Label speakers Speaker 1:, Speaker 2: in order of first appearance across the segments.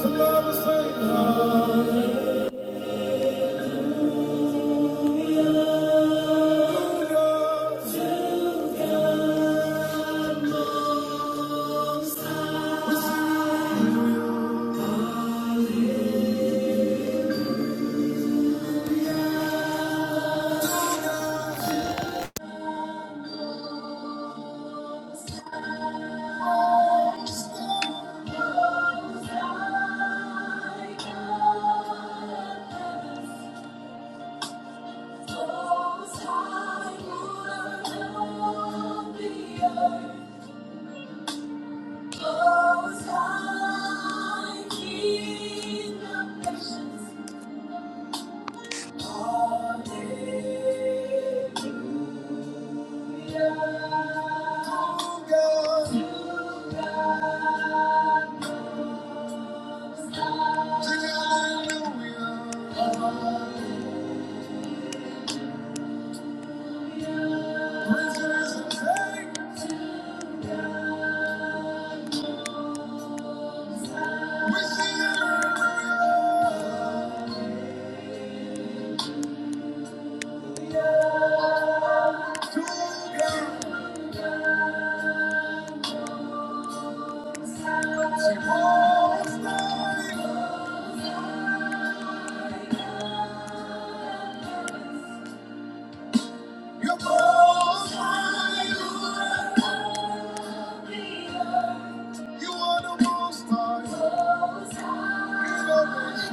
Speaker 1: Hallelujah. You are the most high.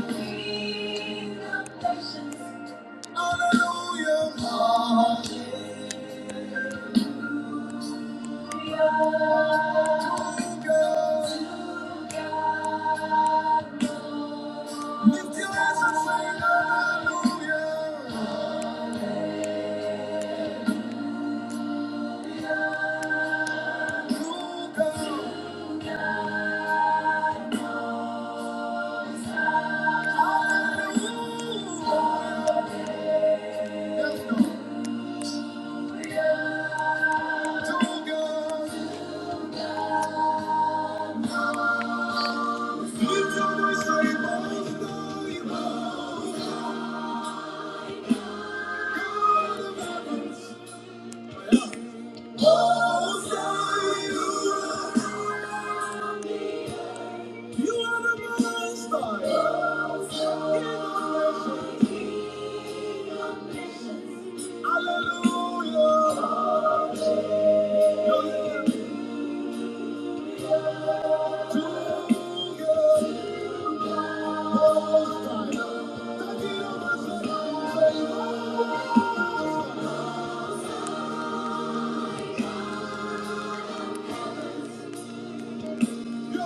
Speaker 1: You are the most high. Lift your voice, say, "Most High Most High, God." of heaven." You're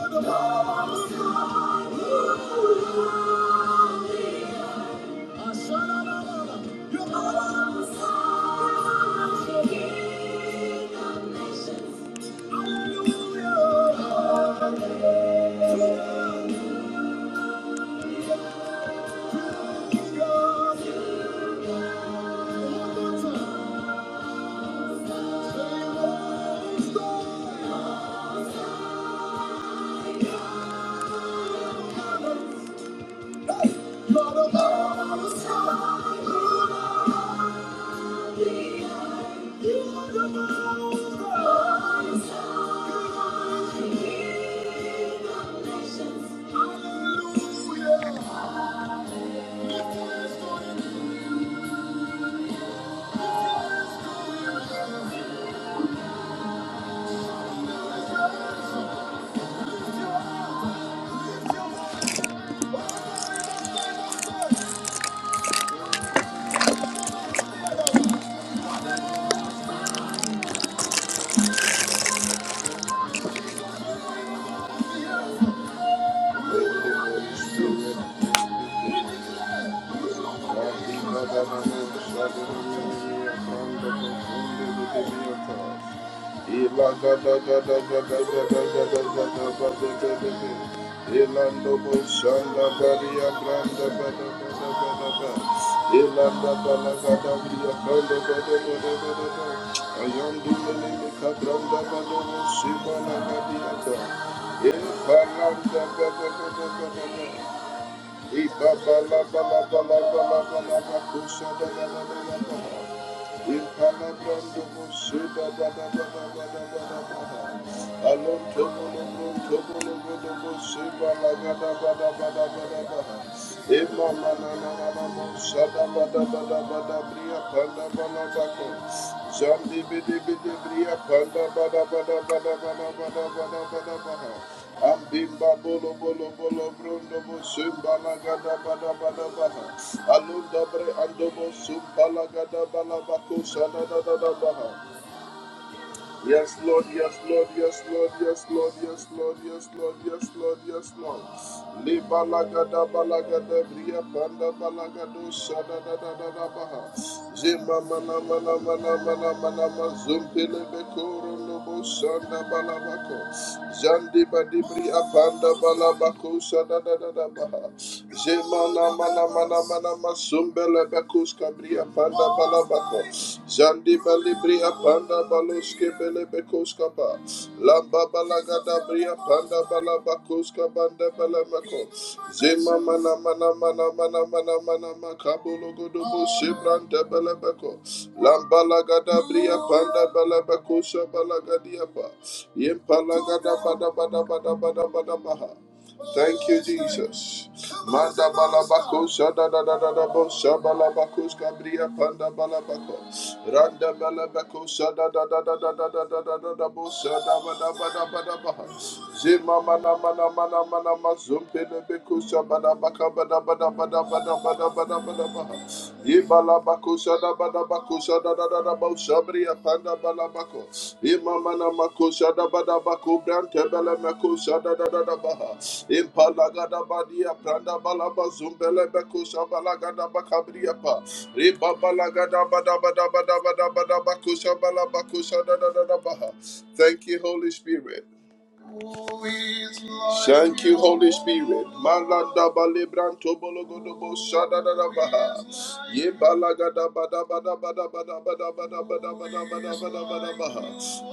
Speaker 1: the power of God. Hallelujah. Rati Badamano Shadimiya Kanda Kundi Vidimiyata. Ila Gada Gada Gada Gada Gada Gada Bada Gada Gada. Ilando Bushanda Baria Branda Bada Bada Bada Bada. Ilanda Bala Gada Bria Branda Bada Bada Bada Bada. Ayandi Melika Branda Bada Shibana Gadiata. Ilanda Bada Bada Bada Bada. Zandi bidi bidi bria panda bada bada bada bada bada bada bada bada Ambimba bolo bolo bolo brondo bo sumba gada bada bada baha. Alunda bre ando bo gada bala bako shana da baha. Yes Lord, yes Lord, yes Lord, yes Lord, yes Lord, yes Lord, yes Lord, yes Lord. Le bala gada bria panda bala gado shana da baha. Zima mana mana mana mana mana ma zumpele bekoro no bo shana Jandi badibri apanda bala bakusha da da da da baha. Jemana mana mana mana masumbele bakus kabri apanda balabako. bako. Jandi balibri apanda baluske bele bekus kapa. Lamba bala gada bri apanda banda bala bakoska banda bala mako. Zema mana mana mana mana mana mana makabolo godobo shebranda bala bako. Lambala gada bria panda bala bakosha bala gadiapa. Yempala gada bada bada bada bada bada baha. Thank you, Jesus. Manda balabako shada da da da da bo shabalabako skabria panda balabako randa balabako shada da da da da da da da da da da bo shada ba da ba da ba da ba ha. zima mana mana mana mana mazumpe lebeko shabada baka ba da ba da ba da ba da ba da ba da ba da ba ha shada bada bako shada da da da bau shabri apanda bala bako. Imama na mako shada bada bako brante bele meko shada da da da baha. Impala gada badi apranda bala bazumbele beko shabala gada bakabri pa Riba bala gada bada bada bada bada bada bako shabala bako shada da da da baha. Thank you, Holy Spirit. Thank you, Holy Spirit. Maladaba lebranto bologodobo shadadadabaha. Ye balagadabadabadabadabadabadabadabadabadabadabadabadabadabaha.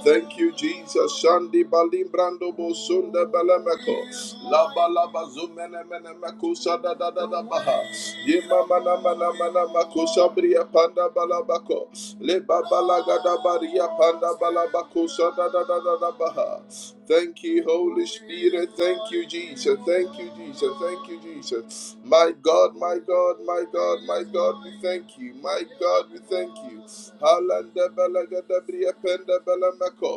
Speaker 1: Thank you, Jesus. Shandi balimbrando bosunda balameko. Laba laba zumene mene meko shadadadadabaha. Ye mama nama nama nama koshabria panda balabako. Le babalagadabari Maria Panda Balaba Kosha da da da da da Baha. Thank you, Holy Spirit. Thank you, Jesus. Thank you, Jesus. Thank you, Jesus. My God, my God, my God, my God, we thank you. My God, we thank you. Halanda balagada bria penda balamako.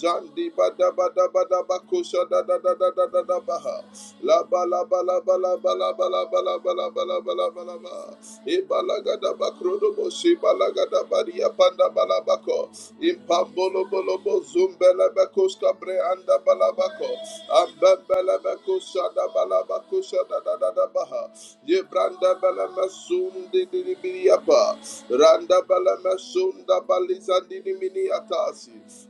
Speaker 1: Zandi bada bada bada bakusha da da da da da da da baha. La ba la ba la ba la ba la ba la ba la ba la ba la ba la ba la ba. E balagada bakrodo boshi balagada baria panda balabako. Impambolobolobo zumbelebekos kabre anda balabako. Ambembelebekos shada balabako shada da da da baha. Ye branda beleme sundi di di biri Randa beleme sunda balizandi di mini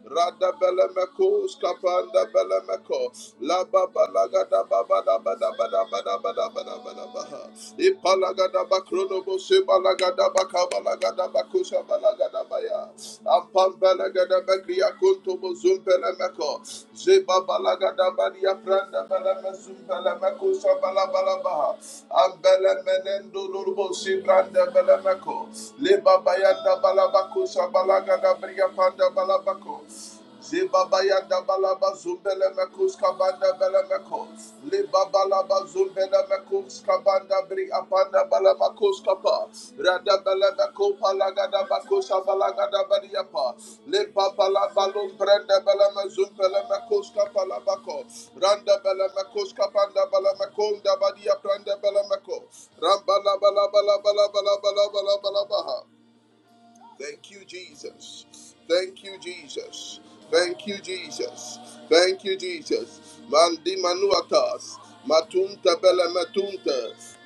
Speaker 1: Rada beleme kos kapanda La ba la ga da ba ba da ba da ba da ba da ba da ba da ba da ba ha. Ipa la ga da ba krono bo ba la ga da ba ka ba la ga da ba kusha ba la ga da ya. Ampam ba la ga da ba kriya kunto bo zum pe la me ba la ga da ba riya pranda ba la me zum pe la me kusha ba la ba la ba ha. Am be le me si branda ba la me ko. Le ba ba ya da ba la ba kusha ba la ga da bria panda ba la ba Zibabayanda balaba zumbele mekus kabanda bele meko. Libabalaba zumbele mekus kabanda bri apanda bala makus kapa. Rada bele meko palagada makus abalagada bariapa. Libabala balum brenda bele mezum bele mekus kapala bako. Randa bele mekus kapanda bele mekum da badia pranda bele meko. Ramba la bala bala bala bala bala bala bala baha. Thank you, Jesus. Thank you, Jesus. Thank you, Jesus. Thank you, Jesus. Mandi manuatas, matunta bela matunta,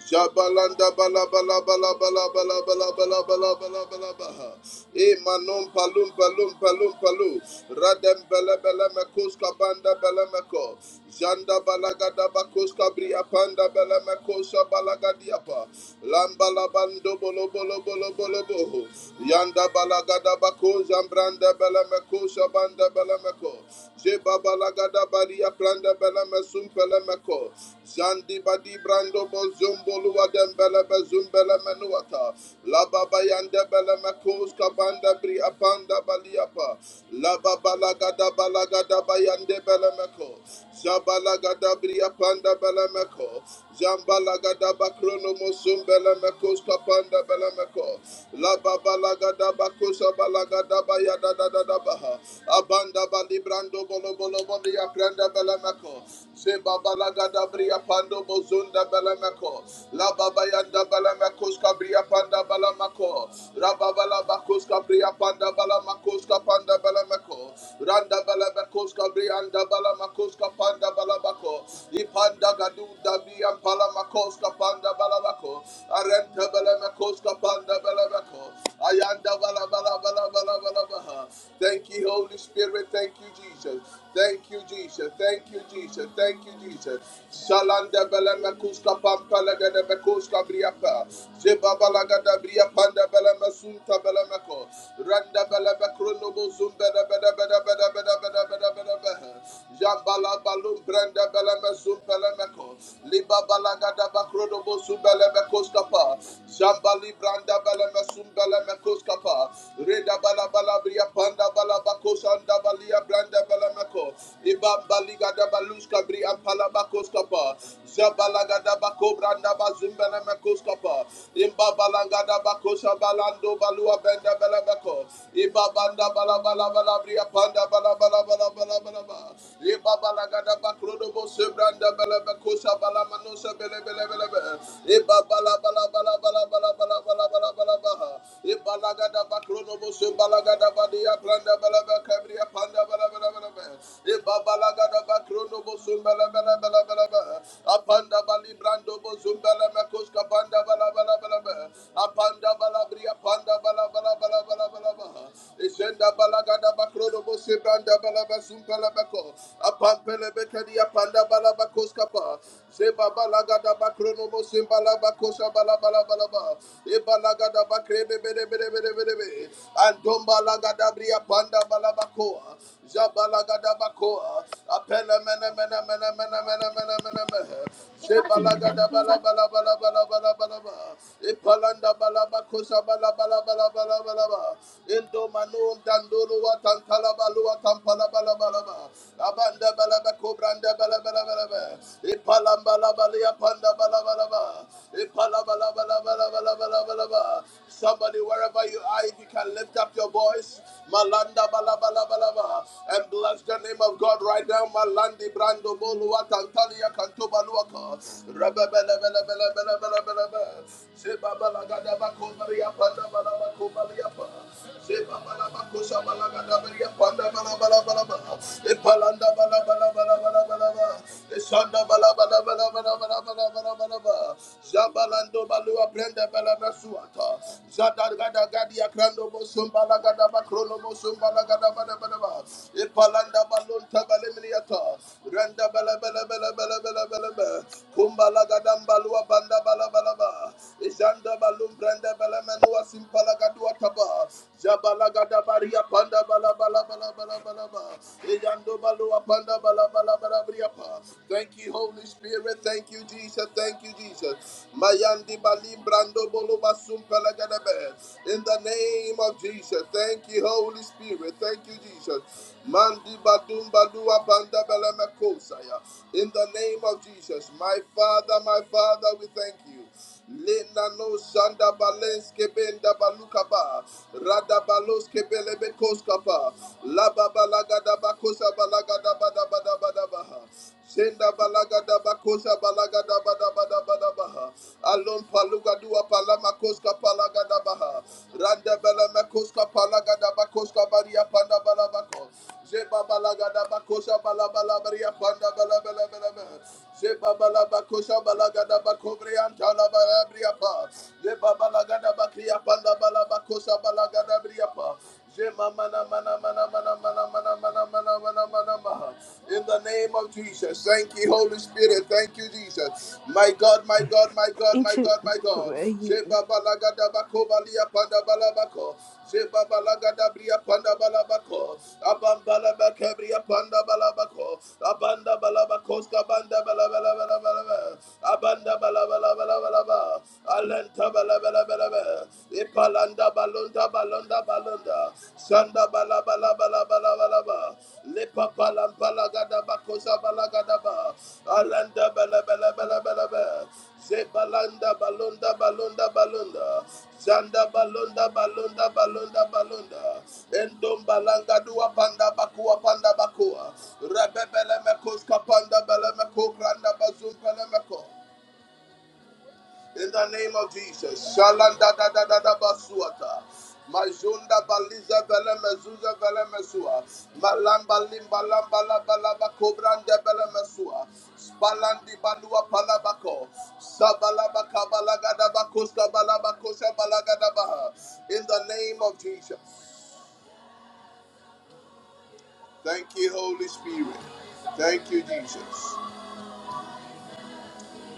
Speaker 1: jabalanda bala bala bala bala bala bala bala bala bala bala baha. E manon palum palum palum palu, radem bela bela mekus kabanda bela meko, Janda balagada bakoska bria panda bela makosa balagadiapa. Lamba labando bolo bolo bolo bolo boho. Yanda balagada bako zambranda bela makosa banda bela mako. Jeba balagada baria pranda bela mesum bela mako. Zandi badi brando bo zumbolo wadem bela bezum bela menuata. Laba bayanda bela makoska banda bria panda baliapa. Laba balagada balagada bayande bela balameko, Jabalagada bria panda balameko, Jambalagada bakrono mosum balameko, skapanda balameko, La babalagada bakosa balagada bayada da da da da baha, Abanda balibrando bolo bolo bolia prenda balameko, Zeba balagada bria pando bozunda balameko, La babayanda balameko, skabria panda balameko, Rababala bakoska bria panda balameko, skapanda balameko, balabako, randa balabakos kabri anda balamakos balabako, ipanda gadu dabi ampala makos balabako, arenta balamakos kapanda balabako, ayanda balabala balabala balabaha. Thank you, Holy Spirit. Thank you, Jesus. Thank you, Jesus. Thank you, Jesus. Thank you, Jesus. Shalanda bela mekuska pampa lagada mekuska briapa. Zebaba lagada briapanda bela mesunta bela meko. Randa bela mekrono bozum bela bela bela bela bela bela bela bela bela. Jambala balum brenda beleme supelemeko. Liba balagada bakrodo bosu belemeko skapa. Jambali branda beleme sumbelemeko skapa. Reda bala bala bria panda bala bako sanda balia branda belemeko. Iba baligada baluska bri ampala bako skapa. Jabalagada bako branda bazumbelemeko skapa. Imba balagada bako balando balua benda belemeko. Iba banda bala bala bala bria panda bala Apanda balabria, panda balabala, balabala, balabala. Ishenda balagada Panda Bacro Bose Branda Balabasum Palabaco, a Pampelebetadia Panda Balabacos Capa, Sebaba Lagada Bacrono Bosim Balabacosa Balabalabalaba, Ebalagada Bacre de Bede Bede Bede Bede, and Domba Lagada Bria Panda Balabacoa, Jabalagadabakoa, Apelemenemenemenemenemenemenemenemenemehe, Zebalagadabalabalabalabalabalaba, bala Indomanum bala bala bala bala bala Ipalabalabalabalabalabalaba. Somebody, wherever you are, if you can lift up your voice, Malanda balabala, balaba, and bless the name of God right now, Malandi brando bolua tantalia cantobaluaka, rebebelebelebelebelebelebe, sebabalagadabakobaria pandabalabakobaria. Sebabalabakosa balagadabaria pandabalabalaba, epalanda balabalabalabalabalaba, esanda balabalabalabalabalabalabalaba, balua brenda bela mesuata. Zadar gada gadi akrando bosum bala gada bosum bala gada bada balun tabale Renda bela bela bela bela bela bela bela. Kumbala gada balua banda bala bala ba. Izanda balum brenda bela menua simpala wataba jabalagada baria panda bala bala bala bala bala ba eyando balua panda bala bala bala bria thank you holy spirit thank you jesus thank you jesus mayandi balim brando bolo basum pelagada be in the name of jesus thank you holy spirit thank you jesus mandi badum badua panda bala mekosaya in the name of jesus my father my father we thank you Lena no shanda balenske benda balukaba. Rada baloske belebe koskapa. Laba balaga da bakosa balaga da bada bada bada baha. Senda balaga da bakosa balaga da bada bada bada baha. Alon paluga dua palama koska palaga da baha. Randa beleme koska palaga da bakoska baria panda balabako. Zeba balaga da bakosa balabala baria panda balabala balabala. Zeba balabakosha balaga da in the name of Jesus, thank you, Holy Spirit, thank you, Jesus. My God, my God, my God, my God, my God. Zebabalagada bria panda balabako, abambala bakabria panda balabako, abanda balabakos kabanda balabalabalabala, abanda balabalabalabalaba, alenta balabalabalaba, ipalanda balonda balonda balonda, sanda balabalabalabalaba, lepa palampalagada bakosa balagada ba, alenda balabalabalaba, Zebalanda balonda, balonda, balonda, Zanda balonda, balonda, balonda, balonda. Endom balanga dua panda bakua panda bakua. Rebebele mekos kapanda bele meko granda bazum pele meko. In the name of Jesus. Shalanda da da da da basuata. Majunda baliza vele mezuza vele mesua. Malamba limba lamba lamba lamba kobrande vele mesua. Spalandi balua palabako. Sabalaba kabalaga da bakoska balaba kosha balaga da baha. In the name of Jesus. Thank you, Holy Spirit. Thank you, Jesus.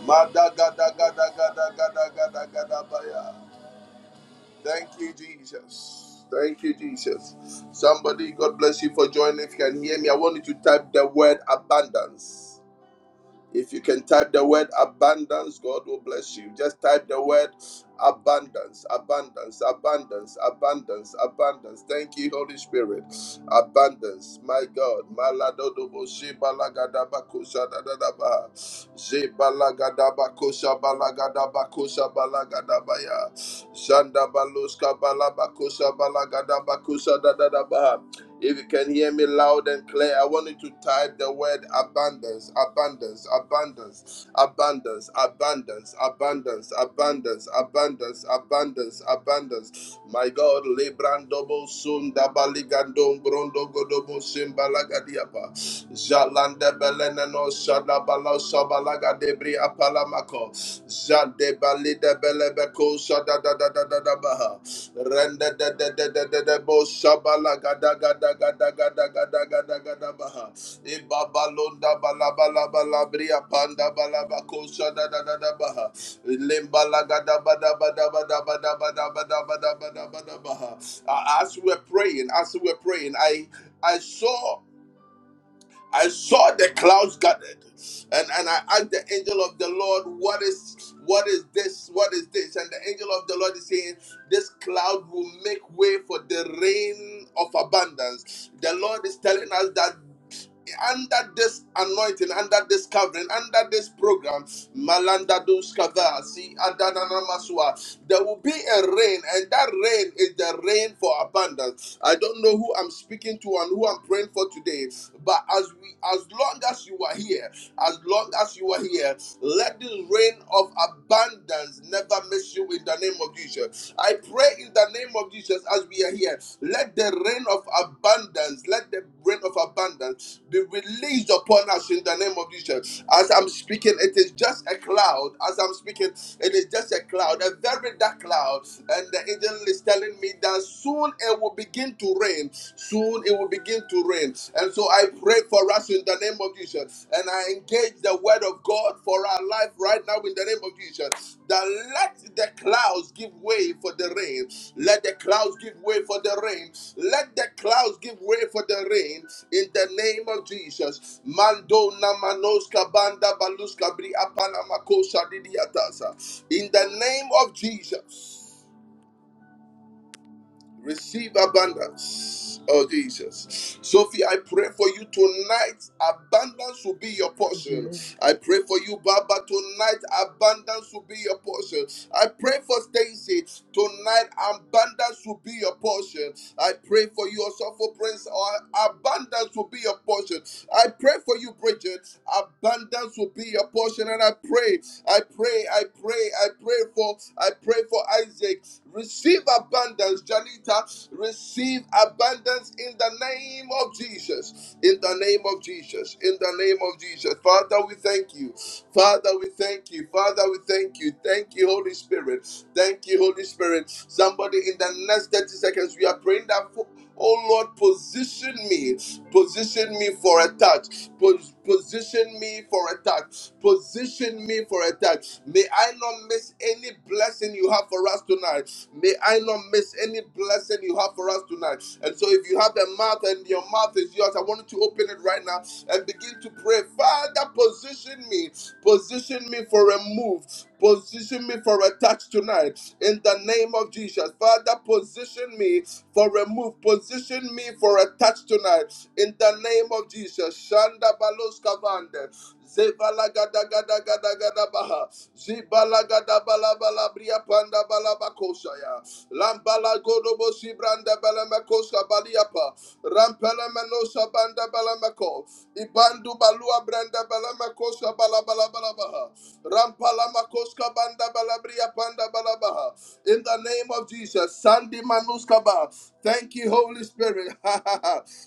Speaker 1: Madaga daga daga daga daga daga daga Thank you, Jesus. Thank you, Jesus. Somebody, God bless you for joining. If you can hear me, I want you to type the word abundance. If you can type the word abundance, God will bless you. Just type the word abundance, abundance, abundance, abundance, abundance. Thank you, Holy Spirit. Abundance, my God. Maladodobo shebalagadabakusha dadadaba. Shebalagadabakosha balagadabakosha balagadabaya. Shandabaloska balabakusha balagadabakusha dadadaba. If you can hear me loud and clear, I want you to type the word abundance, abundance, abundance, abundance, abundance, abundance, abundance, abundance, abundance, abundance. My God, Lebrandobo Sunda Baligandom Brondo Godobo Simbalagadiapa. Jalanda Belenano Shadabala Shabalaga Debri Apalamako. Jade Balida Belebeko Shadadadadadabaha. Renda da da da da da da bo shabala gada gada gada gada gada gada gada baha. Ibaba londa bala bala bala bria panda bala bakosha da da da da baha. Limbala gada bada bada bada bada bada bada bada bada bada baha. Uh, As we were praying, as we were praying, I I saw. I saw the clouds gathered, and, and I asked the angel of the Lord, What is what is this? What is this? And the angel of the Lord is saying, This cloud will make way for the rain of abundance. The Lord is telling us that under this anointing, under this covering, under this program, Malanda Duskava, see Adanana Maswa, there will be a rain, and that rain is the rain for abundance. I don't know who I'm speaking to and who I'm praying for today, but as we as long as you are here, as long as you are here, let this rain of abundance never miss you in the name of of Jesus. I pray in the name of Jesus as we are here. Let the rain of abundance, let the rain of abundance be released upon us in the name of Jesus. As I'm speaking, it is just a cloud. As I'm speaking, it is just a cloud, a very dark cloud. And the angel is telling me that soon it will begin to rain. Soon it will begin to rain. And so I pray for us us in the name of Jesus. And I engage the word of God for our life right now in the name of Jesus. That let the clouds give way for the rain. Let the clouds give way for the rain. Let the clouds give way for the rain in the name of Jesus. Mando namanoska banda baluska bri apana makosa didiatasa. In the name of Jesus. Receive abundance. Oh, Jesus. Sophie, I pray for you tonight. Abundance will be your portion.
Speaker 2: into
Speaker 1: I pray for you, Baba. Tonight, abundance will be your portion. I pray for Stacy. Tonight, abundance will be your portion. I pray for you, also for Prince. uh, Abundance will be your portion. I pray for you, Bridget. Abundance will be your portion. And I pray, I pray, I pray, I pray for, I pray for Isaac. Receive abundance, Janita. Receive abundance in the name of Jesus. In the name of Jesus. In the name of Jesus. Father, we thank you. Father, we thank you. Father, we thank you. Thank you, Holy Spirit. Thank you, Holy Spirit. Somebody in the next 30 seconds, we are praying that. for. Oh Lord, position me, position me for a touch, Pos- position me for a touch, position me for a touch. May I not miss any blessing you have for us tonight. May I not miss any blessing you have for us tonight. And so, if you have a mouth and your mouth is yours, I want you to open it right now and begin to pray. Father, position me, position me for a move, position me for a touch tonight. In the name of Jesus, Father, position me me for a move. Position me for a touch tonight. In the name of Jesus. Shanda balos kavande. Zebalagadagadagadabaha. Zibalagadabalabalabriya pandabalabakoshaya. Lambalagodobosi brandabalamekosa baliapa. Rampelemenosa bandabalameko. Ibandu balua brandabalamekosa balabalabalabaha. Rampalamakoska bandabalabria pandabalabaha. In the name of Jesus. Sandi Manuskaba. Thank you, Holy Spirit.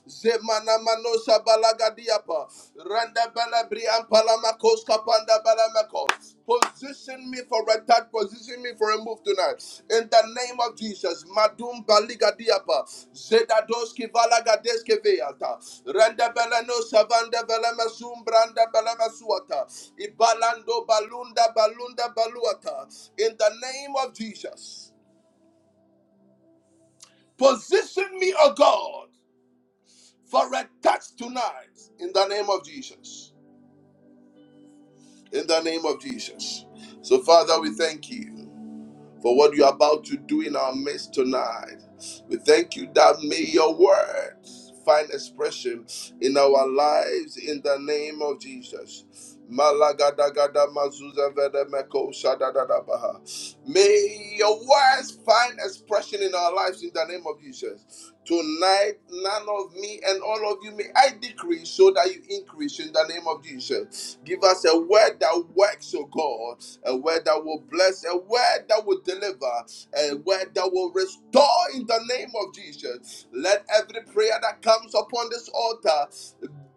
Speaker 1: Zemana Manosa Balagadiapa. Randa Balabri and Palamakos Kapanda Balamakos. Position me for a touch, position me for a move tonight. In the name of Jesus, Madum Baligadiapa. Zedadoski Valagadeske Veata. Randa Balano Savanda Balamasum Branda Balamasuata. Ibalando Balunda Balunda Baluata. In the name of Jesus. Position me, O God, for a touch tonight in the name of Jesus. In the name of Jesus. So, Father, we thank you. for what you're about to do in our midst tonight. We thank you that may your words find expression in our lives in the name of Jesus. Malagadagada mazuza vede meko shadadadabaha. May your words find expression in our lives in the name of Jesus. Tonight, none of me and all of you may I decrease so that you increase in the name of Jesus. Give us a word that works, O God, a word that will bless, a word that will deliver, a word that will restore in the name of Jesus. Let every prayer that comes upon this altar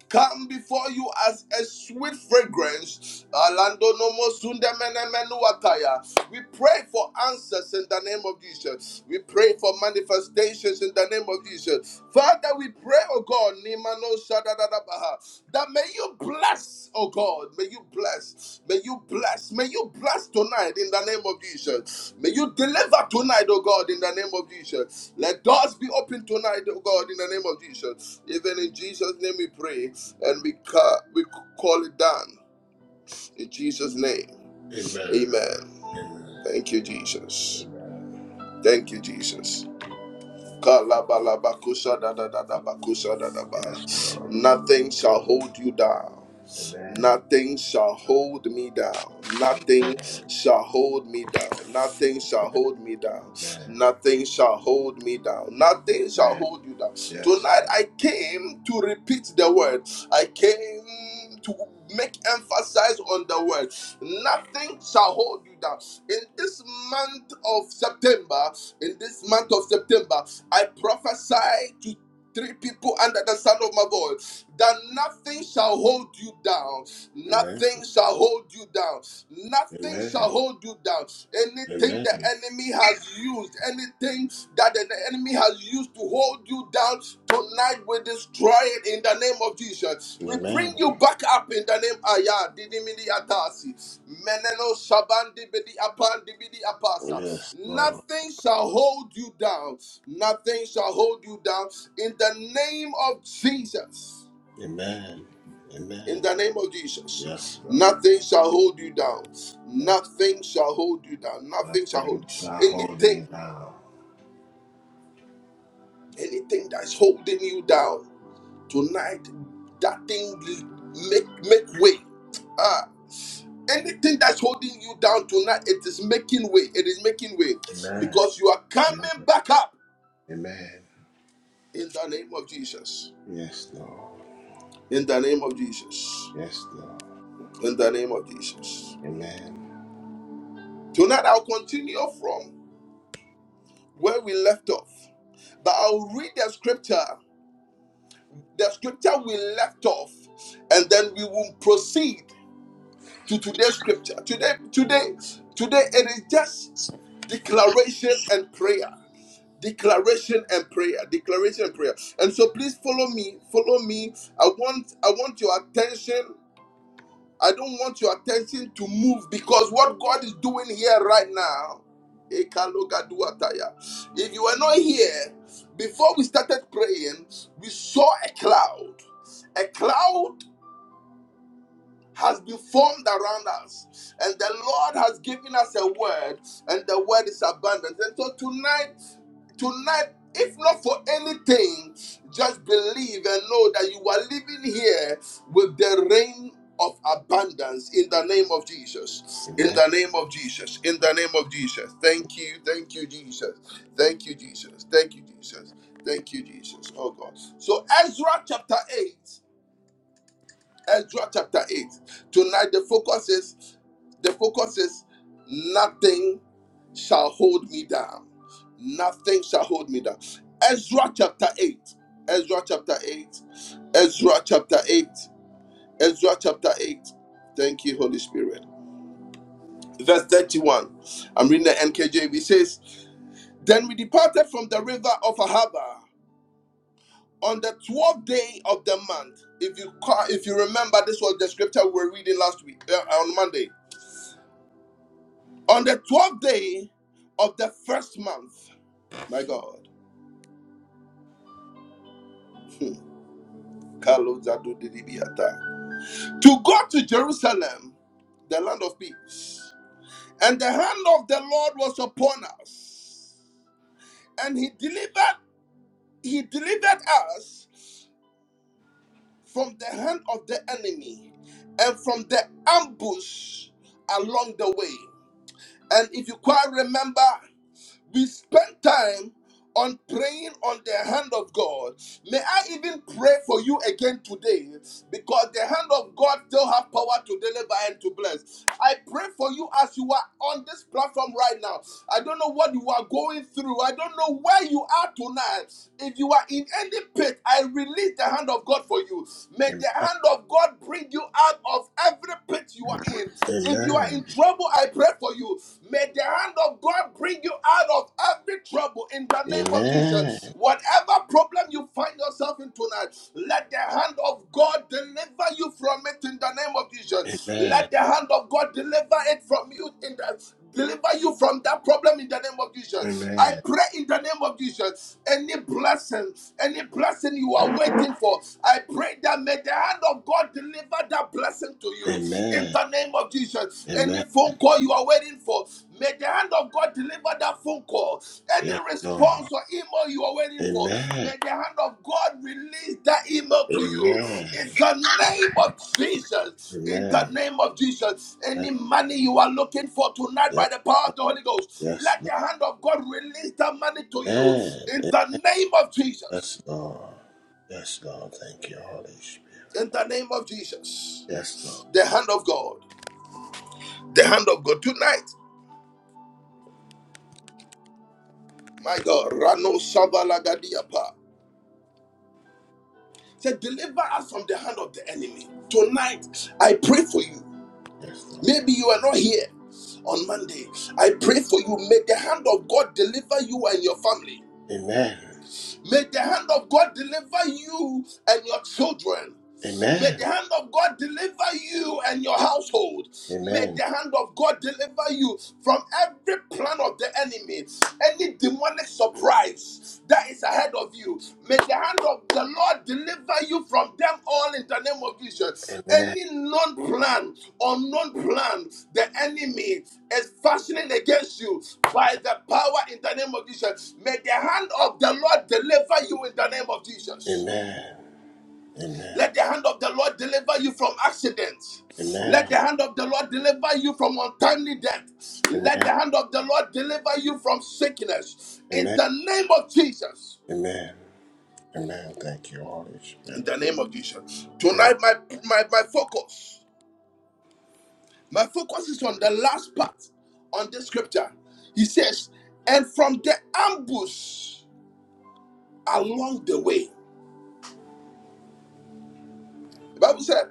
Speaker 1: come before you as a sweet fragrance. Alando nomo sunde mene menu ataya. We pray for answers in the name of Jesus. We pray for manifestations in the name of Jesus. Father, we pray, oh God, that may you bless, oh God, may you bless, may you bless, may you bless tonight in the name of Jesus. May you deliver tonight, oh God, in the name of Jesus. Let doors be open tonight, oh God, in the name of Jesus. Even in Jesus' name we pray and we, ca- we call it done. In Jesus' name,
Speaker 3: Amen.
Speaker 1: amen.
Speaker 3: Amen.
Speaker 1: Thank you, Jesus.
Speaker 3: Amen.
Speaker 1: Thank you, Jesus.
Speaker 3: Yes, Lord.
Speaker 1: Nothing shall hold you down.
Speaker 3: Amen.
Speaker 1: Nothing shall hold me down.
Speaker 3: Amen.
Speaker 1: Nothing shall hold me down. Nothing shall hold me down.
Speaker 3: Amen.
Speaker 1: Nothing shall hold me down. Nothing shall
Speaker 3: Amen.
Speaker 1: hold you down.
Speaker 3: Yes.
Speaker 1: Tonight I came to repeat the word. I came to make emphasis on the word. Nothing shall hold you down. In this month of September, in this month of September, I prophesy to three people under the sound of my voice that nothing shall hold you down.
Speaker 3: Amen.
Speaker 1: Nothing shall hold you down. Nothing shall
Speaker 3: Amen.
Speaker 1: hold you down. Anything the
Speaker 3: Amen.
Speaker 1: enemy has used, anything that the enemy has used to hold you down, tonight we destroy it in the name of Jesus. We
Speaker 3: Amen.
Speaker 1: bring you back up in the name Aya Didimini Atasi. Meneno Shabandi Bidi Apandi Bidi Apasa.
Speaker 3: Yes, Lord.
Speaker 1: Nothing shall hold you down. Nothing shall hold you down in the name of Jesus.
Speaker 3: Amen.
Speaker 1: In
Speaker 3: Amen.
Speaker 1: the name of
Speaker 3: Yes,
Speaker 1: Jesus,
Speaker 3: Lord.
Speaker 1: nothing shall hold you down.
Speaker 3: Yes.
Speaker 1: Nothing shall hold you down. Nothing shall
Speaker 3: Nothing
Speaker 1: hold
Speaker 3: shall hold
Speaker 1: anything,
Speaker 3: me down.
Speaker 1: anything that's holding you down tonight. That thing make make way. Ah, anything that's holding you down tonight, it is making way. It is making way
Speaker 3: Amen.
Speaker 1: because you are
Speaker 3: Amen.
Speaker 1: coming back up
Speaker 3: Amen.
Speaker 1: in the name of Jesus.
Speaker 3: Yes, Lord.
Speaker 1: In the name of Jesus.
Speaker 3: Yes, Lord.
Speaker 1: In the name of Jesus.
Speaker 3: Amen.
Speaker 1: Tonight I'll continue from where we left off. But I'll read the scripture, the scripture we left off, and then we will proceed to today's scripture. Today, today, today, it is just declaration and prayer. Declaration and prayer. Declaration and prayer. And so please follow me. Follow me. I want I want your attention. I don't want your attention to move because what God is doing here right now. Ekalogaduataya. If you were not here, before we started praying, we saw a cloud. A cloud has been formed around us, and the Lord has given us a word, and the word is abundant. And so tonight, Tonight, if not for anything, just believe and know that you are living here with the rain of abundance in the name of Jesus. In
Speaker 3: Amen.
Speaker 1: the name of Jesus. In the name of Jesus. Thank you. Thank you, Jesus. Thank you, Jesus. Thank you, Jesus. Thank you, Jesus. Oh God. So Ezra chapter 8. Ezra chapter 8. Tonight the focus is the focus is nothing shall hold me down. Nothing shall hold me down. Ezra chapter 8. Ezra chapter 8. Ezra chapter 8. Ezra chapter 8. Thank you, Holy Spirit. Verse 31. I'm reading the NKJV. It says, Then we departed from the river of Ahava on the 12th day of the month. If you ca- if you remember, this was the scripture we were reading last week uh, on Monday On the 12th day of the first month, my God, Carlos Zadodidibiata, to go to Jerusalem, the land of peace. And the hand of the Lord was upon us. And he delivered, he delivered us from the hand of the enemy and from the ambush along the way. And if you quite remember, we spend time on praying on the hand of God. May I even pray for you again today because the hand of God still have power to deliver and to bless. I pray for you as you are on this platform right now. I don't know what you are going through. I don't know where you are tonight. If you are in any pit, I release the hand of God for you. May the
Speaker 3: Amen.
Speaker 1: hand of God bring you out of every pit you are in. If you are in
Speaker 3: Amen.
Speaker 1: trouble, I pray for you for you. May the hand of God bring you out of every trouble in the name of Jesus.
Speaker 3: Amen.
Speaker 1: Whatever problem you find yourself in tonight, let the hand of God deliver you from it in the name of Jesus.
Speaker 3: Amen.
Speaker 1: Let the hand of God deliver it from you in the deliver you from that problem in the name of Jesus.
Speaker 3: Amen.
Speaker 1: I pray in the name of Jesus. Any blessing, any blessing you are waiting for, I pray that may the hand of God deliver that blessing to you in
Speaker 3: Amen.
Speaker 1: the name of Jesus. Any
Speaker 3: Amen.
Speaker 1: phone call you are waiting for, May the hand of God deliver that phone call. Any
Speaker 3: Yes, Lord.
Speaker 1: response or email you are waiting for,
Speaker 3: Amen.
Speaker 1: may the hand of God release that email to you.
Speaker 3: Amen.
Speaker 1: In the name of Jesus. In the
Speaker 3: Amen.
Speaker 1: name of Jesus. Any
Speaker 3: Yes,
Speaker 1: money you are looking for tonight
Speaker 3: yes,
Speaker 1: by the power of the Holy Ghost,
Speaker 3: yes,
Speaker 1: let the
Speaker 3: Lord.
Speaker 1: hand of God release that money to you.
Speaker 3: Amen.
Speaker 1: In the name of Jesus.
Speaker 3: Yes, Lord. Yes, Lord. Thank you, Holy Spirit.
Speaker 1: In the name of Jesus.
Speaker 3: Yes, Lord.
Speaker 1: The hand of God. The hand of God tonight. My God. Rano Savalagadiapa. said, Deliver us from the hand of the enemy. Tonight, I pray for you.
Speaker 3: Yes, Lord.
Speaker 1: Maybe you are not here on Monday. I pray for you. May the hand of God deliver you and your family.
Speaker 3: Amen.
Speaker 1: May the hand of God deliver you and your children. May
Speaker 3: Amen.
Speaker 1: the hand of God deliver you and your household. May
Speaker 3: Amen.
Speaker 1: the hand of God deliver you from every plan of the enemy, any demonic surprise that is ahead of you. May the hand of the Lord deliver you from them all in the name of Jesus.
Speaker 3: Amen.
Speaker 1: Any known plan or non plan the enemy is fashioning against you by the power in the name of Jesus. May the hand of the Lord deliver you in the name of Jesus.
Speaker 3: Amen. Amen.
Speaker 1: Let the hand of the Lord deliver you from accidents. Let
Speaker 3: Amen.
Speaker 1: the hand of the Lord deliver you from untimely death.
Speaker 3: Amen.
Speaker 1: Let the hand of the Lord deliver you from sickness. In
Speaker 3: Amen.
Speaker 1: the name of Jesus.
Speaker 3: Amen. Amen. Thank you, Holy
Speaker 1: In
Speaker 3: Spirit.
Speaker 1: the name of Jesus.
Speaker 3: Amen.
Speaker 1: Tonight, my, my, my focus, my focus is on the last part on this scripture. He says, and from the ambush along the way. The Bible said,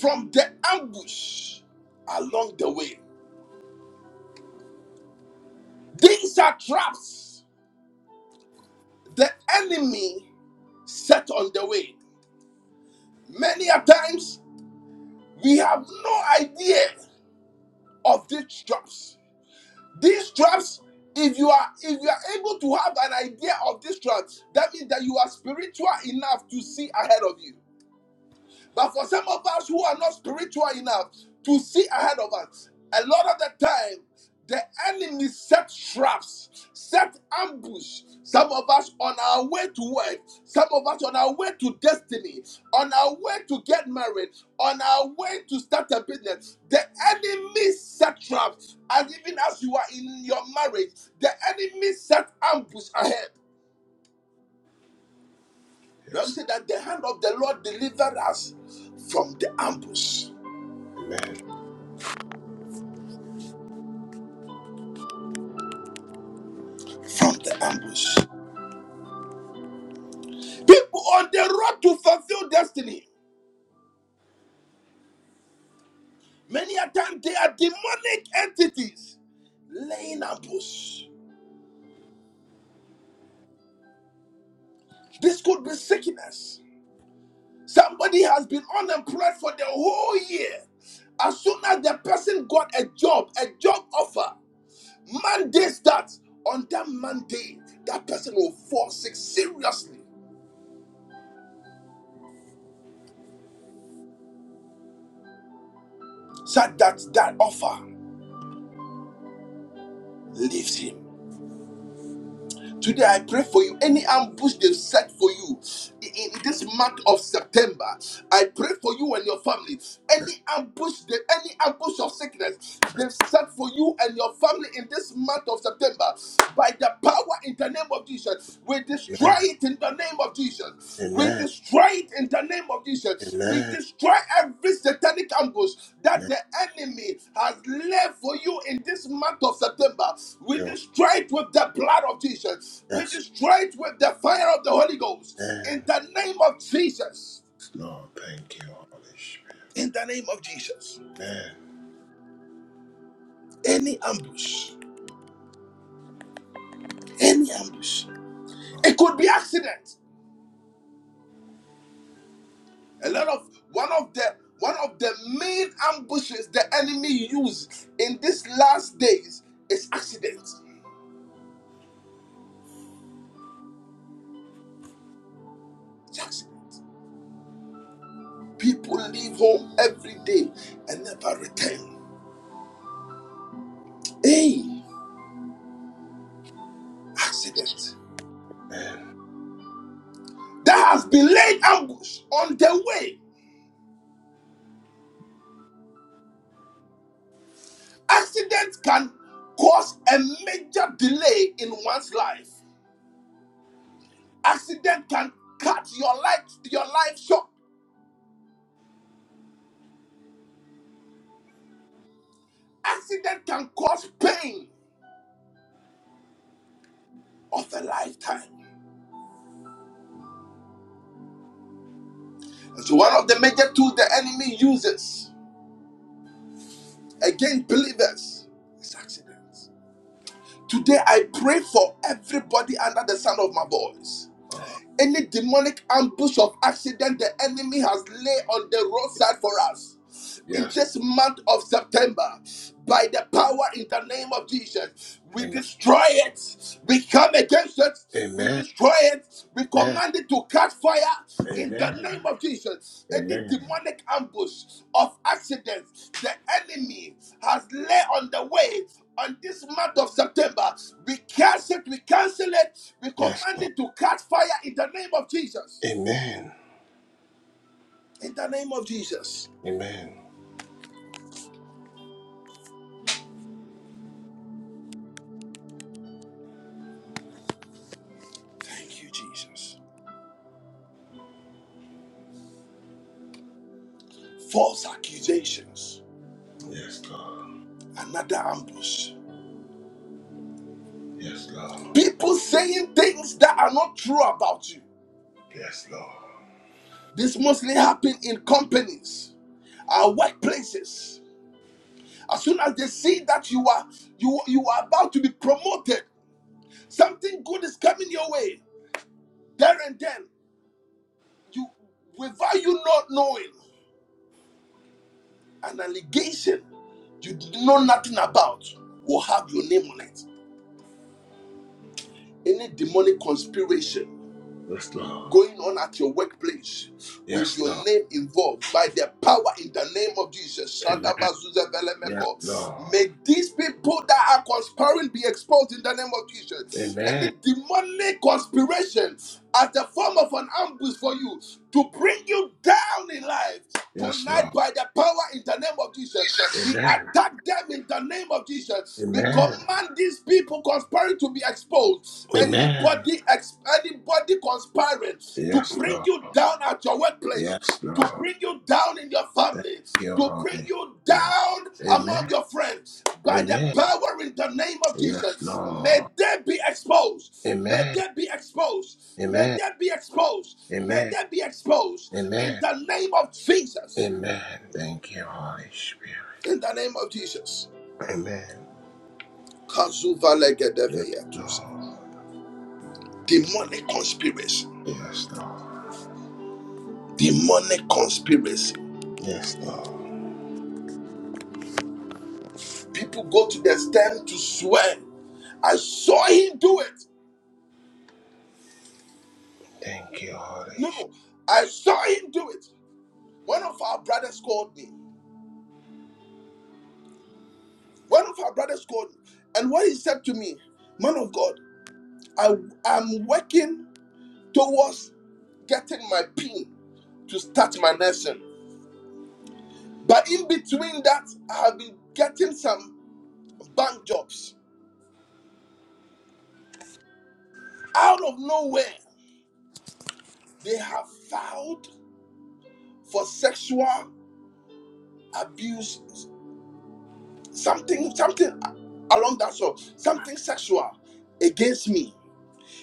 Speaker 1: from the ambush along the way. These are traps the enemy set on the way. Many a times we have no idea of these traps. These traps, if you are if you are able to have an idea of these traps, that means that you are spiritual enough to see ahead of you. But for some of us who are not spiritual enough to see ahead of us, a lot of the time, the enemy set traps, set ambush. Some of us on our way to work, some of us on our way to destiny, on our way to get married, on our way to start a business. The enemy set traps, and even as you are in your marriage, the enemy set ambush ahead. The Bible
Speaker 3: Yes.
Speaker 1: said that the hand of the Lord delivered us from the ambush.
Speaker 3: Amen.
Speaker 1: from the ambush. People on the road to fulfill destiny, many a time they are demonic entities laying ambush. This could be sickness. Somebody has been unemployed for the whole year. As soon as the person got a job, a job offer, Monday starts. On that Monday, that person will fall sick seriously. So that that offer leaves him. Today I pray for you. Any ambush they've set for you in this month of September, I pray for you and your family.
Speaker 3: Yes.
Speaker 1: Any ambush, they- any ambush of sickness
Speaker 3: Yes.
Speaker 1: they've set for you and your family in this month of September, by the power in the name of Jesus, we destroy
Speaker 3: Amen.
Speaker 1: it in the name of Jesus. We
Speaker 3: Amen.
Speaker 1: destroy it in the name of Jesus. We
Speaker 3: Amen.
Speaker 1: destroy every satanic ambush that
Speaker 3: Yes,
Speaker 1: the enemy has left for you in this month of September. We
Speaker 3: Lord.
Speaker 1: destroy it with the blood of Jesus. We
Speaker 3: Yes,
Speaker 1: destroy it with the fire of the Holy Ghost.
Speaker 3: man.
Speaker 1: In the name of Jesus.
Speaker 3: Yes, Lord. Thank you, Holy Spirit.
Speaker 1: In the name of Jesus.
Speaker 3: Amen.
Speaker 1: Any ambush. Any ambush. It could be accident. A lot of one of the one of the main ambushes the enemy used in these last days is accidents. It's accident. People leave home every day and never return. Hey, accident.
Speaker 3: Amen.
Speaker 1: There has been laid ambush on the way. Accident can cause a major delay in one's life. Accident can cut your life your life short. Accident can cause pain of a lifetime. And So one of the major tools the enemy uses against believers is accidents. Today I pray for everybody under the sound of my voice.
Speaker 3: Oh,
Speaker 1: Any demonic ambush of accident the enemy has laid on the roadside for us in
Speaker 3: yes.
Speaker 1: this month of September, by the power in the name of Jesus, we
Speaker 3: Amen.
Speaker 1: destroy it. We come against it. We
Speaker 3: Amen.
Speaker 1: destroy it. We
Speaker 3: Amen.
Speaker 1: command it to Catch fire in the
Speaker 3: Amen.
Speaker 1: name of Jesus. Any
Speaker 3: Amen.
Speaker 1: demonic ambush of accidents the enemy has laid on the way on this month of September, we cancel it, we cancel it, we
Speaker 3: Yes,
Speaker 1: command
Speaker 3: Lord.
Speaker 1: it to catch fire in the name of Jesus.
Speaker 3: Amen.
Speaker 1: In the name of Jesus.
Speaker 3: Amen.
Speaker 1: Thank you, Jesus. False accusations,
Speaker 3: Yes, Lord.
Speaker 1: another ambush.
Speaker 3: Yes, Lord.
Speaker 1: People saying things that are not true about you.
Speaker 3: Yes, Lord.
Speaker 1: This mostly happen in companies, our workplaces. As soon as they see that you are you you are about to be promoted, something good is coming your way. There and then, you without you not knowing, an allegation you know nothing about will have your name on it. Any demonic conspiration
Speaker 3: Yes, Lord.
Speaker 1: going on at your workplace with
Speaker 3: Yes,
Speaker 1: your
Speaker 3: Lord.
Speaker 1: name involved by the power in the name of Jesus.
Speaker 3: Amen. Yes,
Speaker 1: Shadabazuzebelemeko.
Speaker 3: Lord.
Speaker 1: May these people that are conspiring be exposed in the name of Jesus.
Speaker 3: Amen.
Speaker 1: Any demonic conspiration as a form of an ambush for you to bring you down in life.
Speaker 3: Yes,
Speaker 1: Tonight,
Speaker 3: Lord.
Speaker 1: by the power in the name of Jesus, we
Speaker 3: Amen.
Speaker 1: attack them in the name of Jesus. We
Speaker 3: Amen.
Speaker 1: command and these people conspiring to be exposed.
Speaker 3: Amen.
Speaker 1: Anybody, ex- anybody conspiring to
Speaker 3: Yes,
Speaker 1: bring
Speaker 3: Lord.
Speaker 1: you down at your workplace,
Speaker 3: Yes,
Speaker 1: to
Speaker 3: Lord.
Speaker 1: bring you down in your
Speaker 3: Thank
Speaker 1: family,
Speaker 3: you,
Speaker 1: to bring
Speaker 3: Holy
Speaker 1: you
Speaker 3: Spirit.
Speaker 1: down among
Speaker 3: Amen.
Speaker 1: your friends, by the
Speaker 3: Amen.
Speaker 1: power in the name of
Speaker 3: Yes,
Speaker 1: Jesus, may
Speaker 3: Lord.
Speaker 1: they be exposed. May
Speaker 3: Amen.
Speaker 1: they be exposed. May
Speaker 3: Amen.
Speaker 1: they be exposed. May
Speaker 3: Amen.
Speaker 1: they be exposed in
Speaker 3: Amen.
Speaker 1: the name of Jesus.
Speaker 3: Amen. Thank you, Holy Spirit.
Speaker 1: In the name of Jesus.
Speaker 3: Amen.
Speaker 1: Kazuva
Speaker 3: Yes,
Speaker 1: legedeveyatus.
Speaker 3: Lord.
Speaker 1: demonic conspiracy
Speaker 3: Yes, Lord.
Speaker 1: demonic conspiracy
Speaker 3: Yes, Lord.
Speaker 1: people go to the extent to swear i saw him do it
Speaker 3: Thank you, Holy
Speaker 1: no
Speaker 3: Spirit.
Speaker 1: no i saw him do it one of our brothers called me one of our brothers called me and what he said to me man of god i am working towards getting my pin to start my nursing but in between that i have been getting some bank jobs out of nowhere they have filed for sexual abuse, something, something along that sort, something sexual against me.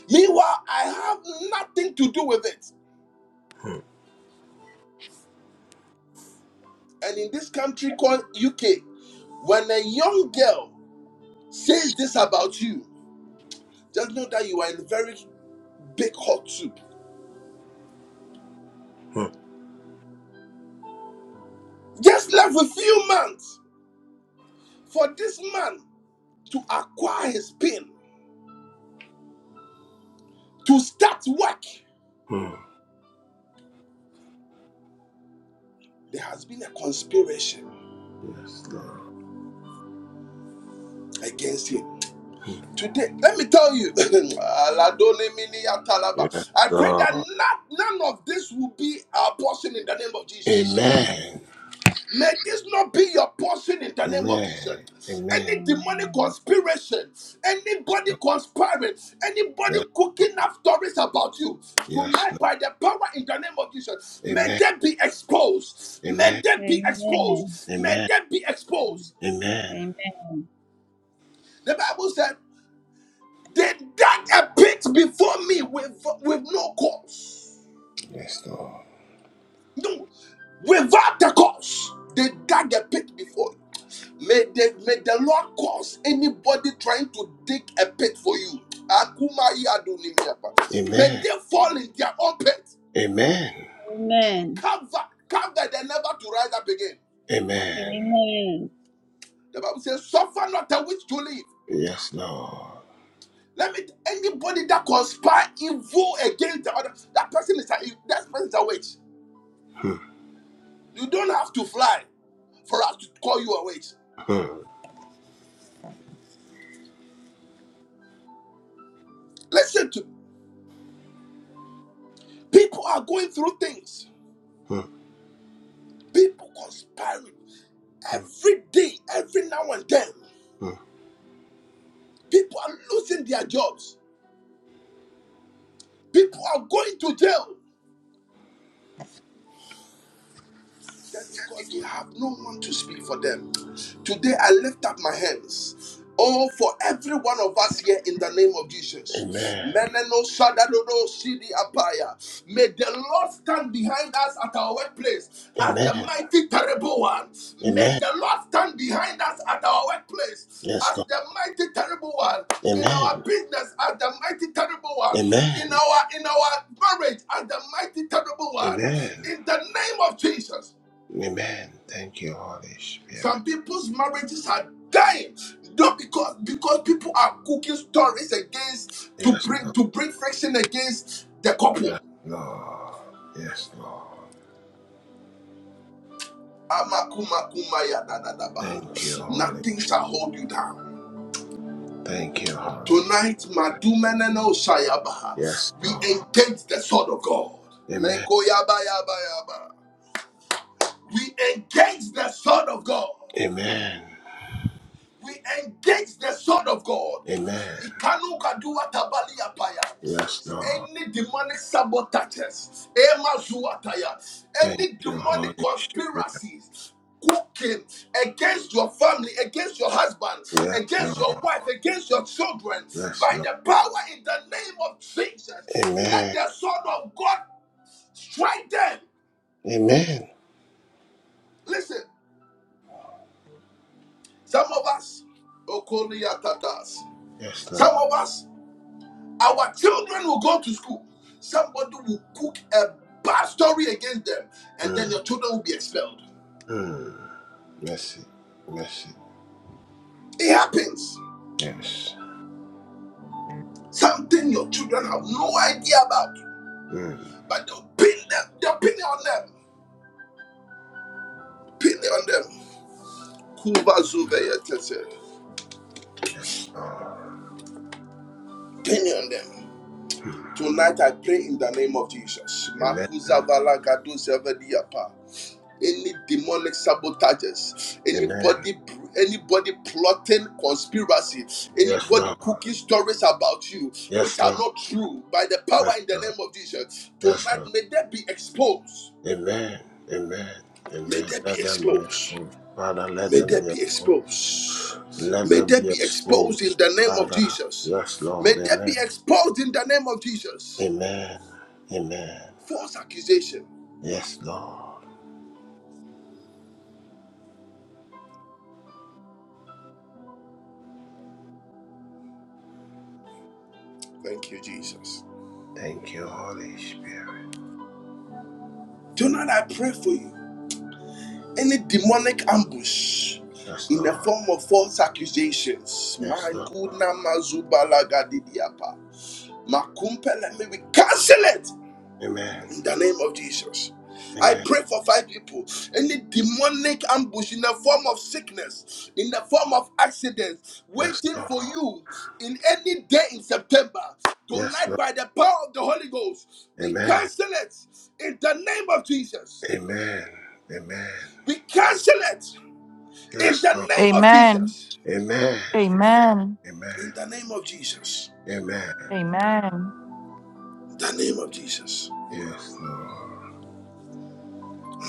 Speaker 1: Meanwhile, I have nothing to do with it.
Speaker 3: Hmm,
Speaker 1: And in this country called UK, when a young girl says this about you, just know that you are in a very big hot soup.
Speaker 3: hmm,
Speaker 1: Just left a few months for this man to acquire his pin, to start work.
Speaker 3: hmm.
Speaker 1: There has been a conspiracy
Speaker 3: Yes, Lord.
Speaker 1: against him.
Speaker 3: Hmm.
Speaker 1: Today, let me tell you,
Speaker 3: Yes,
Speaker 1: I pray that
Speaker 3: Lord.
Speaker 1: not, none of this will be our portion in the name of Jesus.
Speaker 4: Amen.
Speaker 3: Amen.
Speaker 1: May this not be your portion in the name of
Speaker 3: Amen.
Speaker 1: Jesus.
Speaker 3: Amen.
Speaker 1: Any demonic
Speaker 4: Amen.
Speaker 1: conspiration,
Speaker 3: Yes,
Speaker 1: anybody
Speaker 3: Lord.
Speaker 1: conspiring, anybody
Speaker 3: Yes, Lord.
Speaker 1: cooking up stories about you,
Speaker 3: Yes,
Speaker 1: tonight
Speaker 3: Lord.
Speaker 1: by the power in the name of Jesus, may
Speaker 3: Amen.
Speaker 1: they be exposed. May
Speaker 3: Amen.
Speaker 1: they be
Speaker 4: Amen.
Speaker 1: exposed. May
Speaker 3: Amen.
Speaker 1: they be
Speaker 4: Amen.
Speaker 1: exposed.
Speaker 3: Amen.
Speaker 4: Amen.
Speaker 1: The Bible said. They dug a pit before me with, with no cause.
Speaker 3: Yes, Lord.
Speaker 1: No, without a cause. They dug a pit before you. May the, may the Lord cause anybody trying to dig a pit for you. Akuma yadunimiapa. May
Speaker 3: Amen.
Speaker 1: they fall in their own pit.
Speaker 3: Amen.
Speaker 1: Cover, cover them never to rise up again.
Speaker 3: Amen.
Speaker 4: Amen.
Speaker 1: The Bible says, suffer not a witch to live.
Speaker 3: Yes, Lord.
Speaker 1: Let me anybody that conspire evil against the other, that person is a that person is a witch.
Speaker 3: Hmm,
Speaker 1: You don't have to fly for us to call you away.
Speaker 3: hmm,
Speaker 1: Listen to me. People are going through things.
Speaker 3: hmm,
Speaker 1: People conspiring
Speaker 3: hmm,
Speaker 1: every day, every now and then.
Speaker 3: hmm.
Speaker 1: People are losing their jobs. People are going to jail. just because they have no one to speak for them. Today I lift up my hands. Oh, for every one of us here in the name of Jesus.
Speaker 3: Amen.
Speaker 1: Meneno shadadodo sidi apaya. May the Lord stand behind us at our workplace as the
Speaker 3: Amen.
Speaker 1: mighty terrible one. May
Speaker 3: Amen.
Speaker 1: the Lord stand behind us at our workplace
Speaker 3: Yes,
Speaker 1: as
Speaker 3: Lord.
Speaker 1: the mighty terrible one. In our
Speaker 3: Amen.
Speaker 1: business as the mighty terrible one. In
Speaker 3: Amen.
Speaker 1: our in our marriage as the mighty terrible one.
Speaker 3: Amen.
Speaker 1: In the name of Jesus.
Speaker 3: Amen. Thank you, Holy Spirit.
Speaker 1: Some people's marriages are dying. Not because because people are cooking stories against to
Speaker 3: Yes,
Speaker 1: bring
Speaker 3: Lord.
Speaker 1: to bring friction against the
Speaker 3: Yes,
Speaker 1: couple.
Speaker 3: Lord. Yes, Lord.
Speaker 1: Amakumakumaya da da da ba.
Speaker 3: Thank you, Holy.
Speaker 1: Nothing shall hold you down.
Speaker 3: Thank you, Holy
Speaker 1: Tonight,
Speaker 3: Spirit.
Speaker 1: Madumeneno Shayabaha,
Speaker 3: Yes,
Speaker 1: we
Speaker 3: Lord.
Speaker 1: engage the sword of God.
Speaker 3: Amen.
Speaker 1: Mekoyabayaba. We engage the sword of God.
Speaker 3: Amen.
Speaker 1: we engage the sword of God.
Speaker 3: Amen.
Speaker 1: Ikanu kadua tabali apaya.
Speaker 3: Yes, Lord.
Speaker 1: Any demonic sabotages, emazuataya,
Speaker 3: Thank
Speaker 1: any
Speaker 3: you,
Speaker 1: demonic
Speaker 3: Holy Spirit.
Speaker 1: conspiracies cooking against your family, against your husband,
Speaker 3: Yes,
Speaker 1: against
Speaker 3: Lord.
Speaker 1: your wife, against your children,
Speaker 3: Yes,
Speaker 1: by
Speaker 3: Lord.
Speaker 1: the power in the name of Jesus, let
Speaker 3: Amen.
Speaker 1: the sword of God strike them.
Speaker 3: Amen.
Speaker 1: Listen, some of us, Okoni Atatas,
Speaker 3: Yes,
Speaker 1: some
Speaker 3: Lord.
Speaker 1: of us Our children will go to school. Somebody will cook a bad story against them, and then
Speaker 3: Mm.
Speaker 1: your children will be expelled.
Speaker 3: Mm. Mercy. Mercy.
Speaker 1: It happens.
Speaker 3: Yes.
Speaker 1: Something your children have no idea about,
Speaker 3: Mm.
Speaker 1: but they'll pin them. They'll pin it on them. Pin it on them. Kuva zuve yetese.
Speaker 3: Yes, Lord.
Speaker 1: Pin it on them.
Speaker 3: Mm.
Speaker 1: Tonight I pray in the name of Jesus. Makuza
Speaker 3: Amen.
Speaker 1: vala gadu zeve any demonic sabotages,
Speaker 3: Amen.
Speaker 1: anybody, anybody plotting conspiracy,
Speaker 3: Yes,
Speaker 1: anybody
Speaker 3: Lord.
Speaker 1: cooking stories about you which
Speaker 3: Yes,
Speaker 1: are
Speaker 3: Lord.
Speaker 1: not true by the power
Speaker 3: Yes,
Speaker 1: in the
Speaker 3: Lord.
Speaker 1: name of Jesus.
Speaker 3: Yes,
Speaker 1: Tonight,
Speaker 3: Lord.
Speaker 1: may they be exposed.
Speaker 3: Amen. Amen.
Speaker 1: May
Speaker 3: Amen.
Speaker 1: they be
Speaker 3: Let them be
Speaker 1: exposed.
Speaker 3: exposed. Father, let
Speaker 1: May
Speaker 3: them
Speaker 1: they
Speaker 3: be
Speaker 1: be
Speaker 3: exposed.
Speaker 1: exposed.
Speaker 3: Let
Speaker 1: May
Speaker 3: them
Speaker 1: they
Speaker 3: be
Speaker 1: be exposed in
Speaker 3: exposed.
Speaker 1: the name of
Speaker 3: Father.
Speaker 1: Jesus.
Speaker 3: Yes,
Speaker 1: May
Speaker 3: Lord.
Speaker 1: they be
Speaker 3: Amen.
Speaker 1: exposed in the name of Jesus.
Speaker 3: Amen. Amen.
Speaker 1: False accusation.
Speaker 3: Yes, Lord.
Speaker 1: Thank you, Jesus.
Speaker 3: Thank you, Holy Spirit.
Speaker 1: Tonight, I pray for you. any demonic ambush
Speaker 3: Yes,
Speaker 1: in the
Speaker 3: Lord.
Speaker 1: form of false accusations.
Speaker 3: Yes,
Speaker 1: My
Speaker 3: Lord.
Speaker 1: good Namazubalagadidiyapa. Makumpele, may we cancel it
Speaker 3: Amen.
Speaker 1: in the name of Jesus. I
Speaker 3: Amen.
Speaker 1: pray for five people. Any demonic ambush in the form of sickness, in the form of accidents,
Speaker 3: Yes,
Speaker 1: waiting
Speaker 3: Lord.
Speaker 1: for you in any day in September,
Speaker 3: Yes,
Speaker 1: tonight
Speaker 3: Lord.
Speaker 1: by the power of the Holy Ghost, we
Speaker 3: Amen.
Speaker 1: cancel it in the name of Jesus.
Speaker 3: Amen. Amen.
Speaker 1: We cancel it in
Speaker 3: Yes,
Speaker 1: the
Speaker 3: Lord.
Speaker 1: name of
Speaker 5: Amen.
Speaker 1: Jesus.
Speaker 3: Amen.
Speaker 5: Amen.
Speaker 3: Amen.
Speaker 1: In the name of Jesus.
Speaker 3: Amen.
Speaker 5: Amen.
Speaker 1: In the name of Jesus.
Speaker 3: Yes, Lord.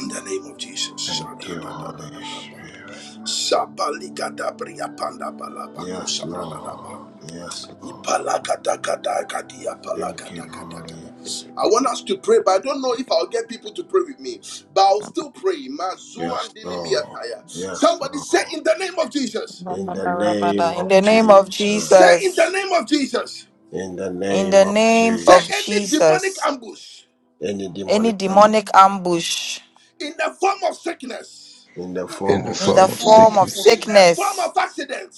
Speaker 1: In the name of Jesus.
Speaker 3: Thank you, Holy
Speaker 1: Sha-da-da-da-da-da-da-ba.
Speaker 3: Spirit.
Speaker 1: Sabalikadabriyapandabalabaku
Speaker 3: Yes, Lord.
Speaker 1: sadadadaba.
Speaker 3: Yes, Lord. Thank you,
Speaker 1: Ipalakadakadakadiyapalakadakadakada.
Speaker 3: Holy.
Speaker 1: I want us to pray, but I don't know if I'll get people to pray with me. But I'll still pray.
Speaker 3: Yes,
Speaker 1: Mazuan
Speaker 3: Lord. Yes,
Speaker 1: Somebody say,
Speaker 3: Lord.
Speaker 1: In the name of Jesus.
Speaker 3: In the name
Speaker 5: In
Speaker 3: of
Speaker 5: the name of
Speaker 3: Jesus.
Speaker 1: Say, In the
Speaker 5: Jesus.
Speaker 1: name of Jesus.
Speaker 3: In the
Speaker 5: In
Speaker 3: name
Speaker 5: the
Speaker 3: of
Speaker 5: name
Speaker 1: Say,
Speaker 5: of
Speaker 3: Jesus.
Speaker 1: Any demonic
Speaker 5: Jesus.
Speaker 1: ambush
Speaker 3: Any
Speaker 5: Any
Speaker 3: demonic
Speaker 5: demonic ambush
Speaker 1: in the form of sickness,
Speaker 3: in the
Speaker 6: in
Speaker 3: form
Speaker 6: the
Speaker 3: of
Speaker 5: in the
Speaker 6: form of
Speaker 4: Form
Speaker 3: sickness,
Speaker 4: of
Speaker 5: form of
Speaker 1: in
Speaker 6: sickness,
Speaker 4: sickness,
Speaker 1: the form
Speaker 5: sickness,
Speaker 1: of accident,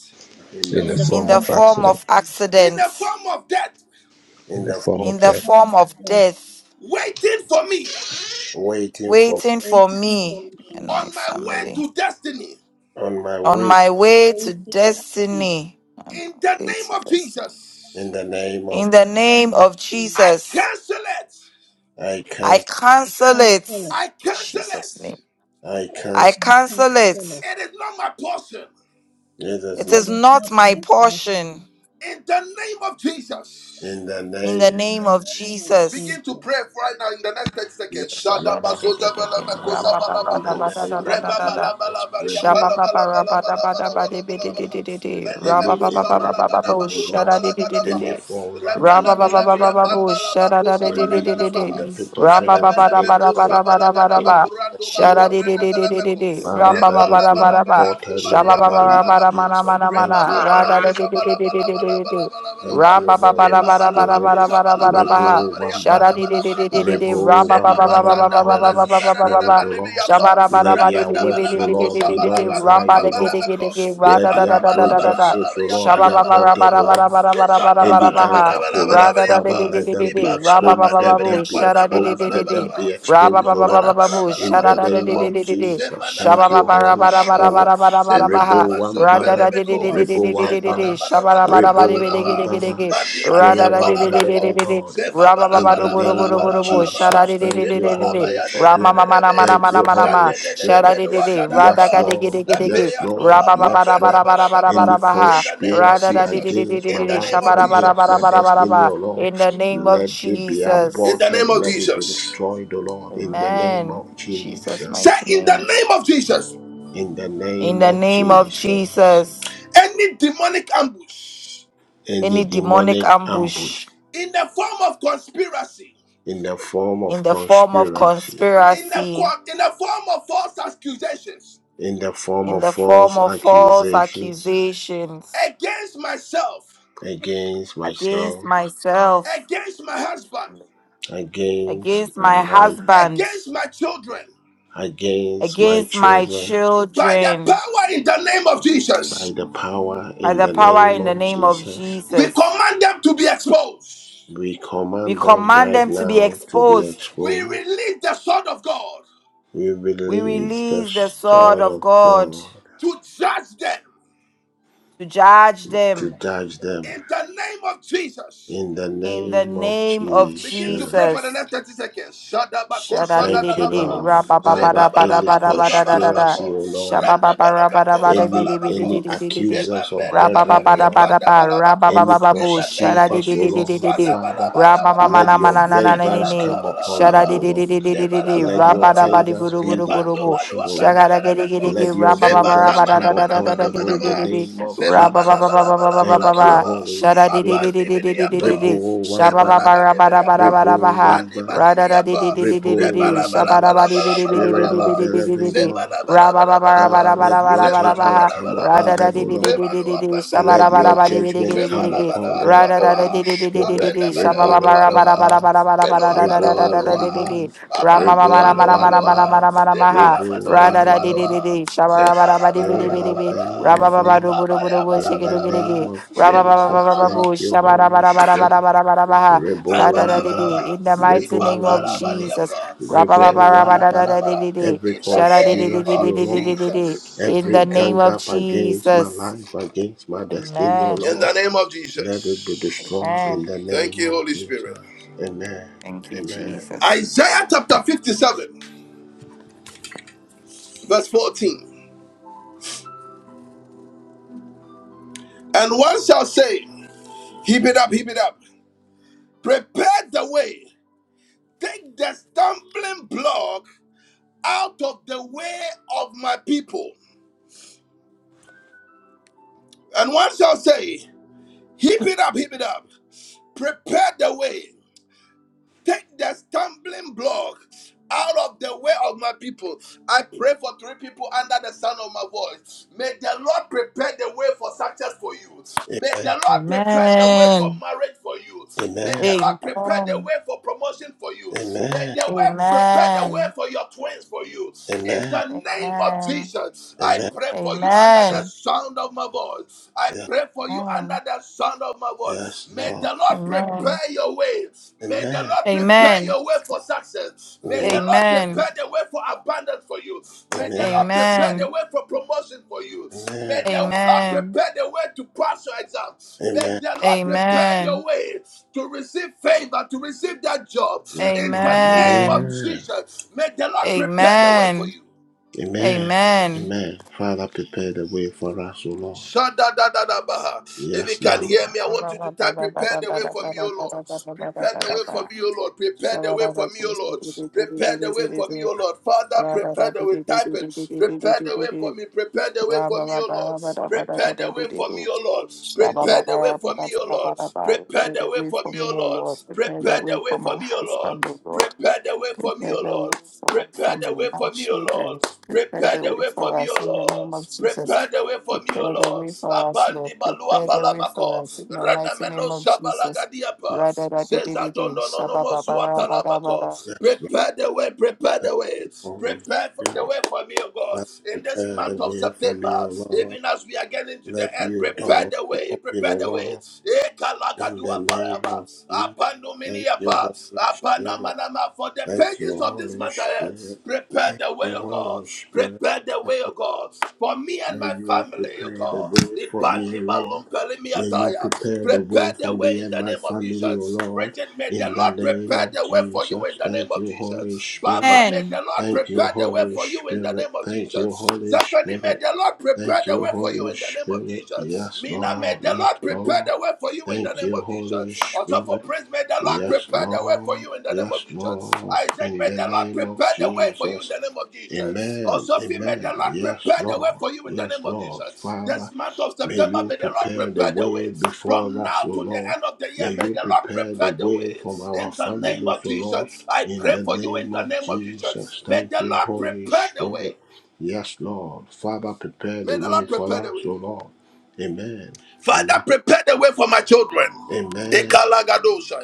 Speaker 3: in the
Speaker 6: in
Speaker 4: In
Speaker 6: the
Speaker 4: the
Speaker 5: in
Speaker 6: form
Speaker 3: form
Speaker 5: the
Speaker 4: form
Speaker 6: of
Speaker 3: of,
Speaker 4: of
Speaker 5: form
Speaker 6: accident,
Speaker 5: of
Speaker 4: accident,
Speaker 1: in the
Speaker 5: accident,
Speaker 1: form of death,
Speaker 6: in
Speaker 3: in
Speaker 6: the
Speaker 3: the
Speaker 6: form
Speaker 3: form
Speaker 4: in
Speaker 5: in
Speaker 6: of
Speaker 4: the
Speaker 5: the
Speaker 6: death.
Speaker 4: form
Speaker 5: form
Speaker 4: of
Speaker 5: of
Speaker 4: death,
Speaker 5: death,
Speaker 1: waiting for me
Speaker 3: of waiting for
Speaker 5: waiting for
Speaker 4: waiting for
Speaker 5: me
Speaker 4: me
Speaker 5: and my
Speaker 1: on my way
Speaker 5: family
Speaker 1: to destiny.
Speaker 3: on my
Speaker 5: on
Speaker 4: on
Speaker 3: way.
Speaker 4: my
Speaker 5: my way
Speaker 4: way
Speaker 5: to
Speaker 4: to destiny.
Speaker 5: destiny. On
Speaker 1: In
Speaker 5: my
Speaker 1: the
Speaker 5: way
Speaker 1: name
Speaker 5: to
Speaker 1: of
Speaker 5: destiny.
Speaker 1: Jesus,
Speaker 3: In the name of
Speaker 5: In
Speaker 4: In
Speaker 5: the
Speaker 3: Jesus,
Speaker 4: the
Speaker 5: name
Speaker 4: name of
Speaker 5: of
Speaker 4: Jesus,
Speaker 1: I
Speaker 5: Jesus,
Speaker 1: cancel it.
Speaker 3: I
Speaker 5: I
Speaker 3: cancel,
Speaker 4: I
Speaker 5: cancel it.
Speaker 4: cancel it.
Speaker 1: I cancel it.
Speaker 5: Jesus' name.
Speaker 3: I
Speaker 5: I
Speaker 3: cancel.
Speaker 4: I
Speaker 5: cancel it.
Speaker 4: cancel it.
Speaker 1: It is not my portion.
Speaker 3: It is
Speaker 5: It
Speaker 3: not
Speaker 4: It
Speaker 5: is
Speaker 4: is not
Speaker 5: not my
Speaker 4: my
Speaker 5: portion
Speaker 4: portion.
Speaker 1: In the name of Jesus.
Speaker 3: in the
Speaker 5: in the
Speaker 3: name,
Speaker 4: In
Speaker 5: name
Speaker 4: the
Speaker 5: of
Speaker 4: name of
Speaker 5: Jesus.
Speaker 1: Begin to
Speaker 4: Jesus.
Speaker 1: pray for right now in the next 30
Speaker 3: yes,
Speaker 1: seconds.
Speaker 5: Rabba
Speaker 3: Lord, Father, in
Speaker 1: Shadabazozabalamakosabalabako.
Speaker 3: the name of Jesus, Rebu Ambara, Rebu Ambara,
Speaker 1: Rebabalabalabariyapanabalabalabalabalabalabalabaha.
Speaker 3: Eli Ebu Apollo, any
Speaker 1: Menemekosabalagadabakosabalagadaba.
Speaker 3: false
Speaker 4: Amen.
Speaker 3: accusation released from
Speaker 1: Rebelebelebriyapambalabakosabalagadabaha.
Speaker 3: the pit of hell against my life, against my destiny, O Lord.
Speaker 1: Rebebelemekosabalagadabakurandobaluabrendebelemeko.
Speaker 3: Father, let it be uprooted in the name of Jesus.
Speaker 1: Rembalabalabreyantobaliapambalabako.
Speaker 3: Thank you, Holy.
Speaker 1: Rebabalabakosa
Speaker 3: Thank
Speaker 1: balabalabalabalabalabalaba.
Speaker 3: you, Holy Spirit.
Speaker 1: Rebabalabakosa
Speaker 3: Rebo
Speaker 5: Shada
Speaker 1: balabalabalabalabariapana
Speaker 3: Wambara,
Speaker 5: de de de de de de
Speaker 1: balabalabaha.
Speaker 5: de
Speaker 3: Rebo
Speaker 5: raba ba ba ba
Speaker 3: Wambara,
Speaker 5: ba ba ba
Speaker 1: Zebabazanda
Speaker 5: ba ba ba
Speaker 3: Holy
Speaker 5: ba ba
Speaker 1: balazunda
Speaker 5: ba ba
Speaker 3: Spirit,
Speaker 5: ba
Speaker 3: O Lord.
Speaker 1: dadadabalibiyapa.
Speaker 5: Shabada ba da
Speaker 3: Let
Speaker 5: ba de
Speaker 3: their
Speaker 5: de
Speaker 1: Rabanda
Speaker 5: de de
Speaker 3: works, O
Speaker 5: de de de
Speaker 3: Lord,
Speaker 1: balabakosa
Speaker 3: be
Speaker 5: de de de
Speaker 3: nullified,
Speaker 5: raba
Speaker 3: O
Speaker 5: de ge de
Speaker 3: Lord.
Speaker 5: ge de
Speaker 1: balabaruatambalabako.
Speaker 5: ge ra
Speaker 3: Let
Speaker 5: da da
Speaker 3: their
Speaker 5: da
Speaker 1: Ipanda
Speaker 5: da da da da da
Speaker 3: projections, O Lord, be
Speaker 5: Shaba
Speaker 1: balabalabalabariapanda
Speaker 5: ba ba ra ba
Speaker 3: aborted, O
Speaker 5: da
Speaker 1: balabalaba.
Speaker 5: ba da ba
Speaker 3: Lord.
Speaker 5: da ba da ba da
Speaker 1: Izanda
Speaker 5: ba da
Speaker 3: Any
Speaker 5: ba ha
Speaker 3: gang up, oh
Speaker 5: ra
Speaker 3: Lord,
Speaker 5: da da de
Speaker 3: Father,
Speaker 1: balabalabalabalabariapa.
Speaker 5: de de
Speaker 3: let
Speaker 5: de
Speaker 3: them
Speaker 5: de de
Speaker 3: be
Speaker 5: raba ba
Speaker 3: exposed,
Speaker 5: ba ba
Speaker 3: let them
Speaker 5: bu
Speaker 3: be
Speaker 1: Ibabalabadebriapanda
Speaker 5: shada de de
Speaker 3: exposed,
Speaker 5: de de
Speaker 3: let
Speaker 5: de
Speaker 3: them be
Speaker 1: balabalabalaba.
Speaker 5: raba
Speaker 3: exposed,
Speaker 5: ba
Speaker 3: oh
Speaker 5: ba ba ba
Speaker 3: Lord.
Speaker 5: ba bu
Speaker 3: In the
Speaker 5: shada da da
Speaker 3: name
Speaker 5: de de
Speaker 1: Balabalabalabalaba.
Speaker 3: of
Speaker 5: de de de
Speaker 3: Jesus,
Speaker 1: Zemana
Speaker 5: Shaba
Speaker 3: thank
Speaker 1: mana
Speaker 3: you,
Speaker 5: ba ba ra
Speaker 1: mana
Speaker 3: Holy
Speaker 5: ba da
Speaker 1: mana
Speaker 5: ba da ba
Speaker 1: ma.
Speaker 3: Spirit.
Speaker 5: da ba da ba da ba
Speaker 1: Zemana
Speaker 5: ha
Speaker 3: Rebo
Speaker 1: ma
Speaker 5: ra da da
Speaker 3: Wambara,
Speaker 5: de de de
Speaker 1: zompelebekoa.
Speaker 5: de de
Speaker 3: Rebo
Speaker 5: de de de de
Speaker 1: Zemana
Speaker 5: de
Speaker 3: Wambara,
Speaker 1: mana
Speaker 5: Shaba ra
Speaker 1: mana
Speaker 5: ba da
Speaker 1: mana
Speaker 5: ba de
Speaker 3: Rebo
Speaker 5: de
Speaker 1: mana
Speaker 5: de de
Speaker 1: ma.
Speaker 5: de de
Speaker 3: Wambara,
Speaker 5: de
Speaker 1: Mandi mani
Speaker 5: da
Speaker 3: Spirit
Speaker 5: da de
Speaker 3: of
Speaker 5: de
Speaker 3: the
Speaker 5: de de
Speaker 1: apalabako.
Speaker 3: living
Speaker 5: de de
Speaker 3: God. In the name of
Speaker 5: Rabababadobodobodobodobo,
Speaker 1: Zebabalabalabalabalabalaba.
Speaker 3: Jesus, thank you,
Speaker 5: shadadidididididi,
Speaker 3: Holy
Speaker 1: Ipalabaya de de de de
Speaker 3: Spirit.
Speaker 1: de be.
Speaker 3: Thank you, Holy
Speaker 5: ramamamanamanamanamanama,
Speaker 1: Zade de de de be
Speaker 3: Spirit.
Speaker 1: duwa
Speaker 5: shadadididi,
Speaker 1: da da da
Speaker 3: Yes,
Speaker 1: ba.
Speaker 3: Lord.
Speaker 1: Epe
Speaker 5: radagadigidigi,
Speaker 3: Yes,
Speaker 1: ando
Speaker 3: Lord.
Speaker 1: balua
Speaker 3: Yes,
Speaker 1: prende
Speaker 3: Lord.
Speaker 1: belebeko.
Speaker 3: Any
Speaker 1: In
Speaker 5: rabababababababababababa,
Speaker 1: the name of
Speaker 3: conspiracy
Speaker 1: Jesus.
Speaker 3: against my
Speaker 1: In the
Speaker 5: radadadidididididi,
Speaker 1: name
Speaker 3: life,
Speaker 1: of
Speaker 3: against my
Speaker 1: Jesus.
Speaker 3: destiny,
Speaker 5: shabarabarabarabaraba.
Speaker 3: O Lord,
Speaker 5: In the name of
Speaker 3: let it be
Speaker 1: In
Speaker 5: Jesus.
Speaker 1: the name
Speaker 3: aborted.
Speaker 1: of
Speaker 3: Let it be
Speaker 1: Jesus.
Speaker 3: destroyed, O Lord, in the name
Speaker 5: Amen.
Speaker 3: of Jesus.
Speaker 5: Jesus'
Speaker 1: Say
Speaker 5: mighty
Speaker 1: in the
Speaker 5: name.
Speaker 3: Amen.
Speaker 1: name of Jesus.
Speaker 3: In the
Speaker 5: In
Speaker 3: name
Speaker 5: the
Speaker 3: of
Speaker 5: name of
Speaker 3: Jesus.
Speaker 5: Jesus.
Speaker 1: Any demonic ambush
Speaker 3: Any
Speaker 5: Any demonic
Speaker 3: demonic ambush
Speaker 5: ambush
Speaker 1: in the form of conspiracy,
Speaker 3: in the form
Speaker 5: in
Speaker 3: of
Speaker 5: the form of
Speaker 3: conspiracy,
Speaker 1: in the
Speaker 5: conspiracy,
Speaker 1: co- in the form of false accusations
Speaker 3: in the form
Speaker 5: in
Speaker 3: of
Speaker 5: the form
Speaker 3: false
Speaker 5: of false
Speaker 3: accusations
Speaker 5: accusations
Speaker 1: against myself,
Speaker 3: against
Speaker 5: against
Speaker 3: myself,
Speaker 5: myself,
Speaker 1: against my husband,
Speaker 3: against
Speaker 5: against
Speaker 3: my
Speaker 5: my
Speaker 3: wife
Speaker 5: husband,
Speaker 1: against my children,
Speaker 3: against my
Speaker 5: against my
Speaker 3: children
Speaker 1: by the
Speaker 5: children,
Speaker 1: power in the name of
Speaker 3: by
Speaker 1: Jesus,
Speaker 3: the power
Speaker 5: by
Speaker 3: in
Speaker 5: the
Speaker 3: the
Speaker 5: power
Speaker 3: name
Speaker 5: in the
Speaker 3: of
Speaker 5: name of
Speaker 3: Jesus.
Speaker 1: we
Speaker 5: Jesus.
Speaker 1: command them to be exposed.
Speaker 3: We
Speaker 5: We
Speaker 3: command them
Speaker 5: command
Speaker 3: right
Speaker 5: them to be
Speaker 3: now to be
Speaker 5: exposed.
Speaker 1: We
Speaker 3: exposed.
Speaker 1: release the sword of God
Speaker 3: We
Speaker 5: We
Speaker 3: release the
Speaker 5: release the sword
Speaker 3: sword
Speaker 5: of
Speaker 3: of
Speaker 5: God
Speaker 3: God
Speaker 1: to judge them
Speaker 5: to judge
Speaker 3: to
Speaker 5: them
Speaker 3: judge them
Speaker 1: in the name of Jesus.
Speaker 3: in the
Speaker 5: in the
Speaker 3: name of
Speaker 5: name of
Speaker 1: Begin to
Speaker 3: Jesus.
Speaker 1: pray for the
Speaker 5: Jesus.
Speaker 1: next 30 seconds. Shadabako,
Speaker 5: Shada di di
Speaker 3: Thank you,
Speaker 5: di di,
Speaker 1: shadadadabaha.
Speaker 5: ra
Speaker 3: Lord.
Speaker 5: ba ba ba
Speaker 3: Father,
Speaker 5: da ba da
Speaker 3: any
Speaker 5: ba da
Speaker 1: Zebabalabako,
Speaker 5: ba da da da da,
Speaker 3: conspiracy,
Speaker 1: shabalabako.
Speaker 3: O Lord,
Speaker 5: shaba ba ba ra ba da
Speaker 1: Randabalabako,
Speaker 5: ba da bi
Speaker 3: any
Speaker 5: di bi di di
Speaker 1: shabalabako.
Speaker 3: any
Speaker 5: di di di di,
Speaker 3: accusers of
Speaker 5: ra ba ba
Speaker 3: brethren,
Speaker 5: ba
Speaker 3: O
Speaker 5: da ba
Speaker 3: Lord.
Speaker 5: da ba, ra ba ba
Speaker 1: Zebambelebelebriapandabalabako.
Speaker 3: any
Speaker 5: ba ba
Speaker 1: In
Speaker 5: boo,
Speaker 1: the
Speaker 5: shada
Speaker 1: name
Speaker 5: di
Speaker 1: of
Speaker 3: prosecutors,
Speaker 5: di
Speaker 3: O
Speaker 5: di di di
Speaker 1: Jesus.
Speaker 3: Lord,
Speaker 5: di di,
Speaker 3: Father,
Speaker 5: ra ma ma ma
Speaker 3: let
Speaker 5: na ma
Speaker 3: your
Speaker 5: na
Speaker 1: Shadabalabalaba.
Speaker 5: na na na ni
Speaker 3: vengeance
Speaker 5: ni,
Speaker 3: come upon
Speaker 5: shada
Speaker 3: them,
Speaker 5: di
Speaker 3: O
Speaker 1: Zebalabalabalaba.
Speaker 5: di
Speaker 3: Lord.
Speaker 5: di di di di di di,
Speaker 3: Let
Speaker 5: ra
Speaker 3: your
Speaker 5: ba da ba
Speaker 1: Zebalabalabalaba.
Speaker 5: di bu
Speaker 3: vengeance
Speaker 5: du bu
Speaker 3: be
Speaker 5: du bu
Speaker 3: their
Speaker 5: du
Speaker 1: Yepando
Speaker 5: bu,
Speaker 3: portion,
Speaker 1: balua
Speaker 3: O Lord.
Speaker 1: panda
Speaker 5: shaga da ge di ge di
Speaker 1: balabako.
Speaker 5: ge,
Speaker 3: Let your
Speaker 5: ra ba ba ba
Speaker 1: Zeba
Speaker 5: ra
Speaker 3: vengeance
Speaker 5: ba da
Speaker 3: come
Speaker 1: zamana
Speaker 5: da da
Speaker 1: mana
Speaker 5: da da
Speaker 3: upon
Speaker 1: mana
Speaker 5: da
Speaker 3: them
Speaker 5: di di
Speaker 1: mana
Speaker 3: in
Speaker 5: di
Speaker 3: the
Speaker 1: ba.
Speaker 5: di di,
Speaker 3: name of
Speaker 5: ra
Speaker 1: Zeba
Speaker 5: ba ba ba
Speaker 3: Jesus.
Speaker 5: ba ba ba ba ba ba
Speaker 3: Thank
Speaker 5: ba,
Speaker 3: you,
Speaker 1: balabalabalabalaba.
Speaker 3: Holy
Speaker 5: shada di di
Speaker 3: Spirit.
Speaker 5: di di
Speaker 1: Abandi
Speaker 5: di di
Speaker 1: bini
Speaker 5: di di
Speaker 1: yapa.
Speaker 5: di,
Speaker 3: Rebo
Speaker 5: shaba
Speaker 1: Zeba
Speaker 5: ba ba
Speaker 3: Wambara,
Speaker 1: laga
Speaker 5: ra
Speaker 1: de
Speaker 5: ba
Speaker 1: bini
Speaker 5: da ba da ba
Speaker 1: yapa.
Speaker 5: da ba
Speaker 3: Rebo
Speaker 5: ha.
Speaker 1: Mandi
Speaker 3: Wambara,
Speaker 1: mani
Speaker 5: Rada
Speaker 1: mi
Speaker 5: da di di
Speaker 1: yapa.
Speaker 5: di di di di
Speaker 3: Rebo
Speaker 5: di. Shabada
Speaker 3: Wambara,
Speaker 5: ba di bi di bi di bi
Speaker 3: Spirit
Speaker 5: di bi
Speaker 3: of
Speaker 1: Rebalabalabalabalabalaba.
Speaker 3: the
Speaker 5: di bi di di
Speaker 3: living
Speaker 5: di.
Speaker 3: God.
Speaker 5: Raba ba ba ra ba
Speaker 3: Father,
Speaker 1: Zebalabalabalaba.
Speaker 5: ra ba ra
Speaker 3: let
Speaker 5: ba
Speaker 3: your
Speaker 5: ra ba ra ba ha.
Speaker 3: judgment come
Speaker 1: Zebalabalabalaba.
Speaker 3: upon
Speaker 5: Rada da
Speaker 3: them, O
Speaker 5: di di di
Speaker 3: Lord.
Speaker 5: di di di
Speaker 1: Pemalua
Speaker 5: di.
Speaker 1: pambele
Speaker 5: Shabada
Speaker 3: Let
Speaker 5: ba ra
Speaker 3: your
Speaker 1: wata.
Speaker 5: ba di bi di gi
Speaker 3: judgment
Speaker 5: di gi di
Speaker 3: come
Speaker 5: gi.
Speaker 3: upon them,
Speaker 5: Rada da da
Speaker 3: Holy
Speaker 5: di
Speaker 1: Zembalabalabalabalaba.
Speaker 5: di di di di di
Speaker 3: Spirit.
Speaker 5: di.
Speaker 1: Abenda
Speaker 5: Shababa ba
Speaker 3: Rebo
Speaker 5: ra ba ra ba ra
Speaker 3: Wamba,
Speaker 1: balabalabalabalaba.
Speaker 5: ba ra ba ra ba
Speaker 1: Belo
Speaker 5: ra
Speaker 1: abalo
Speaker 5: da da da da
Speaker 3: Rebo
Speaker 5: da da di di
Speaker 1: aloa,
Speaker 5: di.
Speaker 3: Wamba,
Speaker 5: Rama ma
Speaker 1: abando
Speaker 5: ma ra
Speaker 3: Rebo
Speaker 5: ma
Speaker 1: alo
Speaker 5: ra
Speaker 1: aloa,
Speaker 5: ma ra ma ra ma
Speaker 1: loa,
Speaker 3: Wamba,
Speaker 5: ra ma ra ma ha.
Speaker 1: ebala
Speaker 3: Rebo
Speaker 1: mano
Speaker 5: Rada
Speaker 1: alo
Speaker 5: da di di
Speaker 3: Wamba.
Speaker 5: di di.
Speaker 1: aloa,
Speaker 5: Shabara
Speaker 3: The
Speaker 5: ba ra ba
Speaker 1: zebala
Speaker 5: di bi
Speaker 1: bala
Speaker 5: di
Speaker 3: Spirit
Speaker 5: bi di
Speaker 1: bala
Speaker 3: of
Speaker 5: bi.
Speaker 1: bala
Speaker 3: the
Speaker 1: ba,
Speaker 5: Raba
Speaker 3: Living
Speaker 5: ba ba du
Speaker 3: God,
Speaker 5: bu
Speaker 1: ibaba
Speaker 5: du bu du
Speaker 1: ya
Speaker 5: bu.
Speaker 1: bala
Speaker 3: in
Speaker 5: Shiki
Speaker 3: the
Speaker 5: du
Speaker 1: bala
Speaker 5: gi di
Speaker 3: name
Speaker 5: gi.
Speaker 1: ba,
Speaker 3: of
Speaker 5: Raba ba ba
Speaker 1: ibala
Speaker 5: ba ba
Speaker 3: Jesus,
Speaker 1: bala
Speaker 5: ba
Speaker 1: ba,
Speaker 5: bu.
Speaker 3: thank you,
Speaker 5: Shabada ba
Speaker 3: Holy
Speaker 5: ra ba ra ba
Speaker 3: Spirit.
Speaker 5: ra ba ra ba ra ba ha. Ra
Speaker 3: Rebo
Speaker 5: da
Speaker 1: kabala
Speaker 5: da
Speaker 1: bala ba,
Speaker 5: Radadadidi,
Speaker 3: Wamba,
Speaker 5: in the mighty
Speaker 3: Rebo
Speaker 5: name of
Speaker 1: ibabala bali
Speaker 3: Wamba,
Speaker 5: Jesus.
Speaker 1: apa,
Speaker 5: ra ra ba
Speaker 3: Rebo
Speaker 1: zema
Speaker 5: ba ba ba
Speaker 1: mana
Speaker 5: da da
Speaker 1: mana
Speaker 3: Wamba.
Speaker 5: da da
Speaker 1: ma.
Speaker 5: Rabababarabadadadadidi,
Speaker 3: Every
Speaker 1: In the name
Speaker 3: conspiracy,
Speaker 1: of
Speaker 3: O Lord
Speaker 5: shadadidididididididi,
Speaker 1: Jesus.
Speaker 5: In
Speaker 3: every
Speaker 5: the name
Speaker 3: gang
Speaker 5: of
Speaker 3: up against my
Speaker 5: Jesus.
Speaker 3: life, against my destiny, O
Speaker 5: Amen.
Speaker 1: In
Speaker 3: Lord.
Speaker 1: the name of
Speaker 3: Let it be
Speaker 1: Jesus.
Speaker 3: destroyed in
Speaker 5: Amen.
Speaker 3: the
Speaker 1: Thank
Speaker 3: name
Speaker 1: you,
Speaker 3: of
Speaker 1: Holy Spirit.
Speaker 3: Jesus. Amen.
Speaker 5: Thank you,
Speaker 3: Amen.
Speaker 5: Jesus.
Speaker 1: Isaiah chapter 57, verse 14. And one shall say, Heap it up, heap it up. Prepare the way. Take the stumbling block out of the way of my people. And one shall say, Heap it up, heap it up. Prepare the way. Take the stumbling block out of the way of my people. I pray for three people under the sound of my voice. May the Lord prepare the way for success for you. May the
Speaker 3: Amen.
Speaker 1: Lord prepare the way for
Speaker 5: Amen.
Speaker 1: marriage for you. May the
Speaker 3: Amen.
Speaker 1: Lord prepare the
Speaker 5: Amen.
Speaker 1: way for promotion for you. May
Speaker 3: Amen.
Speaker 1: the way prepare the way
Speaker 5: Amen.
Speaker 1: for your twins for you. In
Speaker 3: Amen.
Speaker 1: the name of Jesus, I
Speaker 3: Amen.
Speaker 1: pray
Speaker 5: Amen.
Speaker 1: for you under
Speaker 3: Yes,
Speaker 1: the
Speaker 5: Amen.
Speaker 1: sound of my voice. I
Speaker 3: yes,
Speaker 1: pray for you under the sound of my voice.
Speaker 3: yes,
Speaker 1: May
Speaker 3: Lord.
Speaker 1: the Lord
Speaker 5: Amen.
Speaker 1: prepare your way. May the
Speaker 3: Amen.
Speaker 1: Lord prepare
Speaker 5: Amen.
Speaker 1: your way for success. May
Speaker 3: Amen.
Speaker 1: the Lord
Speaker 5: Amen.
Speaker 1: prepare the way for abundance for you. May the
Speaker 3: Amen.
Speaker 1: Lord prepare the
Speaker 5: Amen.
Speaker 1: way for promotion for you.
Speaker 3: Amen.
Speaker 1: May the Lord
Speaker 5: Amen.
Speaker 1: prepare the way to pass your exam. May
Speaker 3: Amen.
Speaker 1: the Lord prepare your
Speaker 5: Amen. Amen.
Speaker 1: way to receive favor, to receive that job.
Speaker 3: Yes,
Speaker 1: In the
Speaker 3: Lord.
Speaker 1: name
Speaker 5: Amen.
Speaker 1: of
Speaker 3: Amen.
Speaker 1: Jesus, may the Lord prepare the way for
Speaker 5: Amen.
Speaker 1: you.
Speaker 3: Amen.
Speaker 5: Amen.
Speaker 3: Amen. Father, prepare the way for us, O Lord.
Speaker 1: Shadadadadabaha. If you
Speaker 3: Yes,
Speaker 1: can
Speaker 3: Lord.
Speaker 1: hear me, I
Speaker 5: Prepare
Speaker 1: want you to type, prepare the way for me, O Lord. Prepare the way for me, O Lord. Prepare the way for me, O Lord. Prepare the way for me, O Lord. Father, prepare the way. Type it. Prepare the way for me. Prepare the way for me, O Lord. Prepare the way for me, O Lord. Prepare the way for me, O Lord. Prepare the
Speaker 5: the
Speaker 1: way
Speaker 5: way
Speaker 1: for
Speaker 5: for
Speaker 1: me,
Speaker 5: me,
Speaker 1: O
Speaker 5: O
Speaker 1: Lord.
Speaker 5: Lord. Prepare the
Speaker 1: Prepare
Speaker 5: way
Speaker 1: the way
Speaker 5: for
Speaker 1: for
Speaker 5: my
Speaker 1: me, O
Speaker 5: husband,
Speaker 1: Lord.
Speaker 5: O Lord.
Speaker 1: Prepare the way for me,
Speaker 5: Prepare
Speaker 1: O
Speaker 5: the
Speaker 1: Lord.
Speaker 5: way for my
Speaker 1: Prepare the
Speaker 5: family,
Speaker 1: way
Speaker 5: my
Speaker 1: for me, O Lord.
Speaker 5: children. Prepare
Speaker 1: Prepare
Speaker 5: the
Speaker 1: the
Speaker 5: way
Speaker 1: way for
Speaker 5: for
Speaker 1: me,
Speaker 5: us
Speaker 1: O
Speaker 5: in the
Speaker 1: Lord.
Speaker 5: name of Jesus.
Speaker 1: Prepare the way for me,
Speaker 5: Prepare
Speaker 1: O
Speaker 5: the
Speaker 1: Lord.
Speaker 5: way for us, Lord.
Speaker 1: Abandi balua
Speaker 5: Prepare the way
Speaker 1: palamako.
Speaker 5: for us in the
Speaker 1: Rana
Speaker 5: mighty
Speaker 1: meno
Speaker 5: name of Jesus.
Speaker 1: shabalagadiapa. Zeza
Speaker 5: Ra-da-da-di-di-di-di,
Speaker 1: dono no no mo
Speaker 5: shabba-ba-ba-ra-ba-ra-ba-ra.
Speaker 1: zuatalabako.
Speaker 3: Yes, Lord.
Speaker 1: Prepare the way, prepare
Speaker 3: Thank
Speaker 1: the way.
Speaker 3: you, Holy
Speaker 1: Prepare. for
Speaker 3: Spirit.
Speaker 1: the way for me, oh God,
Speaker 3: Father,
Speaker 1: in this
Speaker 3: prepare the
Speaker 1: month of
Speaker 3: way for me, O
Speaker 1: September,
Speaker 3: Lord.
Speaker 1: even as we are getting to
Speaker 3: Let
Speaker 1: the end,
Speaker 3: your
Speaker 1: prepare
Speaker 3: doors
Speaker 1: the
Speaker 3: be
Speaker 1: way,
Speaker 3: open, O
Speaker 1: prepare the way.
Speaker 3: Lord, in the name
Speaker 1: Ekalagadua-paraba,
Speaker 3: of Jesus. Thank you,
Speaker 1: apanominiapa,
Speaker 3: Holy Spirit.
Speaker 1: apanamanama. For the
Speaker 3: Thank
Speaker 1: pages
Speaker 3: you,
Speaker 1: of this
Speaker 3: Holy
Speaker 1: month ahead,
Speaker 3: Spirit.
Speaker 1: prepare
Speaker 3: Thank
Speaker 1: the way,
Speaker 3: you,
Speaker 1: oh
Speaker 3: Holy
Speaker 1: God,
Speaker 3: Spirit.
Speaker 1: prepare the way, oh God, for me and
Speaker 3: May
Speaker 1: my
Speaker 3: you
Speaker 1: family, oh
Speaker 3: prepare the
Speaker 1: God.
Speaker 3: way for me, O
Speaker 1: Ibandi
Speaker 3: Lord. May you prepare the
Speaker 1: Prepare
Speaker 3: way for
Speaker 1: the way
Speaker 3: me
Speaker 1: in
Speaker 3: and
Speaker 1: the
Speaker 3: my
Speaker 1: name of
Speaker 3: family, O
Speaker 1: Jesus.
Speaker 3: Lord,
Speaker 1: Richard, may the
Speaker 3: in the
Speaker 1: Lord
Speaker 3: name
Speaker 1: prepare
Speaker 3: of
Speaker 1: the way for you
Speaker 3: Jesus.
Speaker 1: in the name
Speaker 3: Thank
Speaker 1: of
Speaker 3: you, Holy
Speaker 1: Jesus.
Speaker 3: Spirit.
Speaker 1: Baba, may
Speaker 5: Amen.
Speaker 1: the Lord
Speaker 3: Thank you,
Speaker 1: prepare the way
Speaker 3: Holy
Speaker 1: for you in the
Speaker 3: Spirit.
Speaker 1: name of
Speaker 3: Thank you,
Speaker 1: Jesus.
Speaker 3: Holy
Speaker 1: Zephany, may
Speaker 3: Spirit.
Speaker 1: the Lord prepare
Speaker 3: Thank
Speaker 1: the
Speaker 3: you,
Speaker 1: way for you
Speaker 3: Holy
Speaker 1: in the name of
Speaker 3: Spirit.
Speaker 1: Jesus.
Speaker 3: Yes,
Speaker 1: Mina, may
Speaker 3: Lord.
Speaker 1: the
Speaker 3: Yes,
Speaker 1: Lord prepare
Speaker 3: Lord.
Speaker 1: the way for you in the
Speaker 3: Thank
Speaker 1: name
Speaker 3: you,
Speaker 1: of
Speaker 3: Holy
Speaker 1: Jesus. Also for
Speaker 3: Spirit.
Speaker 1: praise, may the Lord
Speaker 3: Yes,
Speaker 1: prepare the way way for
Speaker 3: Lord.
Speaker 1: you in the name of
Speaker 3: Yes,
Speaker 1: Jesus.
Speaker 3: Lord.
Speaker 1: I said,
Speaker 3: In
Speaker 1: may
Speaker 3: the
Speaker 1: the Lord
Speaker 3: name of
Speaker 1: prepare the way for you in
Speaker 3: Jesus.
Speaker 1: the name of Jesus. Oh,
Speaker 3: Amen.
Speaker 1: Sophie, may
Speaker 3: Amen.
Speaker 1: the Lord
Speaker 3: Yes,
Speaker 1: prepare the way
Speaker 3: Lord.
Speaker 1: for you in the
Speaker 3: Yes,
Speaker 1: name of
Speaker 3: Lord.
Speaker 1: Jesus.
Speaker 3: Father,
Speaker 1: This month of
Speaker 3: may
Speaker 1: September,
Speaker 3: you
Speaker 1: may the Lord
Speaker 3: prepare the
Speaker 1: prepare the way.
Speaker 3: way before
Speaker 1: From
Speaker 3: us,
Speaker 1: now
Speaker 3: O
Speaker 1: to the
Speaker 3: Lord.
Speaker 1: end of the year,
Speaker 3: May
Speaker 1: may
Speaker 3: you
Speaker 1: the Lord
Speaker 3: prepare the
Speaker 1: prepare the way.
Speaker 3: way for our
Speaker 1: In the name
Speaker 3: families,
Speaker 1: of
Speaker 3: O Lord.
Speaker 1: Jesus, I
Speaker 3: In
Speaker 1: pray
Speaker 3: the
Speaker 1: for you in
Speaker 3: name
Speaker 1: the
Speaker 3: of
Speaker 1: name of Jesus.
Speaker 3: Jesus.
Speaker 1: May
Speaker 3: Thank
Speaker 1: the
Speaker 3: you,
Speaker 1: Lord
Speaker 3: Holy
Speaker 1: prepare the
Speaker 3: Spirit.
Speaker 1: way.
Speaker 3: Yes, Lord. Father, prepare
Speaker 1: May
Speaker 3: the
Speaker 1: the
Speaker 3: way
Speaker 1: Lord
Speaker 3: for
Speaker 1: prepare the
Speaker 3: us,
Speaker 1: way.
Speaker 3: O Lord. Amen.
Speaker 1: Father,
Speaker 3: Amen.
Speaker 1: prepare the way for my children.
Speaker 3: Amen.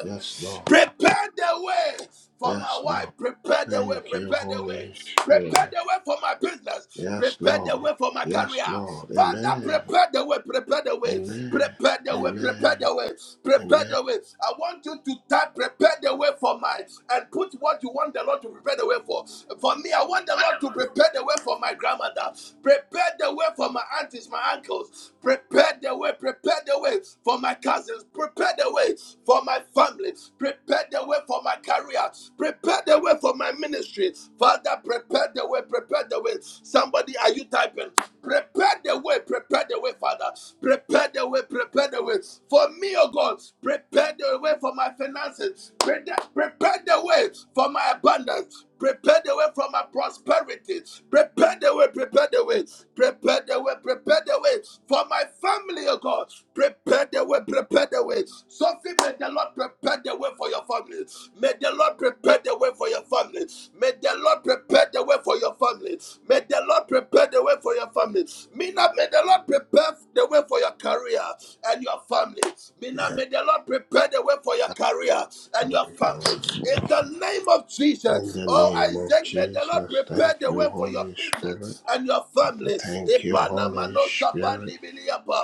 Speaker 3: Yes, Lord.
Speaker 1: Prepare the way for my
Speaker 3: Yes, Lord.
Speaker 1: wife. Prepare the way.
Speaker 3: Thank you,
Speaker 1: Prepare the way.
Speaker 3: Holy Spirit.
Speaker 1: Prepare the way for my business.
Speaker 3: Yes,
Speaker 1: Prepare
Speaker 3: Lord.
Speaker 1: the way for my
Speaker 3: Yes,
Speaker 1: career.
Speaker 3: Lord.
Speaker 1: Father,
Speaker 3: Amen.
Speaker 1: prepare the way. Prepare the way.
Speaker 3: Amen.
Speaker 1: Prepare the way. Prepare
Speaker 3: Amen.
Speaker 1: the way. Prepare
Speaker 3: Amen.
Speaker 1: the way. I want you to type prepare the way for my and put what you want the Lord to prepare the way for. For me, I want the Lord to prepare the way for my grandmother. Prepare the way for my aunties, my uncles. Prepare the way, prepare the way for my cousins. Prepare the way for my family. Prepare the way for my career. Prepare the way for my ministry. Father, prepare the way, prepare the way. Somebody, are you typing? Prepare the way, prepare the way, Father. Prepare the way, prepare the way for me, oh God. Prepare the way for my finances. Pre- Prepare the way for my abundance. Prepare the way for my prosperity. Prepare the way, prepare the way way, prepare the way, prepare the way for my family, oh God. Prepare the way, prepare the way. Sophie, may the Lord prepare the way for your family. May the Lord prepare the way for your family. May the Lord prepare the way for your family. May the Lord prepare the way for your family. Mina, may the Lord prepare the way for your career and your family. Mina,
Speaker 3: Yes,
Speaker 1: may the Lord prepare the way for your
Speaker 3: I
Speaker 1: career and
Speaker 3: pray
Speaker 1: your
Speaker 3: for
Speaker 1: family.
Speaker 3: us.
Speaker 1: In the name of
Speaker 3: In
Speaker 1: Jesus,
Speaker 3: the
Speaker 1: oh
Speaker 3: name of
Speaker 1: Isaac, may the Lord
Speaker 3: Jesus,
Speaker 1: prepare
Speaker 3: thank
Speaker 1: the way
Speaker 3: you,
Speaker 1: pray for your
Speaker 3: Holy Spirit.
Speaker 1: business and your family.
Speaker 3: Thank you, Holy Spirit.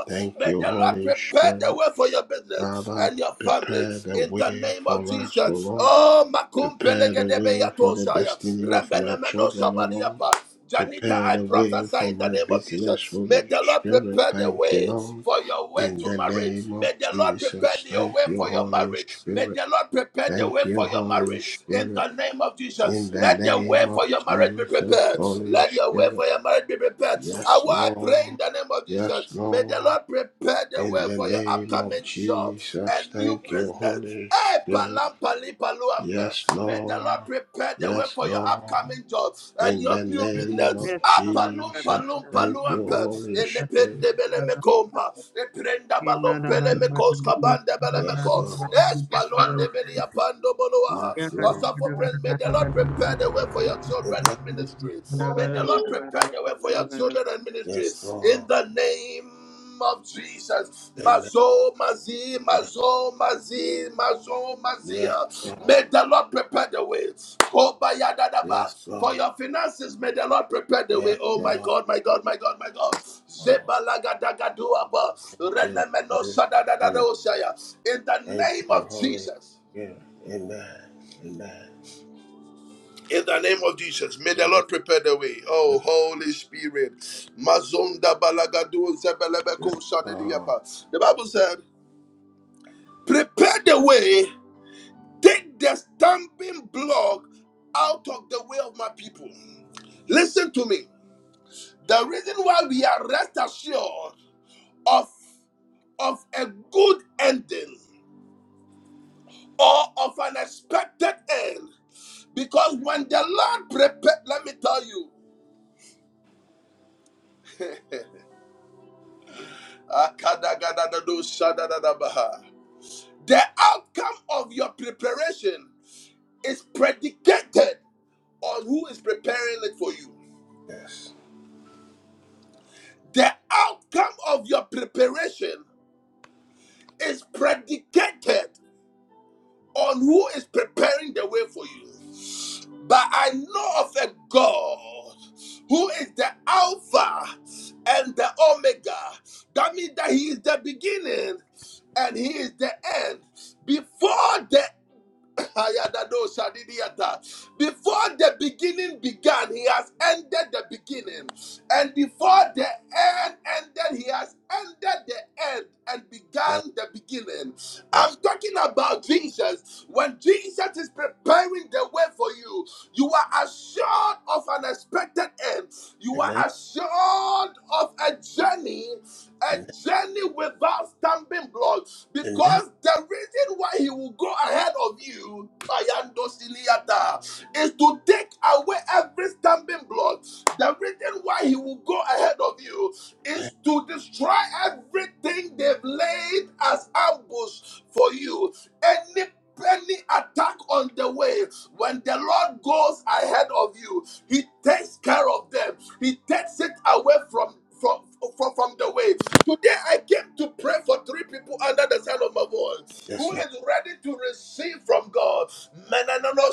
Speaker 3: Thank
Speaker 1: May
Speaker 3: you,
Speaker 1: the Lord
Speaker 3: Holy
Speaker 1: prepare the
Speaker 3: Spirit.
Speaker 1: way for your business
Speaker 3: Father,
Speaker 1: and your family
Speaker 3: prepare the
Speaker 1: in the
Speaker 3: way
Speaker 1: name of
Speaker 3: for us, O
Speaker 1: Jesus.
Speaker 3: Lord.
Speaker 1: Oh, makum
Speaker 3: Prepare the
Speaker 1: pelegedebe
Speaker 3: way for the
Speaker 1: yatoshaya.
Speaker 3: destiny of my
Speaker 1: Rembenemeno
Speaker 3: children, O Lord.
Speaker 1: sabadiapa. Yes. Janita,
Speaker 3: Prepare
Speaker 1: I
Speaker 3: the way
Speaker 1: prophesy
Speaker 3: for
Speaker 1: in the
Speaker 3: my
Speaker 1: name of
Speaker 3: business,
Speaker 1: Jesus. May
Speaker 3: Holy
Speaker 1: the Lord
Speaker 3: Spirit.
Speaker 1: prepare the
Speaker 3: Thank you,
Speaker 1: way
Speaker 3: Lord.
Speaker 1: for your way
Speaker 3: In
Speaker 1: to
Speaker 3: the
Speaker 1: marriage.
Speaker 3: name
Speaker 1: May
Speaker 3: of
Speaker 1: the Lord prepare
Speaker 3: Jesus.
Speaker 1: the way
Speaker 3: Thank you,
Speaker 1: for your
Speaker 3: Holy
Speaker 1: marriage. May
Speaker 3: Spirit.
Speaker 1: the Lord prepare the way
Speaker 3: Thank you,
Speaker 1: for your
Speaker 3: Holy
Speaker 1: marriage. In
Speaker 3: Spirit.
Speaker 1: the name of
Speaker 3: In
Speaker 1: Jesus,
Speaker 3: the
Speaker 1: let the way
Speaker 3: name of
Speaker 1: for your marriage be
Speaker 3: Jesus,
Speaker 1: prepared.
Speaker 3: Holy
Speaker 1: Let your way for
Speaker 3: Spirit.
Speaker 1: your marriage be prepared. I
Speaker 3: Yes,
Speaker 1: want to pray in
Speaker 3: Lord.
Speaker 1: the name of
Speaker 3: Yes,
Speaker 1: Jesus. May the
Speaker 3: Lord.
Speaker 1: Lord prepare the
Speaker 3: In
Speaker 1: way
Speaker 3: the
Speaker 1: for your
Speaker 3: name of
Speaker 1: upcoming job,
Speaker 3: Jesus,
Speaker 1: and new
Speaker 3: thank
Speaker 1: business
Speaker 3: you,
Speaker 1: business.
Speaker 3: Holy
Speaker 1: Eh,
Speaker 3: Spirit.
Speaker 1: palam,
Speaker 3: Yes,
Speaker 1: May the Lord
Speaker 3: Lord.
Speaker 1: prepare the way
Speaker 3: Yes,
Speaker 1: for your
Speaker 3: Lord.
Speaker 1: upcoming job and
Speaker 3: In
Speaker 1: your
Speaker 3: the
Speaker 1: new
Speaker 3: name of
Speaker 1: business.
Speaker 7: Yes,
Speaker 1: Ah, palum,
Speaker 3: Jesus,
Speaker 1: palum,
Speaker 3: thank you,
Speaker 1: paluampe.
Speaker 3: Holy Spirit.
Speaker 1: Elepende belemekomba. Eprenda
Speaker 7: Yes,
Speaker 1: balom pelemekos kabande
Speaker 3: Yes, Lord.
Speaker 1: belemeko. Es palon de beliapando
Speaker 3: Yes,
Speaker 1: boloaha.
Speaker 3: Lord.
Speaker 1: Also for praise, may the Lord prepare the way for your children
Speaker 3: Amen.
Speaker 1: and ministry. May the Lord prepare the way for your children and ministry.
Speaker 3: Yes,
Speaker 1: In
Speaker 3: Lord.
Speaker 1: the name of Jesus.
Speaker 3: Amen.
Speaker 1: Mazo, mazi,
Speaker 3: Yes,
Speaker 1: mazo, mazi, mazo,
Speaker 3: yes,
Speaker 1: mazia. May
Speaker 3: Lord.
Speaker 1: the Lord prepare the way.
Speaker 3: Yes,
Speaker 1: Kobayadadaba. For
Speaker 3: Lord.
Speaker 1: your finances, may the Lord prepare the way.
Speaker 3: Yes,
Speaker 1: Oh my
Speaker 3: Lord.
Speaker 1: God, my God, my God, my God.
Speaker 3: Yes, Lord.
Speaker 1: Zebalagadagadua.
Speaker 3: Thank you,
Speaker 1: Renemeno
Speaker 3: Holy Spirit.
Speaker 1: sadadadadosaya. In the
Speaker 3: Thank
Speaker 1: name
Speaker 3: you,
Speaker 1: of
Speaker 3: Holy
Speaker 1: Jesus.
Speaker 3: Spirit. Amen. Amen.
Speaker 1: In the name of Jesus, may the
Speaker 3: Amen.
Speaker 1: Lord prepare the way.
Speaker 3: Yes,
Speaker 1: Oh, Holy Spirit. Mazonda balagadu
Speaker 3: yes,
Speaker 1: zebelebeko
Speaker 3: Lord.
Speaker 1: shadidiyapa. The Bible said, Prepare the way. Take the stamping block out of the way of my people. Listen to me. The reason why we are rest assured of, of a good ending or of an expected end, because when the Lord prepared, let me tell you, the outcome of your preparation is predicated on who is preparing it for you.
Speaker 3: Yes.
Speaker 1: The outcome of your preparation is predicated on who is preparing the way for you. But I know of a God who is the Alpha and the Omega. That means that He is the beginning and He is the end. Before the before the beginning began, he has ended the beginning. And before the end ended, he has ended the end and
Speaker 3: Yes,
Speaker 1: began the beginning.
Speaker 3: yes.
Speaker 1: I'm talking about Jesus. When Jesus is preparing the way for you, you are assured of an expected end. You are
Speaker 3: Amen.
Speaker 1: assured of a journey a
Speaker 3: Amen.
Speaker 1: journey without stumbling blocks
Speaker 3: Amen.
Speaker 1: because the reason why he will go ahead of you Ayando Siliata, is to take away every stumbling block the reason why he will go ahead of you
Speaker 3: Amen.
Speaker 1: is to destroy everything they've laid as ambush for you Any. Any attack on the way, when the Lord goes ahead of you, He takes care of them. He takes it away from from from, from the way. Today I came to pray for three people under the sound of my voice
Speaker 3: Yes,
Speaker 1: who
Speaker 3: Lord.
Speaker 1: is ready to receive from God. Menanono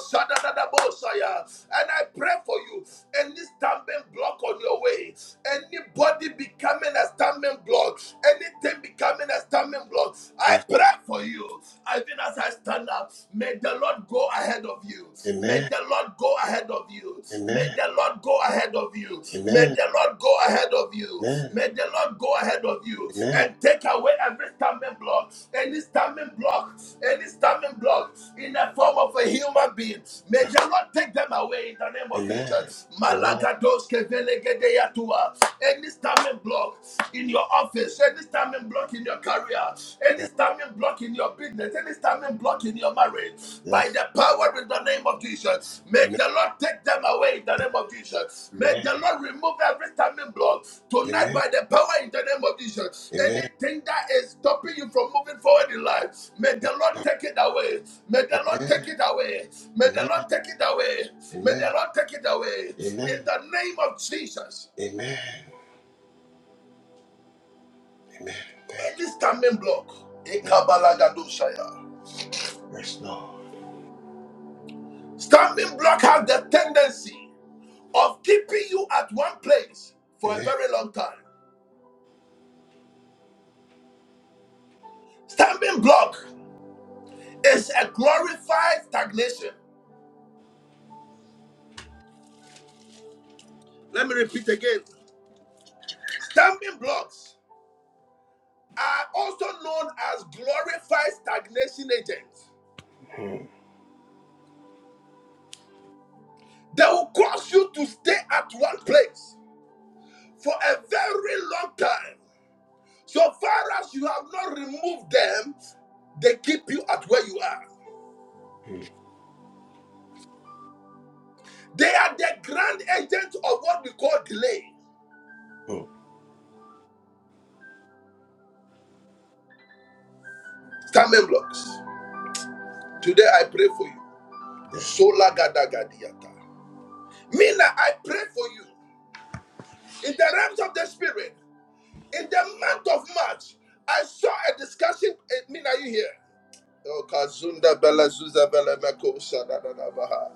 Speaker 1: And I pray for you. Any stumbling block on your way, anybody becoming a stumbling block, anything becoming a stumbling block. I
Speaker 3: Yes.
Speaker 1: pray for you. Even as I stand up, may the Lord go ahead of you. May
Speaker 3: Amen.
Speaker 1: the Lord go ahead of you. May
Speaker 3: Amen.
Speaker 1: the Lord go ahead of you. May
Speaker 3: Amen.
Speaker 1: the Lord go ahead of you.
Speaker 3: Amen.
Speaker 1: May the Lord go ahead of you
Speaker 3: Amen.
Speaker 1: and take away every stumbling block, any stumbling block, any stumbling block in the form of a human being. May
Speaker 3: Yes.
Speaker 1: the Lord take them away in the name of
Speaker 3: Amen.
Speaker 1: Jesus.
Speaker 3: Amen.
Speaker 1: Malagados kevelegedeyatua. Any stumbling block in your your office, any stumbling block in your career, any
Speaker 3: Yes.
Speaker 1: stumbling block in your business, any stumbling block in your marriage, by
Speaker 3: Yes.
Speaker 1: the power in the name of Jesus, may
Speaker 3: Amen.
Speaker 1: the Lord take them away in the name of Jesus. May the Lord remove every stumbling block tonight
Speaker 3: Amen.
Speaker 1: by the power in the name of Jesus.
Speaker 3: Amen. Amen.
Speaker 1: Anything that is stopping you from moving forward in life, may the
Speaker 3: Yes.
Speaker 1: Lord
Speaker 3: God.
Speaker 1: take it away. May the Lord
Speaker 3: Amen.
Speaker 1: take it away. May the
Speaker 3: Amen.
Speaker 1: Lord take it away. May the
Speaker 3: Amen.
Speaker 1: Lord take it away in
Speaker 3: Amen.
Speaker 1: the name of Jesus.
Speaker 3: Amen. Amen. Thank you.
Speaker 1: Any standing block, a
Speaker 3: Yes.
Speaker 1: Ekabalagadoshaya.
Speaker 3: Yes, Lord.
Speaker 1: standing block has the tendency of keeping you at one place for a
Speaker 3: Amen.
Speaker 1: very long time. Standing block is a glorified stagnation. Let me repeat again. Standing blocks are also known as glorified stagnation agents.
Speaker 3: Mm,
Speaker 1: They will cause you to stay at one place for a very long time. So far as you have not removed them, they keep you at where you are.
Speaker 3: mm,
Speaker 1: They are the grand agents of what we call delay.
Speaker 3: mm.
Speaker 1: Stammen blocks. Today I pray for you.
Speaker 3: Yes.
Speaker 1: Sola gada gadiata. Mina, I pray for you. In the realms of the spirit, in the month of March, I saw a discussion. eh, Mina, you here? Oh, Kazunda Bella Zuza Bella Meko Sada da da Baha.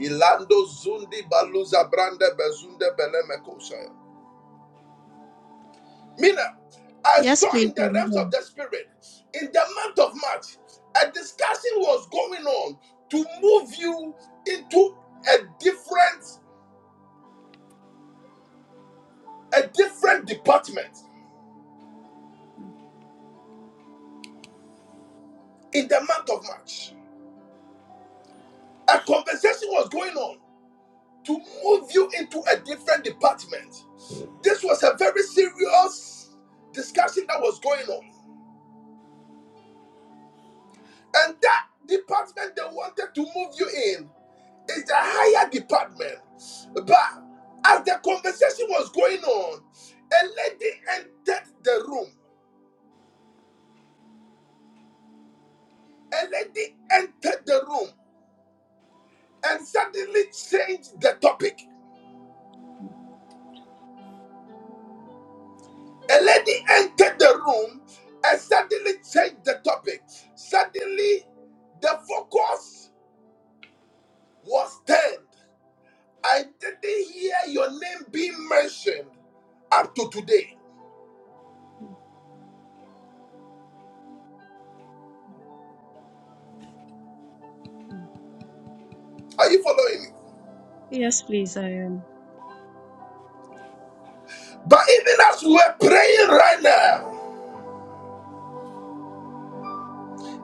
Speaker 1: Ilando Zundi Baluza Branda Bezunda Bella Meko Saya. Mina, I
Speaker 4: Yes,
Speaker 1: saw
Speaker 4: please,
Speaker 1: in the
Speaker 4: I'm
Speaker 1: realms of
Speaker 4: here.
Speaker 1: the spirit, in the month of March, a discussion was going on to move you into a different, a different department in the month of March. A conversation was going on to move you into a different department.
Speaker 3: Mm.
Speaker 1: This was a very serious discussion that was going on. And that department they wanted to move you in It's a higher department. But as the conversation was going on, a lady entered the room. A lady entered the room and suddenly changed the topic. A lady entered the room and suddenly changed the topic. Suddenly, the focus was turned. I didn't hear your name being mentioned up to today.
Speaker 4: Mhm.
Speaker 1: Are you following me?
Speaker 4: Yes, please, I am.
Speaker 1: But even as we're praying right now,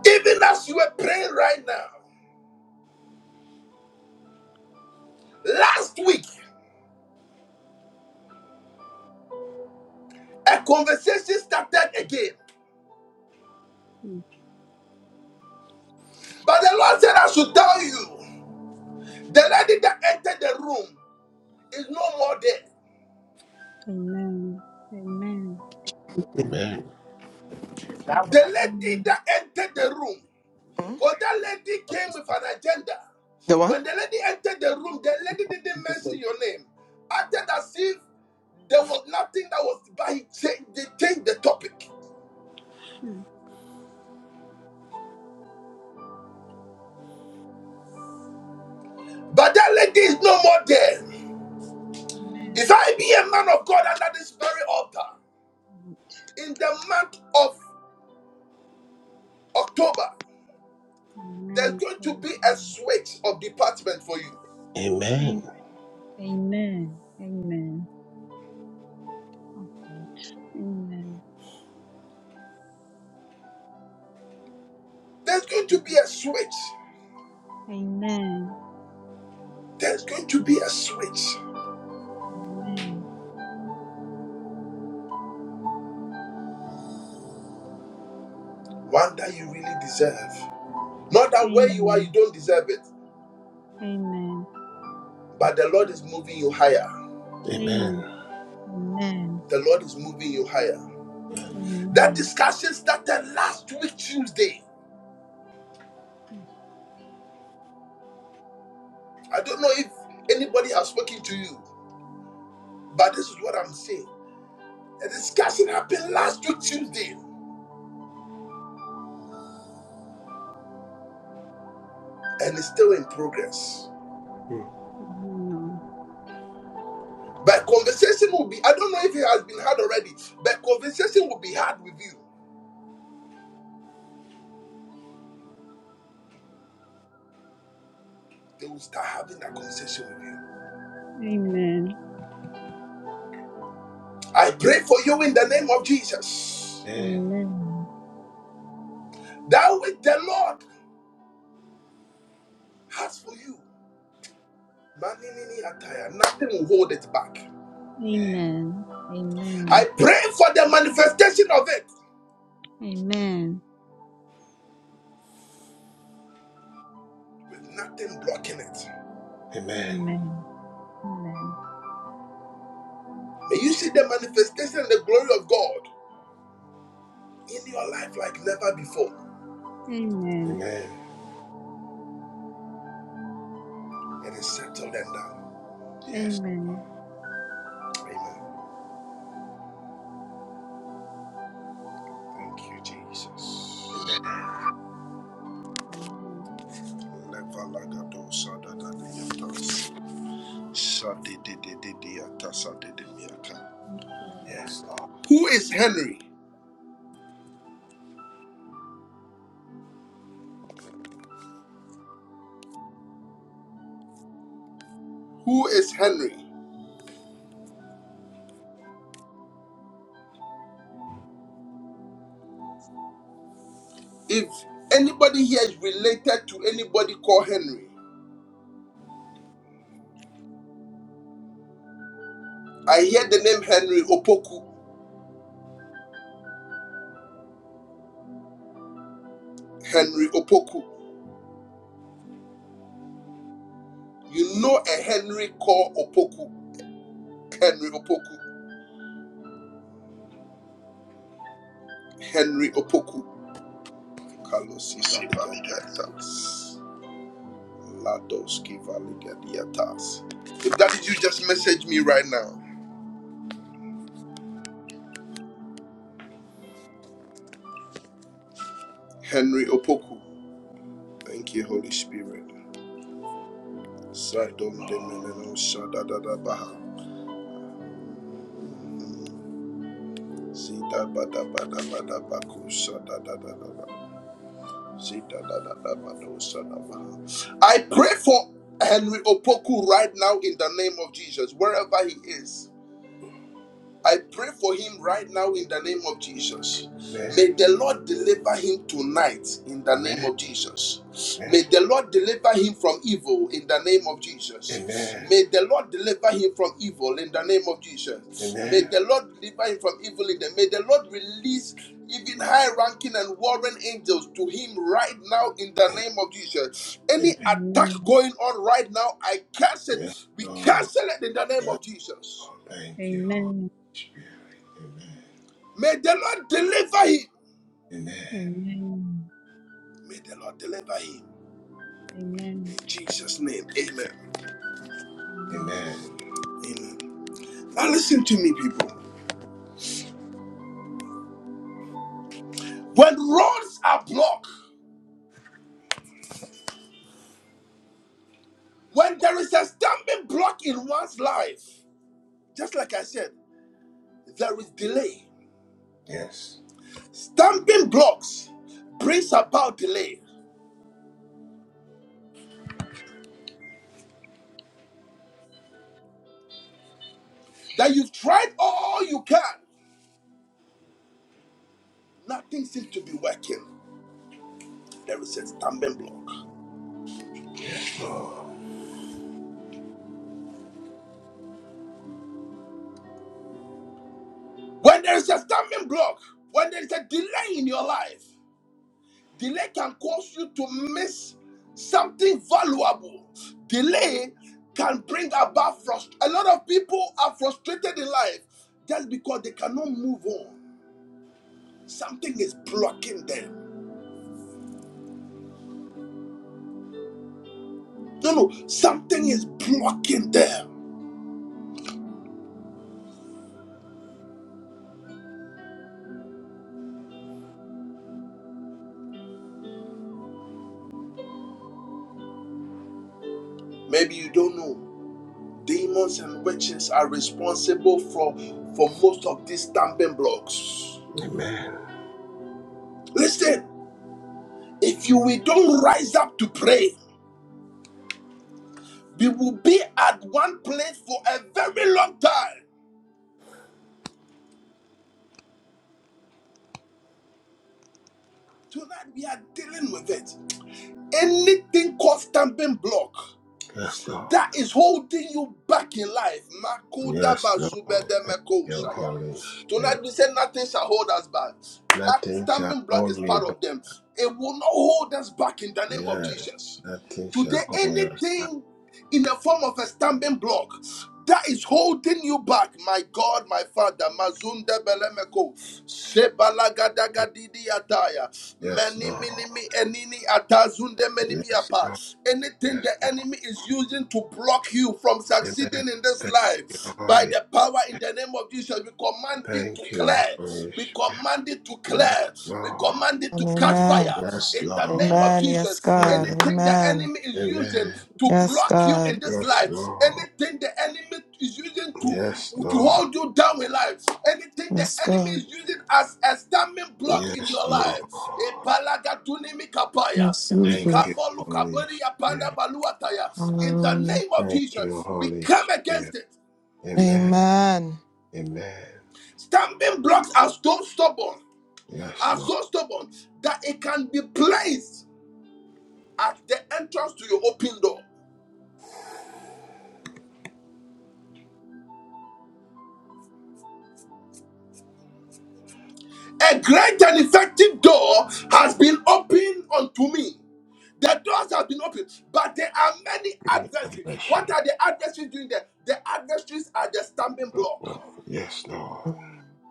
Speaker 1: Even as you were praying right now, last week a conversation started again.
Speaker 4: Mm.
Speaker 1: But the Lord said, I should tell you, the lady that entered the room is no more there.
Speaker 4: Amen. Amen.
Speaker 8: Mm.
Speaker 3: Amen.
Speaker 4: Amen.
Speaker 1: The lady that entered the room, because that lady came with an agenda.
Speaker 8: The what?
Speaker 1: When the lady entered the room, the lady didn't mention your name. Acted as if there was nothing that was, but he changed, they changed the topic.
Speaker 4: Amen.
Speaker 1: But that lady is no more there. If I be a man of God under this very altar, In the month of October, there's
Speaker 4: Amen.
Speaker 1: going to
Speaker 4: God.
Speaker 1: be a switch of department for you.
Speaker 3: Amen.
Speaker 4: Amen. Amen. Amen. Oh God. Amen.
Speaker 1: There's going to be a switch.
Speaker 4: Amen.
Speaker 1: There's going to be a switch.
Speaker 4: Amen.
Speaker 1: One that you really deserve. Not that where you are, you don't deserve it,
Speaker 4: Amen.
Speaker 1: but the Lord is moving you higher.
Speaker 3: Amen.
Speaker 4: Amen.
Speaker 1: The Lord is moving you higher. That discussion started last week, Tuesday. I don't know if anybody has spoken to you, but this is what I'm saying. The discussion happened last week, Tuesday, and it's still in progress.
Speaker 3: Mm.
Speaker 4: Amen.
Speaker 1: But conversation will be, I don't know if it has been had already, but conversation will be had with you. They will start having that conversation with you.
Speaker 4: Amen.
Speaker 1: I pray for you in the name of Jesus.
Speaker 3: Amen.
Speaker 4: Amen.
Speaker 1: That which the Lord has for you, Maninini attire, nothing will hold it back.
Speaker 3: Amen.
Speaker 4: Amen. Amen.
Speaker 1: I pray for the manifestation of it with nothing blocking it.
Speaker 3: Amen.
Speaker 4: Amen.
Speaker 1: May you see the manifestation and the glory of God in your life like never before.
Speaker 4: Amen. Amen. Amen.
Speaker 3: Amen.
Speaker 1: It is settled and done.
Speaker 4: Amen. Amen. Amen. Amen.
Speaker 3: Yes.
Speaker 1: Amen. Thank you, Jesus.
Speaker 3: Amen.
Speaker 4: Amen.
Speaker 1: Levalagado sadadadiatas. Sadidididididdiatas sadidimiaka.
Speaker 3: Yes, Lord.
Speaker 1: Who is Henry? Who is Henry? If anybody here is related to anybody called Henry, I hear the name Henry Opoku. Henry Opoku. You know a Henry called Opoku. Henry Opoku. Henry Opoku. Kalosi valigadiatas. Ladoski valigadiatas. If that is you, just message me right now. Henry Opoku. Thank you, Holy Spirit. Sadom de meneno shadadadabaha. Zidabadabadabadabaku shadadadadaba. Zidadadadabado shadabaha. I pray for Henry Opoku right now in the name of Jesus, wherever he is. I pray for him right now in the name of Jesus.
Speaker 3: Amen.
Speaker 1: May the Lord deliver him tonight in the name
Speaker 3: Amen.
Speaker 1: of Jesus.
Speaker 3: Amen.
Speaker 1: May the Lord deliver him from evil in the name of Jesus.
Speaker 3: Amen.
Speaker 1: May the Lord deliver him from evil in the name of Jesus. May
Speaker 3: Amen.
Speaker 1: the Lord deliver him from evil in the may the Lord release even high ranking and warring angels to him right now in the name of Jesus.
Speaker 3: Amen.
Speaker 1: Any attack
Speaker 4: Amen.
Speaker 1: going on right now, I cancel it.
Speaker 3: Yes,
Speaker 1: We
Speaker 3: Lord.
Speaker 1: cancel it in the name
Speaker 3: Yes,
Speaker 1: of Jesus.
Speaker 3: Lord. Thank you, Holy
Speaker 4: Amen.
Speaker 3: Spirit. Amen.
Speaker 1: May the Lord deliver him.
Speaker 3: Amen.
Speaker 4: Amen.
Speaker 1: May the Lord deliver him.
Speaker 4: Amen.
Speaker 1: In Jesus' name. Amen.
Speaker 4: Amen.
Speaker 3: Amen.
Speaker 1: Amen. Now listen to me, people. When roads are blocked, when there is a stumbling block in one's life, just like I said, there is delay.
Speaker 3: Yes,
Speaker 1: Stumbling blocks brings about delay. That you've tried all you can, nothing seems to be working. There is a stumbling block.
Speaker 3: Lord.
Speaker 1: When there is a stumbling block, when there is a delay in your life, Delay can cause you to miss something valuable. Delay can bring about frustration. A lot of people are frustrated in life just because they cannot move on. Something is blocking them. No, no, something is blocking them. Maybe you don't know. Demons and witches are responsible for, for most of these stamping blocks.
Speaker 3: Amen.
Speaker 1: Listen, if you we don't rise up to pray, We will be at one place for a very long time. Tonight we are dealing with it. Anything called stamping block
Speaker 3: Yes, Lord.
Speaker 1: that is holding you back in life.
Speaker 3: Yes, Lord. Thank you, Holy Spirit.
Speaker 1: Tonight we say nothing shall hold us back. That
Speaker 3: Nothing shall
Speaker 1: stamping block
Speaker 3: hold
Speaker 1: is
Speaker 3: me
Speaker 1: part
Speaker 3: back.
Speaker 1: of them. It will not hold us back in the name of
Speaker 3: Yes.
Speaker 1: Jesus.
Speaker 3: Nothing
Speaker 1: Today,
Speaker 3: shall hold us back.
Speaker 1: anything in the form of a stumbling block that is holding you back, my God, my Father, Mazunda Belemeko, Sebalagadagadi Ataya,
Speaker 3: Yes,
Speaker 1: Many
Speaker 3: Lord.
Speaker 1: Minimi Enini Atazunde Menimi
Speaker 3: Yes,
Speaker 1: Apa.
Speaker 3: Lord.
Speaker 1: Anything
Speaker 3: Yes,
Speaker 1: the
Speaker 3: Lord.
Speaker 1: enemy is using to block you from
Speaker 3: Amen.
Speaker 1: succeeding in this
Speaker 3: Thank you,
Speaker 1: life, by
Speaker 3: Holy.
Speaker 1: the power in
Speaker 3: Spirit.
Speaker 1: the name of Jesus, we command it to
Speaker 3: Thank you,
Speaker 1: clear.
Speaker 3: Holy
Speaker 1: We
Speaker 3: Spirit.
Speaker 1: command it to
Speaker 3: Yes,
Speaker 1: clear. We
Speaker 3: Lord.
Speaker 1: command it to
Speaker 8: And
Speaker 1: catch
Speaker 8: amen.
Speaker 1: fire.
Speaker 3: Yes,
Speaker 1: In the
Speaker 3: Lord.
Speaker 1: name of
Speaker 8: Amen. Yes,
Speaker 1: Jesus,
Speaker 8: God.
Speaker 3: Amen.
Speaker 1: anything the
Speaker 8: Amen.
Speaker 1: enemy is
Speaker 3: Amen.
Speaker 1: using to
Speaker 8: Yes,
Speaker 1: block you in
Speaker 8: God.
Speaker 1: this
Speaker 3: Yes,
Speaker 1: life,
Speaker 3: Lord.
Speaker 1: anything the enemy is using to
Speaker 3: Yes,
Speaker 1: to
Speaker 3: Lord.
Speaker 1: hold you down in life. Anything the
Speaker 8: Yes,
Speaker 1: enemy is
Speaker 8: God.
Speaker 1: using as a stumbling block in
Speaker 3: Yes,
Speaker 1: your
Speaker 3: Lord.
Speaker 1: life. Ebalagaduni mikapaya,
Speaker 8: Yes,
Speaker 3: Thank
Speaker 8: Jesus.
Speaker 3: you,
Speaker 1: mikambo
Speaker 3: Holy
Speaker 1: lukaburi apanda
Speaker 3: Spirit.
Speaker 1: baluataya. In the
Speaker 8: Hallelujah.
Speaker 1: name of
Speaker 3: Thank you,
Speaker 1: Jesus, we
Speaker 3: Holy
Speaker 1: come
Speaker 3: Spirit.
Speaker 1: against it.
Speaker 3: Amen.
Speaker 8: Amen.
Speaker 3: Amen.
Speaker 1: Stumbling blocks are so stubborn,
Speaker 3: Yes,
Speaker 1: are
Speaker 3: Lord.
Speaker 1: so stubborn that it can be placed at the entrance to your open door. A great and effective door has been opened unto me. The doors have been opened, but there are many
Speaker 3: Any
Speaker 1: adversaries. What
Speaker 3: adversary.
Speaker 1: are the adversaries doing there? The adversaries are the stumbling block.
Speaker 3: Well, yes, Lord.
Speaker 8: Mm.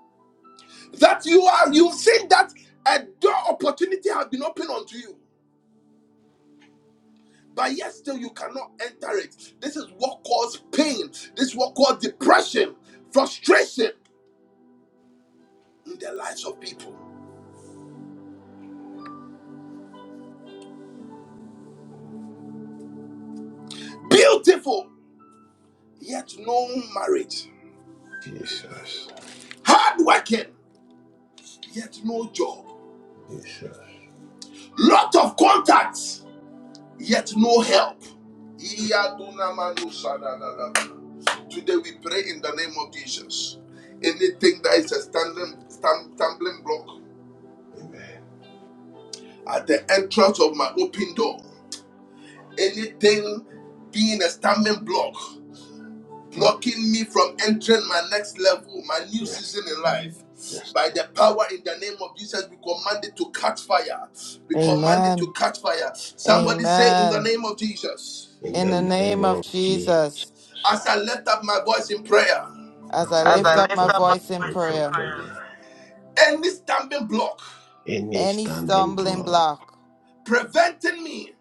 Speaker 1: That you are, you've seen that a door opportunity has been opened unto you. but yet still you cannot enter it. This is what caused pain. This is what caused depression, frustration in the lives of people. Beautiful, yet no marriage.
Speaker 3: Jesus.
Speaker 1: Hardworking, yet no job.
Speaker 3: Jesus.
Speaker 1: Lot of contacts, yet no help. Today we pray in the name of Jesus. Anything that is a standing, stumbling block
Speaker 3: Amen.
Speaker 1: at the entrance of my open door. anything being a stumbling block, blocking me from entering my next level, my new
Speaker 3: Yes.
Speaker 1: season in life.
Speaker 3: Yes,
Speaker 1: By
Speaker 3: Lord.
Speaker 1: the power in the name of Jesus, we command it to catch fire. We
Speaker 3: Amen.
Speaker 1: command it to
Speaker 8: Amen.
Speaker 1: catch fire.
Speaker 3: Amen.
Speaker 1: Somebody say, In the
Speaker 8: Amen.
Speaker 1: name of Jesus,
Speaker 3: In
Speaker 8: In the
Speaker 3: the name
Speaker 8: name of
Speaker 3: of Jesus.
Speaker 8: Jesus,
Speaker 1: as I lift up my voice in prayer,
Speaker 8: as
Speaker 3: As
Speaker 8: I
Speaker 3: I As
Speaker 8: lift
Speaker 3: I lift
Speaker 8: up
Speaker 3: lift
Speaker 8: my
Speaker 3: up up my
Speaker 8: voice in
Speaker 3: my voice voice in in
Speaker 8: prayer,
Speaker 3: prayer, prayer,
Speaker 1: any stumbling block
Speaker 3: any
Speaker 8: any
Speaker 3: standing
Speaker 8: stumbling
Speaker 3: block
Speaker 8: block
Speaker 1: preventing me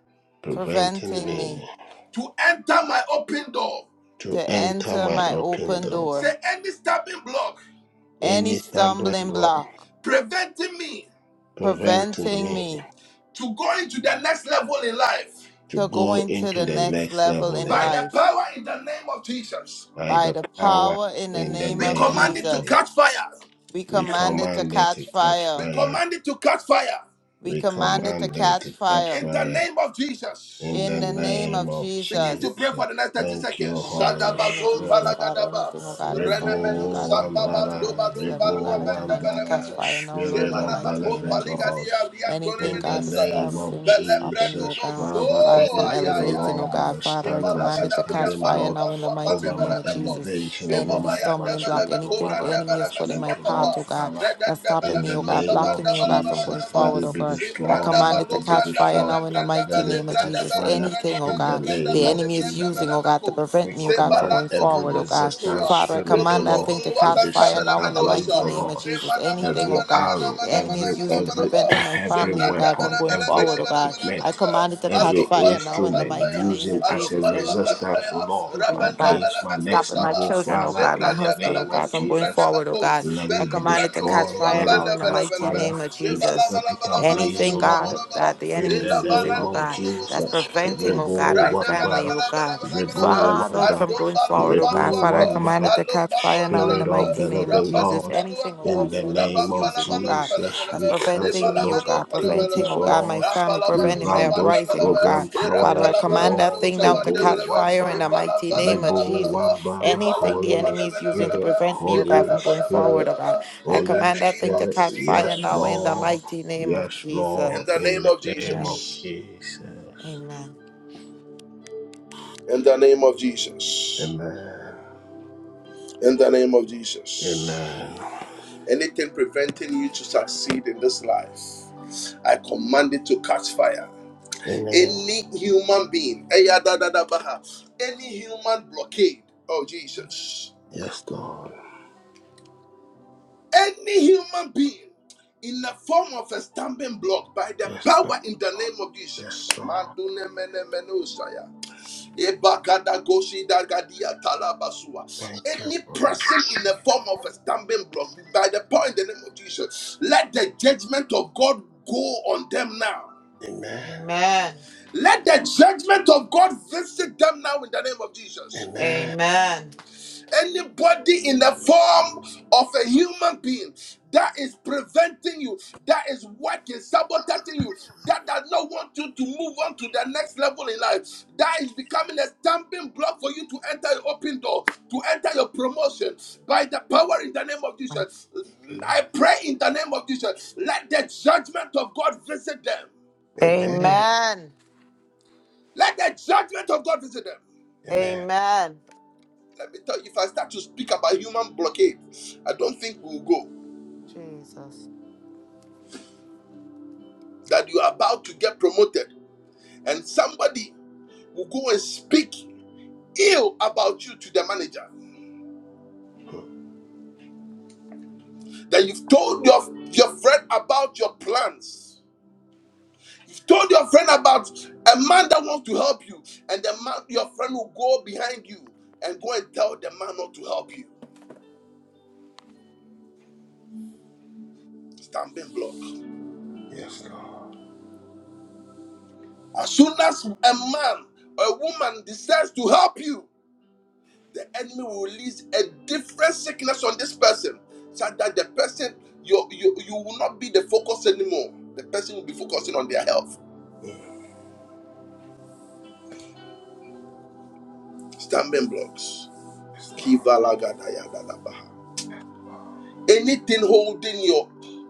Speaker 3: preventing
Speaker 8: preventing me
Speaker 3: me
Speaker 1: to enter my open door,
Speaker 3: to
Speaker 8: to
Speaker 3: enter
Speaker 8: enter
Speaker 3: my
Speaker 8: my
Speaker 3: open
Speaker 8: open
Speaker 3: door.
Speaker 8: door,
Speaker 1: say, any stumbling block
Speaker 8: any
Speaker 3: any stumbling
Speaker 8: stumbling
Speaker 3: block
Speaker 8: block
Speaker 1: preventing me
Speaker 3: preventing
Speaker 8: preventing
Speaker 3: me
Speaker 8: me
Speaker 1: to go into the next level in life,
Speaker 3: to
Speaker 8: to
Speaker 3: go
Speaker 8: going to
Speaker 3: into
Speaker 8: the
Speaker 3: the
Speaker 8: next
Speaker 3: next
Speaker 8: level
Speaker 3: level
Speaker 8: in
Speaker 3: in
Speaker 1: By
Speaker 3: life
Speaker 1: the
Speaker 8: life.
Speaker 1: power in the name of Jesus,
Speaker 3: by
Speaker 8: By
Speaker 3: the
Speaker 8: the
Speaker 3: power
Speaker 8: power in the
Speaker 3: in the
Speaker 8: name
Speaker 1: we
Speaker 8: of
Speaker 3: name
Speaker 1: command
Speaker 3: of
Speaker 1: it to
Speaker 3: Jesus.
Speaker 8: Jesus,
Speaker 1: catch fire.
Speaker 8: we
Speaker 3: We
Speaker 8: command it to
Speaker 3: command it to
Speaker 8: catch
Speaker 3: catch
Speaker 1: We
Speaker 8: fire.
Speaker 3: fire.
Speaker 1: command it to catch fire
Speaker 8: We
Speaker 3: We
Speaker 8: command it to
Speaker 3: command it
Speaker 8: catch
Speaker 3: to catch
Speaker 8: fire
Speaker 1: in the
Speaker 3: fire
Speaker 1: name of Jesus.
Speaker 3: in
Speaker 8: in
Speaker 3: the
Speaker 8: the name
Speaker 3: name
Speaker 8: of
Speaker 3: of
Speaker 1: Begin to
Speaker 8: Jesus.
Speaker 1: pray
Speaker 3: Jesus.
Speaker 1: for the next 30
Speaker 3: Thank
Speaker 1: seconds.
Speaker 3: you,
Speaker 8: the mighty
Speaker 3: Holy
Speaker 8: name of
Speaker 1: Shadabazon
Speaker 8: Jesus,
Speaker 3: Spirit.
Speaker 8: Father,
Speaker 1: palagadaba.
Speaker 8: anything, oh God, that's
Speaker 3: Rebo
Speaker 8: stopping me, oh
Speaker 1: Renemenu
Speaker 8: God, from going into
Speaker 3: Wambara,
Speaker 8: my
Speaker 1: sambabando
Speaker 8: next
Speaker 1: balum
Speaker 8: level, oh God,
Speaker 1: balua
Speaker 3: Rebo
Speaker 8: I command it to catch
Speaker 3: Wambara,
Speaker 1: bendebelemeko.
Speaker 8: fire now, Lord,
Speaker 3: Spirit
Speaker 8: in the
Speaker 3: of the
Speaker 8: mighty
Speaker 1: Zemanamako
Speaker 8: name of
Speaker 3: Living
Speaker 8: Jesus.
Speaker 3: God.
Speaker 1: paligadia riantone
Speaker 8: Anything,
Speaker 3: In the
Speaker 8: God, that's
Speaker 1: menosaya.
Speaker 3: name of
Speaker 8: stopping me, stopping me,
Speaker 1: Belembrendo
Speaker 8: oh
Speaker 3: Jesus,
Speaker 8: God,
Speaker 1: bozo
Speaker 3: Father,
Speaker 8: Father, from
Speaker 3: anything along
Speaker 8: elevating, oh
Speaker 1: ayayaya.
Speaker 3: that
Speaker 8: God,
Speaker 3: is
Speaker 8: Father, I
Speaker 3: standing as
Speaker 8: command
Speaker 3: a
Speaker 8: it to
Speaker 1: Jebalagada bria
Speaker 8: catch
Speaker 3: standing
Speaker 8: fire
Speaker 1: pando
Speaker 3: block
Speaker 8: now, in the
Speaker 1: balua
Speaker 8: mighty
Speaker 3: over my
Speaker 8: name of Jesus.
Speaker 1: pandebelemeko.
Speaker 3: elevation, over
Speaker 8: Any
Speaker 3: my
Speaker 1: Shebabayanda
Speaker 8: stumbling block,
Speaker 3: advancement,
Speaker 1: balaba
Speaker 3: over
Speaker 8: anything the
Speaker 3: my
Speaker 1: kobranda
Speaker 8: enemy has
Speaker 1: balaba
Speaker 8: put in
Speaker 3: advancement
Speaker 8: my
Speaker 3: to
Speaker 8: path,
Speaker 3: Lord,
Speaker 1: suatata.
Speaker 8: oh God,
Speaker 3: Father,
Speaker 8: that's
Speaker 1: Redanda
Speaker 8: stopping
Speaker 3: in
Speaker 8: me,
Speaker 3: the
Speaker 8: oh
Speaker 1: balameno
Speaker 8: God,
Speaker 3: name
Speaker 8: blocking
Speaker 3: of
Speaker 1: shabanda
Speaker 8: me, oh God, from
Speaker 1: balabala
Speaker 8: going
Speaker 3: Jesus, let
Speaker 1: balaba.
Speaker 8: forward,
Speaker 3: it
Speaker 8: oh
Speaker 3: be
Speaker 8: God, I
Speaker 1: Simbranda
Speaker 3: destroyed,
Speaker 8: command
Speaker 3: let
Speaker 8: it to
Speaker 3: it be
Speaker 8: catch
Speaker 1: balombranda
Speaker 8: fire
Speaker 3: destroyed,
Speaker 8: now, in the
Speaker 1: branda
Speaker 8: mighty
Speaker 3: let it
Speaker 8: name of
Speaker 3: catch
Speaker 1: balembranda
Speaker 8: Jesus.
Speaker 3: fire
Speaker 1: branda
Speaker 8: Anything, oh
Speaker 3: in
Speaker 8: God
Speaker 3: the
Speaker 1: balembranda
Speaker 8: the
Speaker 3: name of
Speaker 8: enemy is
Speaker 1: balembranda
Speaker 3: Jesus.
Speaker 8: using, oh God, to
Speaker 1: balamako.
Speaker 8: prevent
Speaker 3: We
Speaker 8: me, oh God, from
Speaker 3: command
Speaker 8: going
Speaker 1: Zebalando
Speaker 3: every
Speaker 8: forward, oh
Speaker 1: bolo
Speaker 8: God.
Speaker 3: resistance
Speaker 1: sontoa.
Speaker 8: Father, I
Speaker 3: spirit, O
Speaker 8: command
Speaker 1: Bolondo
Speaker 8: that
Speaker 3: Lord,
Speaker 8: thing to
Speaker 1: bolo
Speaker 3: to
Speaker 8: catch
Speaker 3: be
Speaker 1: watanta
Speaker 8: fire
Speaker 3: set
Speaker 8: now in the
Speaker 1: balameno asa.
Speaker 3: ablaze,
Speaker 8: mighty
Speaker 3: O
Speaker 8: name of
Speaker 3: Lord.
Speaker 8: Jesus.
Speaker 1: Zemana mana
Speaker 8: Anything,
Speaker 3: Every
Speaker 8: oh
Speaker 1: mana
Speaker 8: God,
Speaker 1: mana
Speaker 3: arrow,
Speaker 8: the
Speaker 1: mana
Speaker 8: enemy
Speaker 1: mana
Speaker 8: is
Speaker 3: every
Speaker 1: mana
Speaker 8: using to
Speaker 1: mana
Speaker 3: every
Speaker 8: prevent my
Speaker 1: mana.
Speaker 3: every
Speaker 8: family, oh
Speaker 1: Zebranda
Speaker 8: God, from
Speaker 1: bala
Speaker 3: weapon,
Speaker 8: going
Speaker 1: bala
Speaker 3: every
Speaker 1: bala
Speaker 8: forward, oh
Speaker 1: bala
Speaker 8: God.
Speaker 1: bala
Speaker 8: I
Speaker 1: bala
Speaker 3: equipment,
Speaker 1: bala.
Speaker 8: command it to catch
Speaker 3: every
Speaker 1: Alom
Speaker 8: fire
Speaker 1: palua
Speaker 8: now in the
Speaker 3: instrument
Speaker 8: mighty
Speaker 1: pampaya.
Speaker 8: name
Speaker 3: using
Speaker 8: of
Speaker 3: as
Speaker 1: Alom
Speaker 3: a
Speaker 8: Jesus.
Speaker 1: palua
Speaker 8: Every
Speaker 3: resistance, O
Speaker 1: pampaya.
Speaker 3: Lord,
Speaker 8: children, oh
Speaker 1: Rabanda
Speaker 8: God.
Speaker 1: bala
Speaker 3: against my
Speaker 8: From
Speaker 1: bako
Speaker 3: next
Speaker 8: stopping my
Speaker 3: level,
Speaker 1: saba.
Speaker 8: children, oh
Speaker 3: Father,
Speaker 8: God, my
Speaker 3: in the
Speaker 1: Zebranda
Speaker 8: husband, oh
Speaker 1: bala
Speaker 3: name
Speaker 8: God,
Speaker 3: of
Speaker 1: masum
Speaker 8: from going
Speaker 1: branda
Speaker 3: Jesus.
Speaker 8: forward, oh
Speaker 1: bako.
Speaker 8: God.
Speaker 3: Let
Speaker 8: I
Speaker 3: it be
Speaker 1: Belum
Speaker 8: command it to
Speaker 1: brando
Speaker 8: catch
Speaker 3: destroyed,
Speaker 1: boluam
Speaker 8: fire
Speaker 3: let it
Speaker 8: now in
Speaker 1: bala
Speaker 8: the
Speaker 3: catch
Speaker 1: bala bala
Speaker 8: mighty
Speaker 1: bala.
Speaker 3: fire,
Speaker 8: name of
Speaker 3: we
Speaker 1: Zebala
Speaker 8: Jesus.
Speaker 3: set
Speaker 1: bala
Speaker 3: it
Speaker 1: bala bala
Speaker 3: ablaze,
Speaker 1: bala
Speaker 8: Anything,
Speaker 3: O
Speaker 1: bala
Speaker 3: Lord.
Speaker 8: God,
Speaker 1: bala bala.
Speaker 8: that the
Speaker 3: In
Speaker 8: enemy
Speaker 3: the
Speaker 1: Ela
Speaker 8: is using,
Speaker 3: name
Speaker 8: oh
Speaker 1: balando
Speaker 3: of
Speaker 8: God,
Speaker 1: bolo bolo
Speaker 8: that's
Speaker 1: bolo
Speaker 3: Jesus,
Speaker 1: bolo bolo.
Speaker 8: preventing, oh God,
Speaker 3: Rebo
Speaker 8: my
Speaker 1: Randa bala
Speaker 8: family,
Speaker 3: Wambara,
Speaker 8: oh
Speaker 1: bala bala
Speaker 8: God.
Speaker 1: bala bala bala.
Speaker 3: Rebo
Speaker 8: Father,
Speaker 3: Wambara,
Speaker 1: Ando
Speaker 8: from going forward, oh God.
Speaker 3: Rebo
Speaker 8: Father, I command it
Speaker 3: Wambara,
Speaker 8: to catch fire now in
Speaker 3: Spirit
Speaker 8: the
Speaker 3: of
Speaker 8: mighty
Speaker 3: the
Speaker 8: name of
Speaker 3: Living
Speaker 8: Jesus.
Speaker 3: God,
Speaker 8: Anything, oh
Speaker 3: in
Speaker 8: God,
Speaker 3: the
Speaker 8: the enemy is
Speaker 3: name of
Speaker 8: using, oh God,
Speaker 3: Jesus,
Speaker 8: that's
Speaker 3: we
Speaker 8: preventing
Speaker 3: cancel
Speaker 8: me, oh
Speaker 3: those
Speaker 8: God, preventing,
Speaker 3: activities,
Speaker 8: oh
Speaker 3: O
Speaker 8: God, my
Speaker 3: Lord.
Speaker 8: family,
Speaker 3: We
Speaker 8: preventing my
Speaker 3: run those
Speaker 8: uprising, oh God.
Speaker 3: program
Speaker 8: Father, I
Speaker 3: powerless, O
Speaker 8: command that
Speaker 3: Lord.
Speaker 8: thing now to
Speaker 3: Rebo
Speaker 8: catch fire in the
Speaker 3: Wambara,
Speaker 8: mighty name of
Speaker 3: Rebo
Speaker 8: Jesus.
Speaker 3: Wambara,
Speaker 8: Anything the
Speaker 3: Holy
Speaker 8: enemy is using to
Speaker 3: Spirit,
Speaker 8: prevent me, oh God,
Speaker 3: Holy
Speaker 8: from going forward,
Speaker 3: Spirit,
Speaker 8: oh God, I
Speaker 1: in the
Speaker 3: Holy
Speaker 8: command that
Speaker 1: name
Speaker 8: thing to
Speaker 1: of
Speaker 3: Spirit,
Speaker 8: catch fire
Speaker 3: yes,
Speaker 8: now
Speaker 1: Jesus.
Speaker 8: in the
Speaker 3: Lord.
Speaker 8: mighty name of
Speaker 3: Yes,
Speaker 1: In
Speaker 3: Lord,
Speaker 1: the
Speaker 8: Jesus.
Speaker 1: name
Speaker 3: in the
Speaker 1: of
Speaker 3: name
Speaker 8: Amen.
Speaker 3: of
Speaker 1: Jesus.
Speaker 3: Jesus.
Speaker 8: Amen.
Speaker 1: In the name of Jesus.
Speaker 3: Amen.
Speaker 1: In the name of Jesus.
Speaker 3: Amen.
Speaker 1: Anything preventing you to succeed in this life, I command it to catch fire.
Speaker 3: Amen.
Speaker 1: Any human being, any human blockade, oh Jesus,
Speaker 3: Yes, Lord.
Speaker 1: any human being in the form of a stumbling block by the
Speaker 3: Yes, Lord.
Speaker 1: power in the name of Jesus.
Speaker 3: Yes, Lord. Thank you
Speaker 1: Any
Speaker 3: for it.
Speaker 1: person in the form of a stumbling block, by the power in the name of Jesus, let the judgment of God go on them now.
Speaker 3: Amen.
Speaker 8: Amen.
Speaker 1: Let the judgment of God visit them now in the name of Jesus
Speaker 3: Amen.
Speaker 8: Amen.
Speaker 1: anybody in the form of a human being that is preventing you, that is working, sabotaging you, that does not want you to move on to the next level in life, that is becoming a stamping block for you to enter your open door, to enter your promotion by the power in the name of Jesus. I
Speaker 3: Amen.
Speaker 1: pray in the name of Jesus, let the judgment of God visit them.
Speaker 3: Amen.
Speaker 8: Amen.
Speaker 1: Let the judgment of God visit them.
Speaker 3: Amen.
Speaker 8: Amen.
Speaker 1: Let me tell you, if I start to speak about human blockade, I don't think we'll go.
Speaker 8: Jesus.
Speaker 1: that you are about to get promoted and somebody will go and speak ill about you to the manager that you've told your, your friend about your plans you've told your friend about a man that wants to help you and the man your friend will go behind you and go and tell the man not to help you Stumbling block
Speaker 3: Yes, Lord.
Speaker 1: as soon as a man or a woman decides to help you the enemy will release a different sickness on this person so that the person you, you you will not be the focus anymore the person will be focusing on their health
Speaker 3: Mm,
Speaker 1: Stumbling blocks
Speaker 3: Yes, Lord.
Speaker 1: Kivalagadayabaha. Anything holding your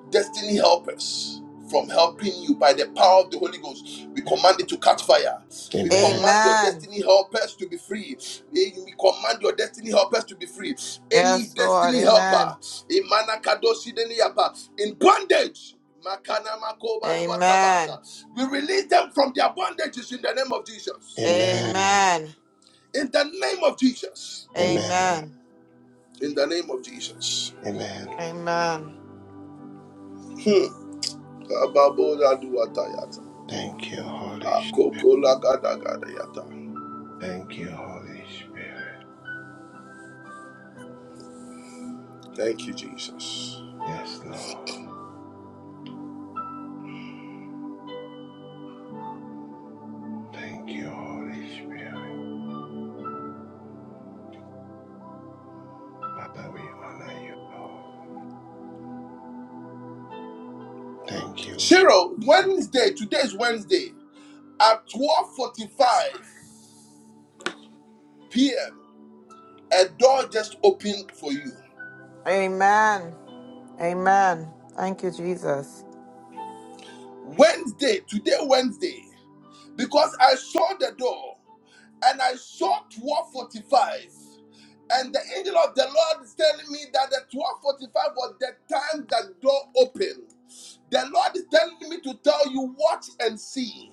Speaker 1: destiny helpers from helping you by the power of the Holy Ghost, we
Speaker 3: Yes.
Speaker 1: command it to catch fire. We
Speaker 3: Amen.
Speaker 1: command your
Speaker 8: Amen.
Speaker 1: destiny helpers to be free. We command your destiny helpers to be free. Any
Speaker 8: Yes, Lord.
Speaker 1: destiny
Speaker 8: Amen.
Speaker 1: helper in Manakadoshi Deniyapa, in bondage.
Speaker 8: Amen.
Speaker 1: We release them from their bondages in the name of Jesus.
Speaker 3: Amen.
Speaker 8: Amen.
Speaker 1: In the name of Jesus.
Speaker 3: Amen.
Speaker 8: Amen.
Speaker 1: In the name of Jesus.
Speaker 3: Amen.
Speaker 8: Amen.
Speaker 1: Hmm.
Speaker 3: Thank you, Holy Spirit.
Speaker 1: Akokola gada gada yata.
Speaker 3: Thank you, Holy Spirit.
Speaker 1: Thank you, Jesus.
Speaker 3: Yes, Lord. Thank you, Holy Spirit. Father, we honor you. Thank you.
Speaker 1: Cheryl, Wednesday, today is Wednesday, at 12.45 p.m., a door just opened for you.
Speaker 8: Amen. Amen. Thank you, Jesus.
Speaker 1: Wednesday, today, Wednesday, because I saw the door and I saw 12:45, and the angel of the Lord is telling me that the 12:45 was the time that door opened. The Lord is telling me to tell you, watch and see.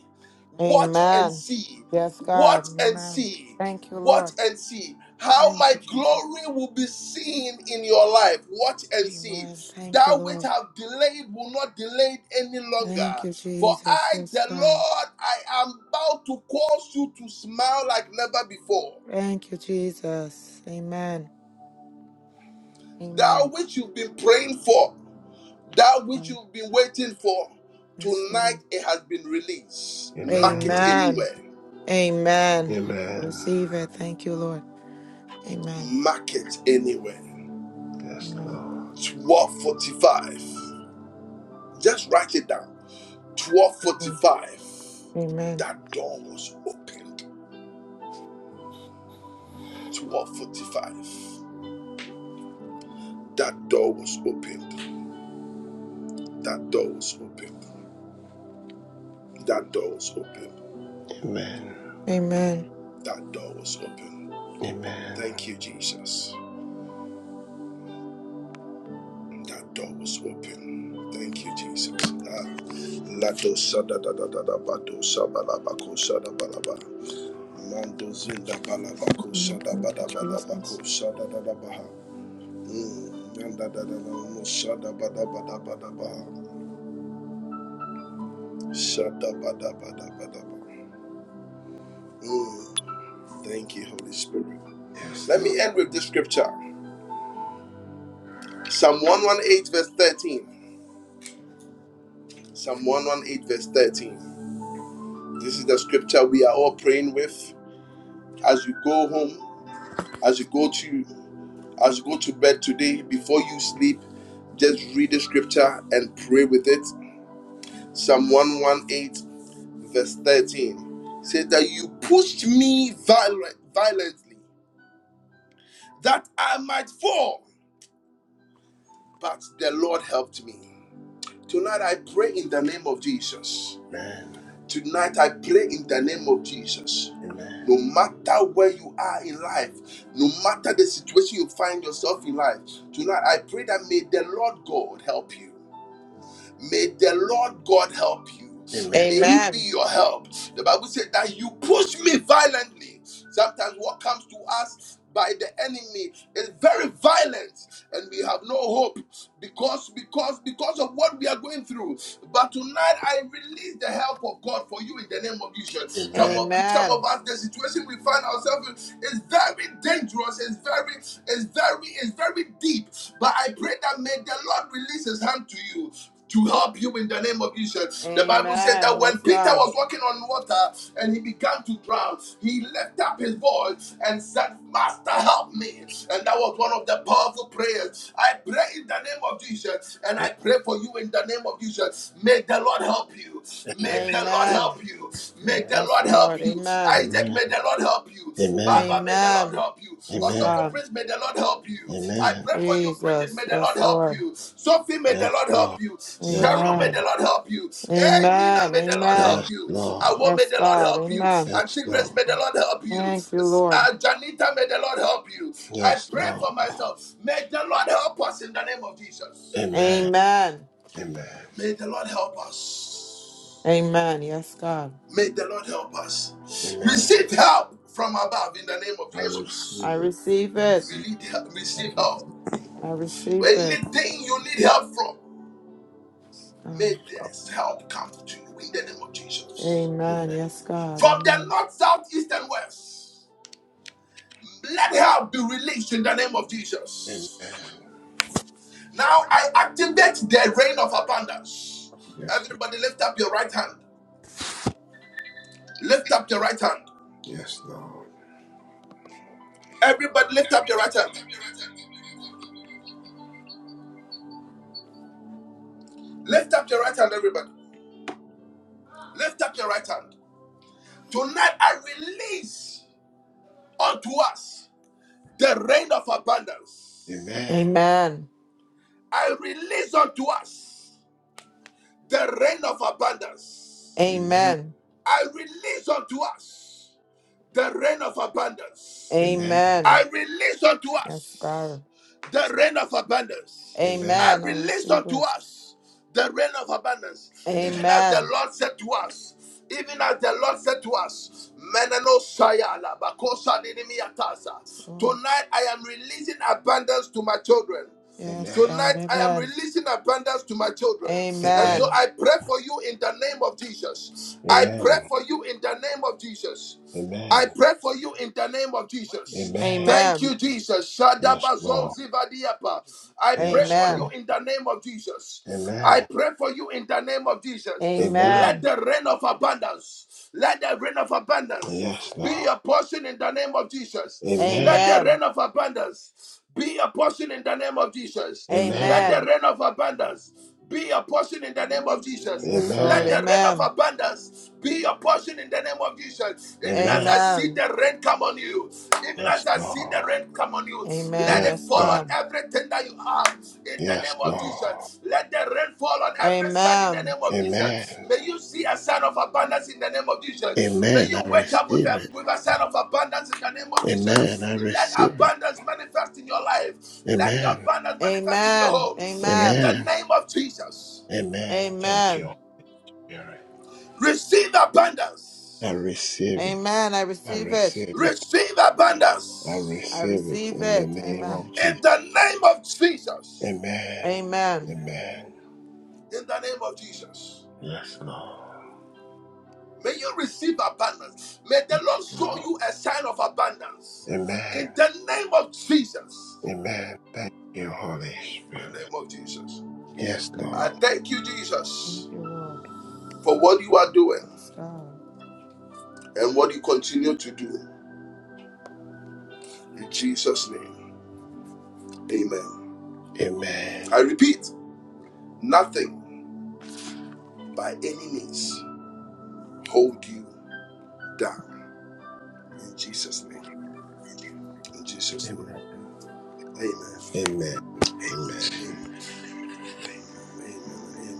Speaker 1: Watch and
Speaker 8: Amen.
Speaker 1: see.
Speaker 8: Yes, God.
Speaker 1: Watch and
Speaker 8: Amen.
Speaker 1: see.
Speaker 8: Thank you,
Speaker 1: Watch
Speaker 8: Lord.
Speaker 1: and see how
Speaker 8: Thank
Speaker 1: my
Speaker 8: you, Jesus.
Speaker 1: glory will be seen in your life. Watch and see.
Speaker 8: Amen. Thank you,
Speaker 1: That which
Speaker 8: Lord.
Speaker 1: have delayed will not delay any
Speaker 8: Thank
Speaker 1: longer.
Speaker 8: you,
Speaker 1: For
Speaker 8: Jesus.
Speaker 1: I,
Speaker 8: Yes,
Speaker 1: the
Speaker 8: God.
Speaker 1: Lord, I am about to cause you to smile like never before.
Speaker 8: Thank you, Jesus. Amen.
Speaker 1: That
Speaker 8: Amen.
Speaker 1: which you've been praying for, that which
Speaker 8: Um,
Speaker 1: you've been waiting for,
Speaker 8: Yes,
Speaker 1: tonight
Speaker 8: Lord.
Speaker 1: it has been released. Mark it
Speaker 3: Amen.
Speaker 8: Amen.
Speaker 1: anywhere.
Speaker 8: Amen. I
Speaker 3: Amen.
Speaker 8: receive it. Thank you, Lord. Amen.
Speaker 1: Mark it anywhere.
Speaker 3: Yes,
Speaker 8: Amen.
Speaker 3: Lord.
Speaker 1: 12:45. Just write it down.
Speaker 8: Amen.
Speaker 1: 12:45.
Speaker 8: Amen.
Speaker 1: That door was opened. 12:45. That door was opened. That door was opened. That door was opened.
Speaker 3: Amen.
Speaker 8: Amen.
Speaker 1: That door was opened.
Speaker 3: Amen.
Speaker 1: Thank you, Jesus. That door was open. Thank you, Jesus. Ah. Lato sada da da da da bato saba la bako sada balaba. Mando zinda balabako sada
Speaker 8: Thank you,
Speaker 1: bada bada
Speaker 8: Jesus.
Speaker 1: bako sada da da baha. Mm. Mm. Thank you, Holy Spirit.
Speaker 3: Yes,
Speaker 1: Let
Speaker 3: Lord.
Speaker 1: me end with this scripture Psalm 118, verse 13. Psalm 118, verse 13. This is the scripture we are all praying with as you go home, as you go to as you go to bed today before you sleep just read the scripture and pray with it psalm 118 verse 13 said that you pushed me violent, violently that I might fall, but the Lord helped me. Tonight I pray in the name of Jesus.
Speaker 3: Amen.
Speaker 1: Tonight I pray in the name of Jesus.
Speaker 3: Amen.
Speaker 1: No matter where you are in life, no matter the situation you find yourself in life, tonight I pray that may the Lord God help you. May the Lord God help you.
Speaker 3: Amen.
Speaker 1: May He be
Speaker 8: Amen.
Speaker 1: your help. The Bible said that you push me violently. Sometimes what comes to us by the enemy is very violent and we have no hope because because because of what we are going through but tonight i release the help of god for you in the name of jesus some
Speaker 3: Amen.
Speaker 1: of you some
Speaker 8: Amen.
Speaker 1: of us the situation we find ourselves in is very dangerous it's very it's very it's very deep but i pray that may the lord release his hand to you to help you in the name of Jesus. The Bible said
Speaker 8: Amen.
Speaker 1: that when
Speaker 8: Yes,
Speaker 1: Peter
Speaker 8: God.
Speaker 1: was walking on water and he began to drown, he lifted up his voice and said, Master, help me. And that was one of the powerful prayers. I pray in the name of Jesus and
Speaker 3: Yes.
Speaker 1: I pray for you in the name of Jesus. May the Lord help you. May
Speaker 3: Amen.
Speaker 1: the Lord
Speaker 8: Amen.
Speaker 1: help you. May
Speaker 3: Amen.
Speaker 1: the
Speaker 8: Yes,
Speaker 1: Lord
Speaker 8: Lord.
Speaker 1: help you.
Speaker 8: Amen.
Speaker 1: Isaac, may
Speaker 3: Amen.
Speaker 1: the Lord help help you.
Speaker 3: Amen.
Speaker 1: Baba, may the Lord
Speaker 8: Amen.
Speaker 1: help you.
Speaker 8: Yes,
Speaker 3: Amen.
Speaker 1: Osofo
Speaker 8: God.
Speaker 1: Prince, may the Lord help you. I
Speaker 3: Amen.
Speaker 1: pray for you, Bridget,
Speaker 8: Jesus.
Speaker 1: may the Lord
Speaker 8: Yes,
Speaker 1: help
Speaker 8: Lord.
Speaker 1: you. Sophie, may the
Speaker 3: Yes,
Speaker 1: Lord
Speaker 3: Lord.
Speaker 1: help you.
Speaker 3: Yes,
Speaker 1: Cheryl, may
Speaker 8: Amen.
Speaker 1: the
Speaker 3: Lord.
Speaker 1: Lord help you. Hey, Mina,
Speaker 8: Amen.
Speaker 1: may the Lord help
Speaker 3: Yes,
Speaker 8: Amen.
Speaker 1: you.
Speaker 3: Lord.
Speaker 1: Awo, may
Speaker 8: Yes,
Speaker 1: the Lord
Speaker 8: God.
Speaker 1: help you.
Speaker 8: Amen.
Speaker 3: Yes,
Speaker 1: Auntie
Speaker 3: Lord.
Speaker 1: Grace, may the Lord help you.
Speaker 8: Thank you, Lord.
Speaker 1: Uh, Janita, may the Lord help you. I
Speaker 3: Yes,
Speaker 1: pray
Speaker 3: Lord.
Speaker 1: for myself. May the Lord help us in the name of Jesus.
Speaker 3: Amen.
Speaker 8: Amen.
Speaker 3: Amen.
Speaker 1: May the Lord help us.
Speaker 8: Amen. Yes, God.
Speaker 1: May the Lord help us.
Speaker 3: Amen.
Speaker 1: Receive help from above in the name of
Speaker 3: I
Speaker 1: Jesus.
Speaker 8: I
Speaker 3: receive it.
Speaker 8: receive
Speaker 3: I
Speaker 8: it.
Speaker 1: We
Speaker 3: receive it.
Speaker 1: need help,
Speaker 3: I
Speaker 1: receive
Speaker 3: receive
Speaker 1: help.
Speaker 8: I receive
Speaker 1: But
Speaker 8: it.
Speaker 1: anything you need help from,
Speaker 8: Yes,
Speaker 1: may
Speaker 8: God.
Speaker 1: this help come to you in the name of Jesus.
Speaker 3: it.
Speaker 8: Amen.
Speaker 3: Amen.
Speaker 8: Yes, God.
Speaker 1: From the
Speaker 8: Amen.
Speaker 1: north, south, east, and west, let help be released in the name of
Speaker 3: Amen.
Speaker 1: Jesus. Now I activate the rain of abundance.
Speaker 3: Yes. Lord.
Speaker 1: Everybody lift up your right hand. Lift up your right hand.
Speaker 3: Yes, Lord.
Speaker 1: Everybody lift up your right hand. Lift up your right hand, everybody. Lift up your right hand. Tonight I release unto us. the rain of abundance.
Speaker 3: Amen.
Speaker 8: Amen.
Speaker 1: I release unto us the rain of abundance.
Speaker 3: Amen.
Speaker 8: Amen.
Speaker 1: I release unto us the rain of abundance.
Speaker 3: Amen.
Speaker 8: Amen.
Speaker 1: I release unto
Speaker 8: Yes,
Speaker 1: us
Speaker 8: God.
Speaker 1: the rain of abundance. I
Speaker 3: Amen.
Speaker 8: Amen. I
Speaker 1: release
Speaker 8: receive
Speaker 1: unto
Speaker 8: it.
Speaker 1: us the rain of abundance, even
Speaker 3: Amen.
Speaker 1: as the
Speaker 8: Amen.
Speaker 1: Lord said to us. Even as the Lord said to us, Meneno Sayala, Bakosa
Speaker 8: Yes,
Speaker 1: Dinimiatasa.
Speaker 8: Lord.
Speaker 1: Tonight I am releasing abundance to my children.
Speaker 8: Yes,
Speaker 3: Amen.
Speaker 8: God.
Speaker 1: Tonight, I am
Speaker 8: Amen.
Speaker 1: releasing abundance to my children. And
Speaker 3: Amen.
Speaker 1: so
Speaker 8: Amen.
Speaker 1: I pray for you in the name of Jesus. I
Speaker 3: Amen.
Speaker 1: pray for you in the name of Jesus. I
Speaker 3: Amen.
Speaker 1: pray for you in the name of Jesus.
Speaker 3: Amen.
Speaker 1: Thank
Speaker 8: Amen.
Speaker 1: you, Jesus.
Speaker 3: Yes,
Speaker 1: Shadabazo
Speaker 3: Lord.
Speaker 1: zivadiapa. I pray
Speaker 3: Yes,
Speaker 1: for you
Speaker 3: Lord.
Speaker 8: Amen.
Speaker 1: in the name of Jesus. I
Speaker 3: Amen.
Speaker 1: pray for you in the name of Jesus.
Speaker 3: Amen.
Speaker 1: Let
Speaker 8: Amen.
Speaker 1: the rain of abundance, let the rain of abundance
Speaker 3: Yes,
Speaker 1: be
Speaker 3: Lord.
Speaker 1: your portion in the name of Jesus. Let
Speaker 3: Amen.
Speaker 1: the
Speaker 8: Amen.
Speaker 1: rain of abundance be a portion in the name of Jesus. Let
Speaker 3: Amen.
Speaker 1: the
Speaker 8: Amen.
Speaker 1: rain of abundance be a portion in the name of
Speaker 8: Yes,
Speaker 1: Jesus. Let
Speaker 8: Lord.
Speaker 3: Amen.
Speaker 1: the rain of
Speaker 8: Amen.
Speaker 1: abundance be a portion in the name of Jesus. Even as
Speaker 3: Amen.
Speaker 1: I see
Speaker 8: Amen.
Speaker 1: the rain come on you, even
Speaker 3: Yes,
Speaker 1: as I see the
Speaker 3: Lord.
Speaker 1: rain come on you,
Speaker 8: Amen.
Speaker 1: let
Speaker 3: Yes,
Speaker 1: it
Speaker 8: Yes,
Speaker 1: fall
Speaker 3: Lord.
Speaker 1: on
Speaker 8: God.
Speaker 1: everything you are in the
Speaker 3: Yes,
Speaker 1: name of
Speaker 3: Lord.
Speaker 1: Jesus. Let the rain fall on every side in the
Speaker 8: Amen.
Speaker 1: name of
Speaker 3: Amen.
Speaker 1: Jesus. May you see a sign of abundance in the name of Jesus. May
Speaker 3: Amen.
Speaker 1: you
Speaker 3: I
Speaker 1: wake up with
Speaker 3: receive
Speaker 1: a,
Speaker 3: it.
Speaker 1: with a sign of abundance in the name of
Speaker 3: Amen.
Speaker 1: Jesus.
Speaker 3: I
Speaker 1: Let
Speaker 3: receive it.
Speaker 1: abundance manifest in your life. Let the
Speaker 3: Amen.
Speaker 1: abundance manifest in your
Speaker 8: Amen.
Speaker 1: home in
Speaker 8: Amen.
Speaker 1: the
Speaker 3: Amen.
Speaker 1: name of Jesus.
Speaker 3: Amen. Thank you.
Speaker 8: Amen.
Speaker 3: Spirit.
Speaker 1: Receive
Speaker 3: I
Speaker 1: abundance.
Speaker 3: receive it.
Speaker 8: Amen. I
Speaker 3: I
Speaker 8: receive it.
Speaker 3: receive it.
Speaker 1: Receive
Speaker 3: I
Speaker 1: abundance
Speaker 8: I
Speaker 3: receive it
Speaker 8: receive
Speaker 3: in the
Speaker 8: it.
Speaker 3: name
Speaker 8: Amen.
Speaker 3: of
Speaker 1: in
Speaker 3: Jesus.
Speaker 1: the name of Jesus.
Speaker 3: Amen.
Speaker 8: Amen.
Speaker 3: Amen.
Speaker 1: In the name of Jesus.
Speaker 3: Yes, Lord.
Speaker 1: May you receive abundance. May the Lord show
Speaker 3: Lord.
Speaker 1: you a sign of abundance.
Speaker 3: Amen.
Speaker 1: In the name of Jesus.
Speaker 3: Amen. Thank you, Holy
Speaker 1: In the
Speaker 3: Spirit.
Speaker 1: name of Jesus.
Speaker 3: Yes,
Speaker 1: I
Speaker 3: Lord.
Speaker 1: thank you, Jesus,
Speaker 8: Thank you, Lord.
Speaker 1: for what you are doing
Speaker 8: Yes, God.
Speaker 1: and what you continue to do. In Jesus' name. Amen.
Speaker 3: Amen.
Speaker 1: I repeat, nothing by any means hold you down. In Jesus' name. In Jesus'
Speaker 3: Amen.
Speaker 1: name. Amen.
Speaker 3: Amen. Amen.
Speaker 1: Amen. Amen amen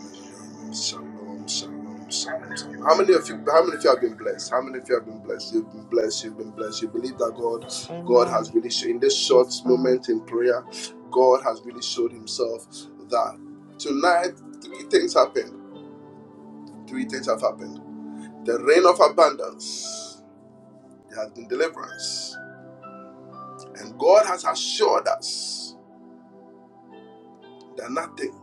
Speaker 1: amen. Shalom, shalom, shalom, shalom. How many of you? How many of you have been blessed? How many of you have been blessed? You've been blessed. You've been blessed. You believe that God, God
Speaker 8: Amen.
Speaker 1: has really shown in this short
Speaker 8: Yes, God.
Speaker 1: moment in prayer, God has really showed Himself that tonight three things happened. Three things have happened. The rain of abundance. There has been deliverance, and God has assured us that nothing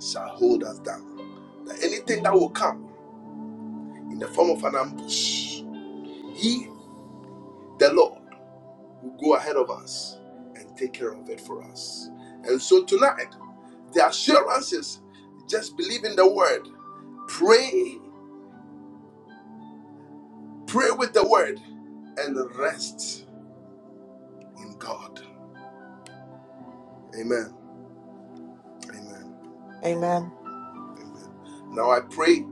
Speaker 1: shall hold us down. That anything that will
Speaker 8: Amen.
Speaker 1: come in the form of an ambush He, the Lord, will go ahead of us and take care of it for us. And so tonight, the assurance is just believe in the word, pray, pray with the word, and rest in God. Amen. Amen.
Speaker 8: Amen.
Speaker 1: Amen. Amen. Now I pray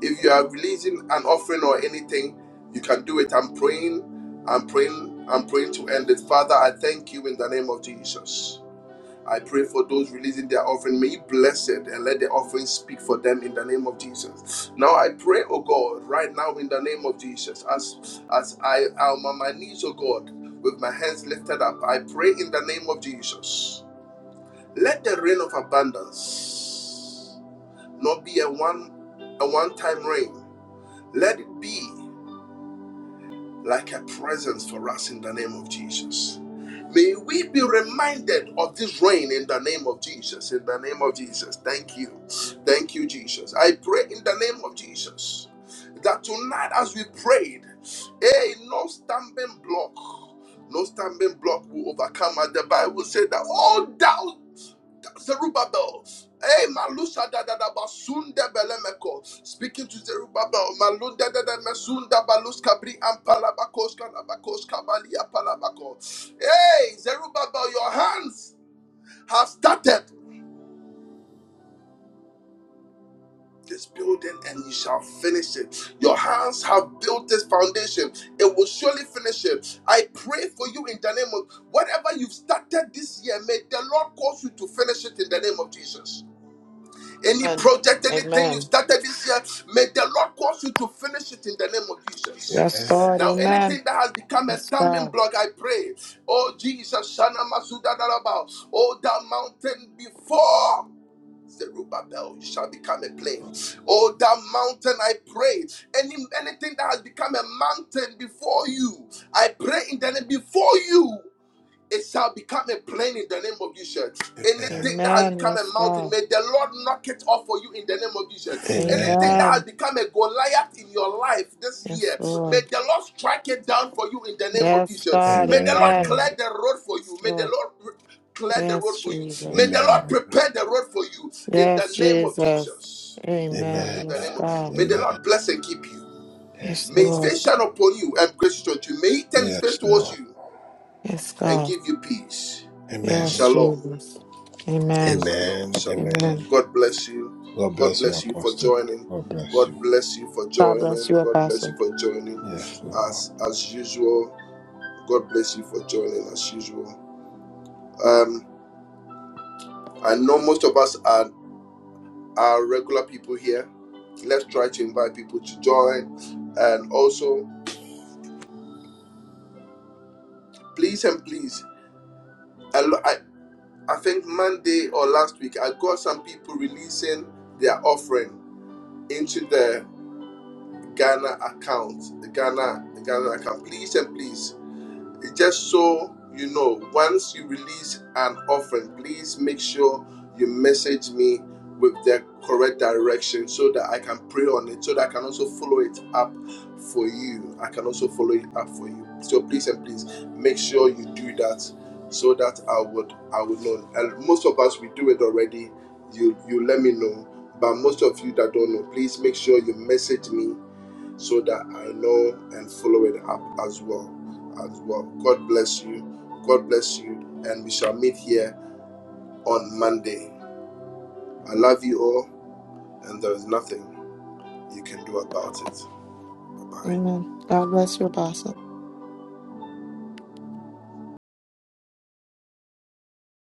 Speaker 1: if you are releasing an offering or anything, you can do it. I'm praying. I'm praying. I'm praying to end it. Father, I thank you in the name of Jesus. I pray for those releasing their offering. May you bless it and let the offering speak for them in the name of Jesus. Now I pray, oh God, right now in the name of Jesus, as as I am on my knees, oh God, with my hands lifted up, I pray in the name of Jesus. Let the rain of abundance not be a one a one-time rain. Let it be like a presence for us in the name of Jesus. May we be reminded of this rain in the name of Jesus. In the name of Jesus. Thank you. Thank you, Jesus. I pray in the name of Jesus that tonight, as we prayed, hey, no stumbling block. No stumbling block will overcome us. The Bible said that all doubt. Zerubbabel. Hey, Malusha da da da basunda belemeko. Speaking to Zerubbabel, Malunda da da mesunda balus kabri ampalabakos kanabakos kabalia palabako. Hey, Zerubbabel, your hands have started this building and you shall finish it. Your hands have built this foundation. It will surely finish it. I pray for you in the name of whatever you've started this year, may the Lord cause you to finish it in the name of Jesus. Any
Speaker 8: Amen.
Speaker 1: project, anything you
Speaker 8: Amen.
Speaker 1: started this year, may the Lord cause you to finish it in the name of Jesus.
Speaker 8: Yes,
Speaker 3: Amen.
Speaker 8: God.
Speaker 1: Now,
Speaker 8: Amen.
Speaker 1: anything that has become a
Speaker 8: Yes,
Speaker 1: stumbling
Speaker 8: God.
Speaker 1: block, I pray. Oh, Jesus, Shana Masuda Daraba. Oh, that mountain before. Zerubbabel shall become a plain. Oh, that mountain, I pray. Any anything that has become a mountain before you, I pray in the name before you it shall become a plain in the name of Jesus.
Speaker 3: Amen.
Speaker 1: Anything that has
Speaker 8: Amen.
Speaker 1: become a
Speaker 8: Yes,
Speaker 1: mountain,
Speaker 8: God.
Speaker 1: may the Lord knock it off for you in the name of Jesus. Anything
Speaker 3: Amen.
Speaker 1: that has
Speaker 8: Amen.
Speaker 1: become a Goliath in your life this
Speaker 8: Yes,
Speaker 1: year, may
Speaker 8: Lord.
Speaker 1: the Lord strike it down for you in the name of
Speaker 8: Yes,
Speaker 1: Jesus.
Speaker 8: God.
Speaker 1: May the Lord
Speaker 8: Amen.
Speaker 3: Amen.
Speaker 1: clear the road for
Speaker 8: Yes,
Speaker 1: you. May the
Speaker 8: Lord.
Speaker 1: Lord clear the
Speaker 8: Yes,
Speaker 1: road for you. May
Speaker 8: Jesus.
Speaker 1: the Lord
Speaker 3: Amen.
Speaker 1: prepare the road for you in the
Speaker 8: Yes,
Speaker 1: name of
Speaker 8: Jesus.
Speaker 1: Jesus.
Speaker 8: Amen.
Speaker 3: Amen.
Speaker 1: In the
Speaker 8: Yes,
Speaker 1: name of,
Speaker 8: God.
Speaker 1: may the
Speaker 3: Amen.
Speaker 1: Lord bless and keep you.
Speaker 3: Yes,
Speaker 8: Yes,
Speaker 1: May His
Speaker 3: Lord.
Speaker 8: Lord.
Speaker 1: face shine upon you and gracious unto you. May He turn His face
Speaker 3: Yes,
Speaker 1: towards
Speaker 3: Lord.
Speaker 1: you
Speaker 8: Yes,
Speaker 1: and
Speaker 8: God.
Speaker 1: give you peace.
Speaker 8: Yes,
Speaker 3: Amen.
Speaker 1: Shalom.
Speaker 8: Jesus. Amen.
Speaker 1: Shalom,
Speaker 3: Amen.
Speaker 1: shalom.
Speaker 8: Amen.
Speaker 3: Amen.
Speaker 1: God bless you.
Speaker 3: God
Speaker 1: God
Speaker 3: bless you,
Speaker 1: bless you for
Speaker 3: Apostle.
Speaker 1: joining.
Speaker 3: God bless
Speaker 1: God
Speaker 3: you.
Speaker 1: bless you for
Speaker 8: God bless
Speaker 1: joining.
Speaker 8: you,
Speaker 1: God bless
Speaker 8: Apostle.
Speaker 1: you for joining.
Speaker 3: Yes, Lord.
Speaker 1: As as usual, God bless you for joining as usual. Um, I know most of us are are regular people here. Let's try to invite people to join, and also please and please. I lo- I, I think Monday or last week I got some people releasing their offering into the. Ghana account, the Ghana, the Ghana account. Please and please, just so you know, once you release an offering, please make sure you message me with the correct direction so that I can pray on it, so that I can also follow it up for you. I can also follow it up for you. So please and please make sure you do that so that I would I would know. And most of us we do it already. You you let me know. But most of you that don't know, please make sure you message me so that I know and follow it up as well. As well. God bless you. God bless you. And we shall meet here on Monday. I love you all, and there is nothing you can do about it. Bye bye.
Speaker 8: Amen. God bless you, Apostle.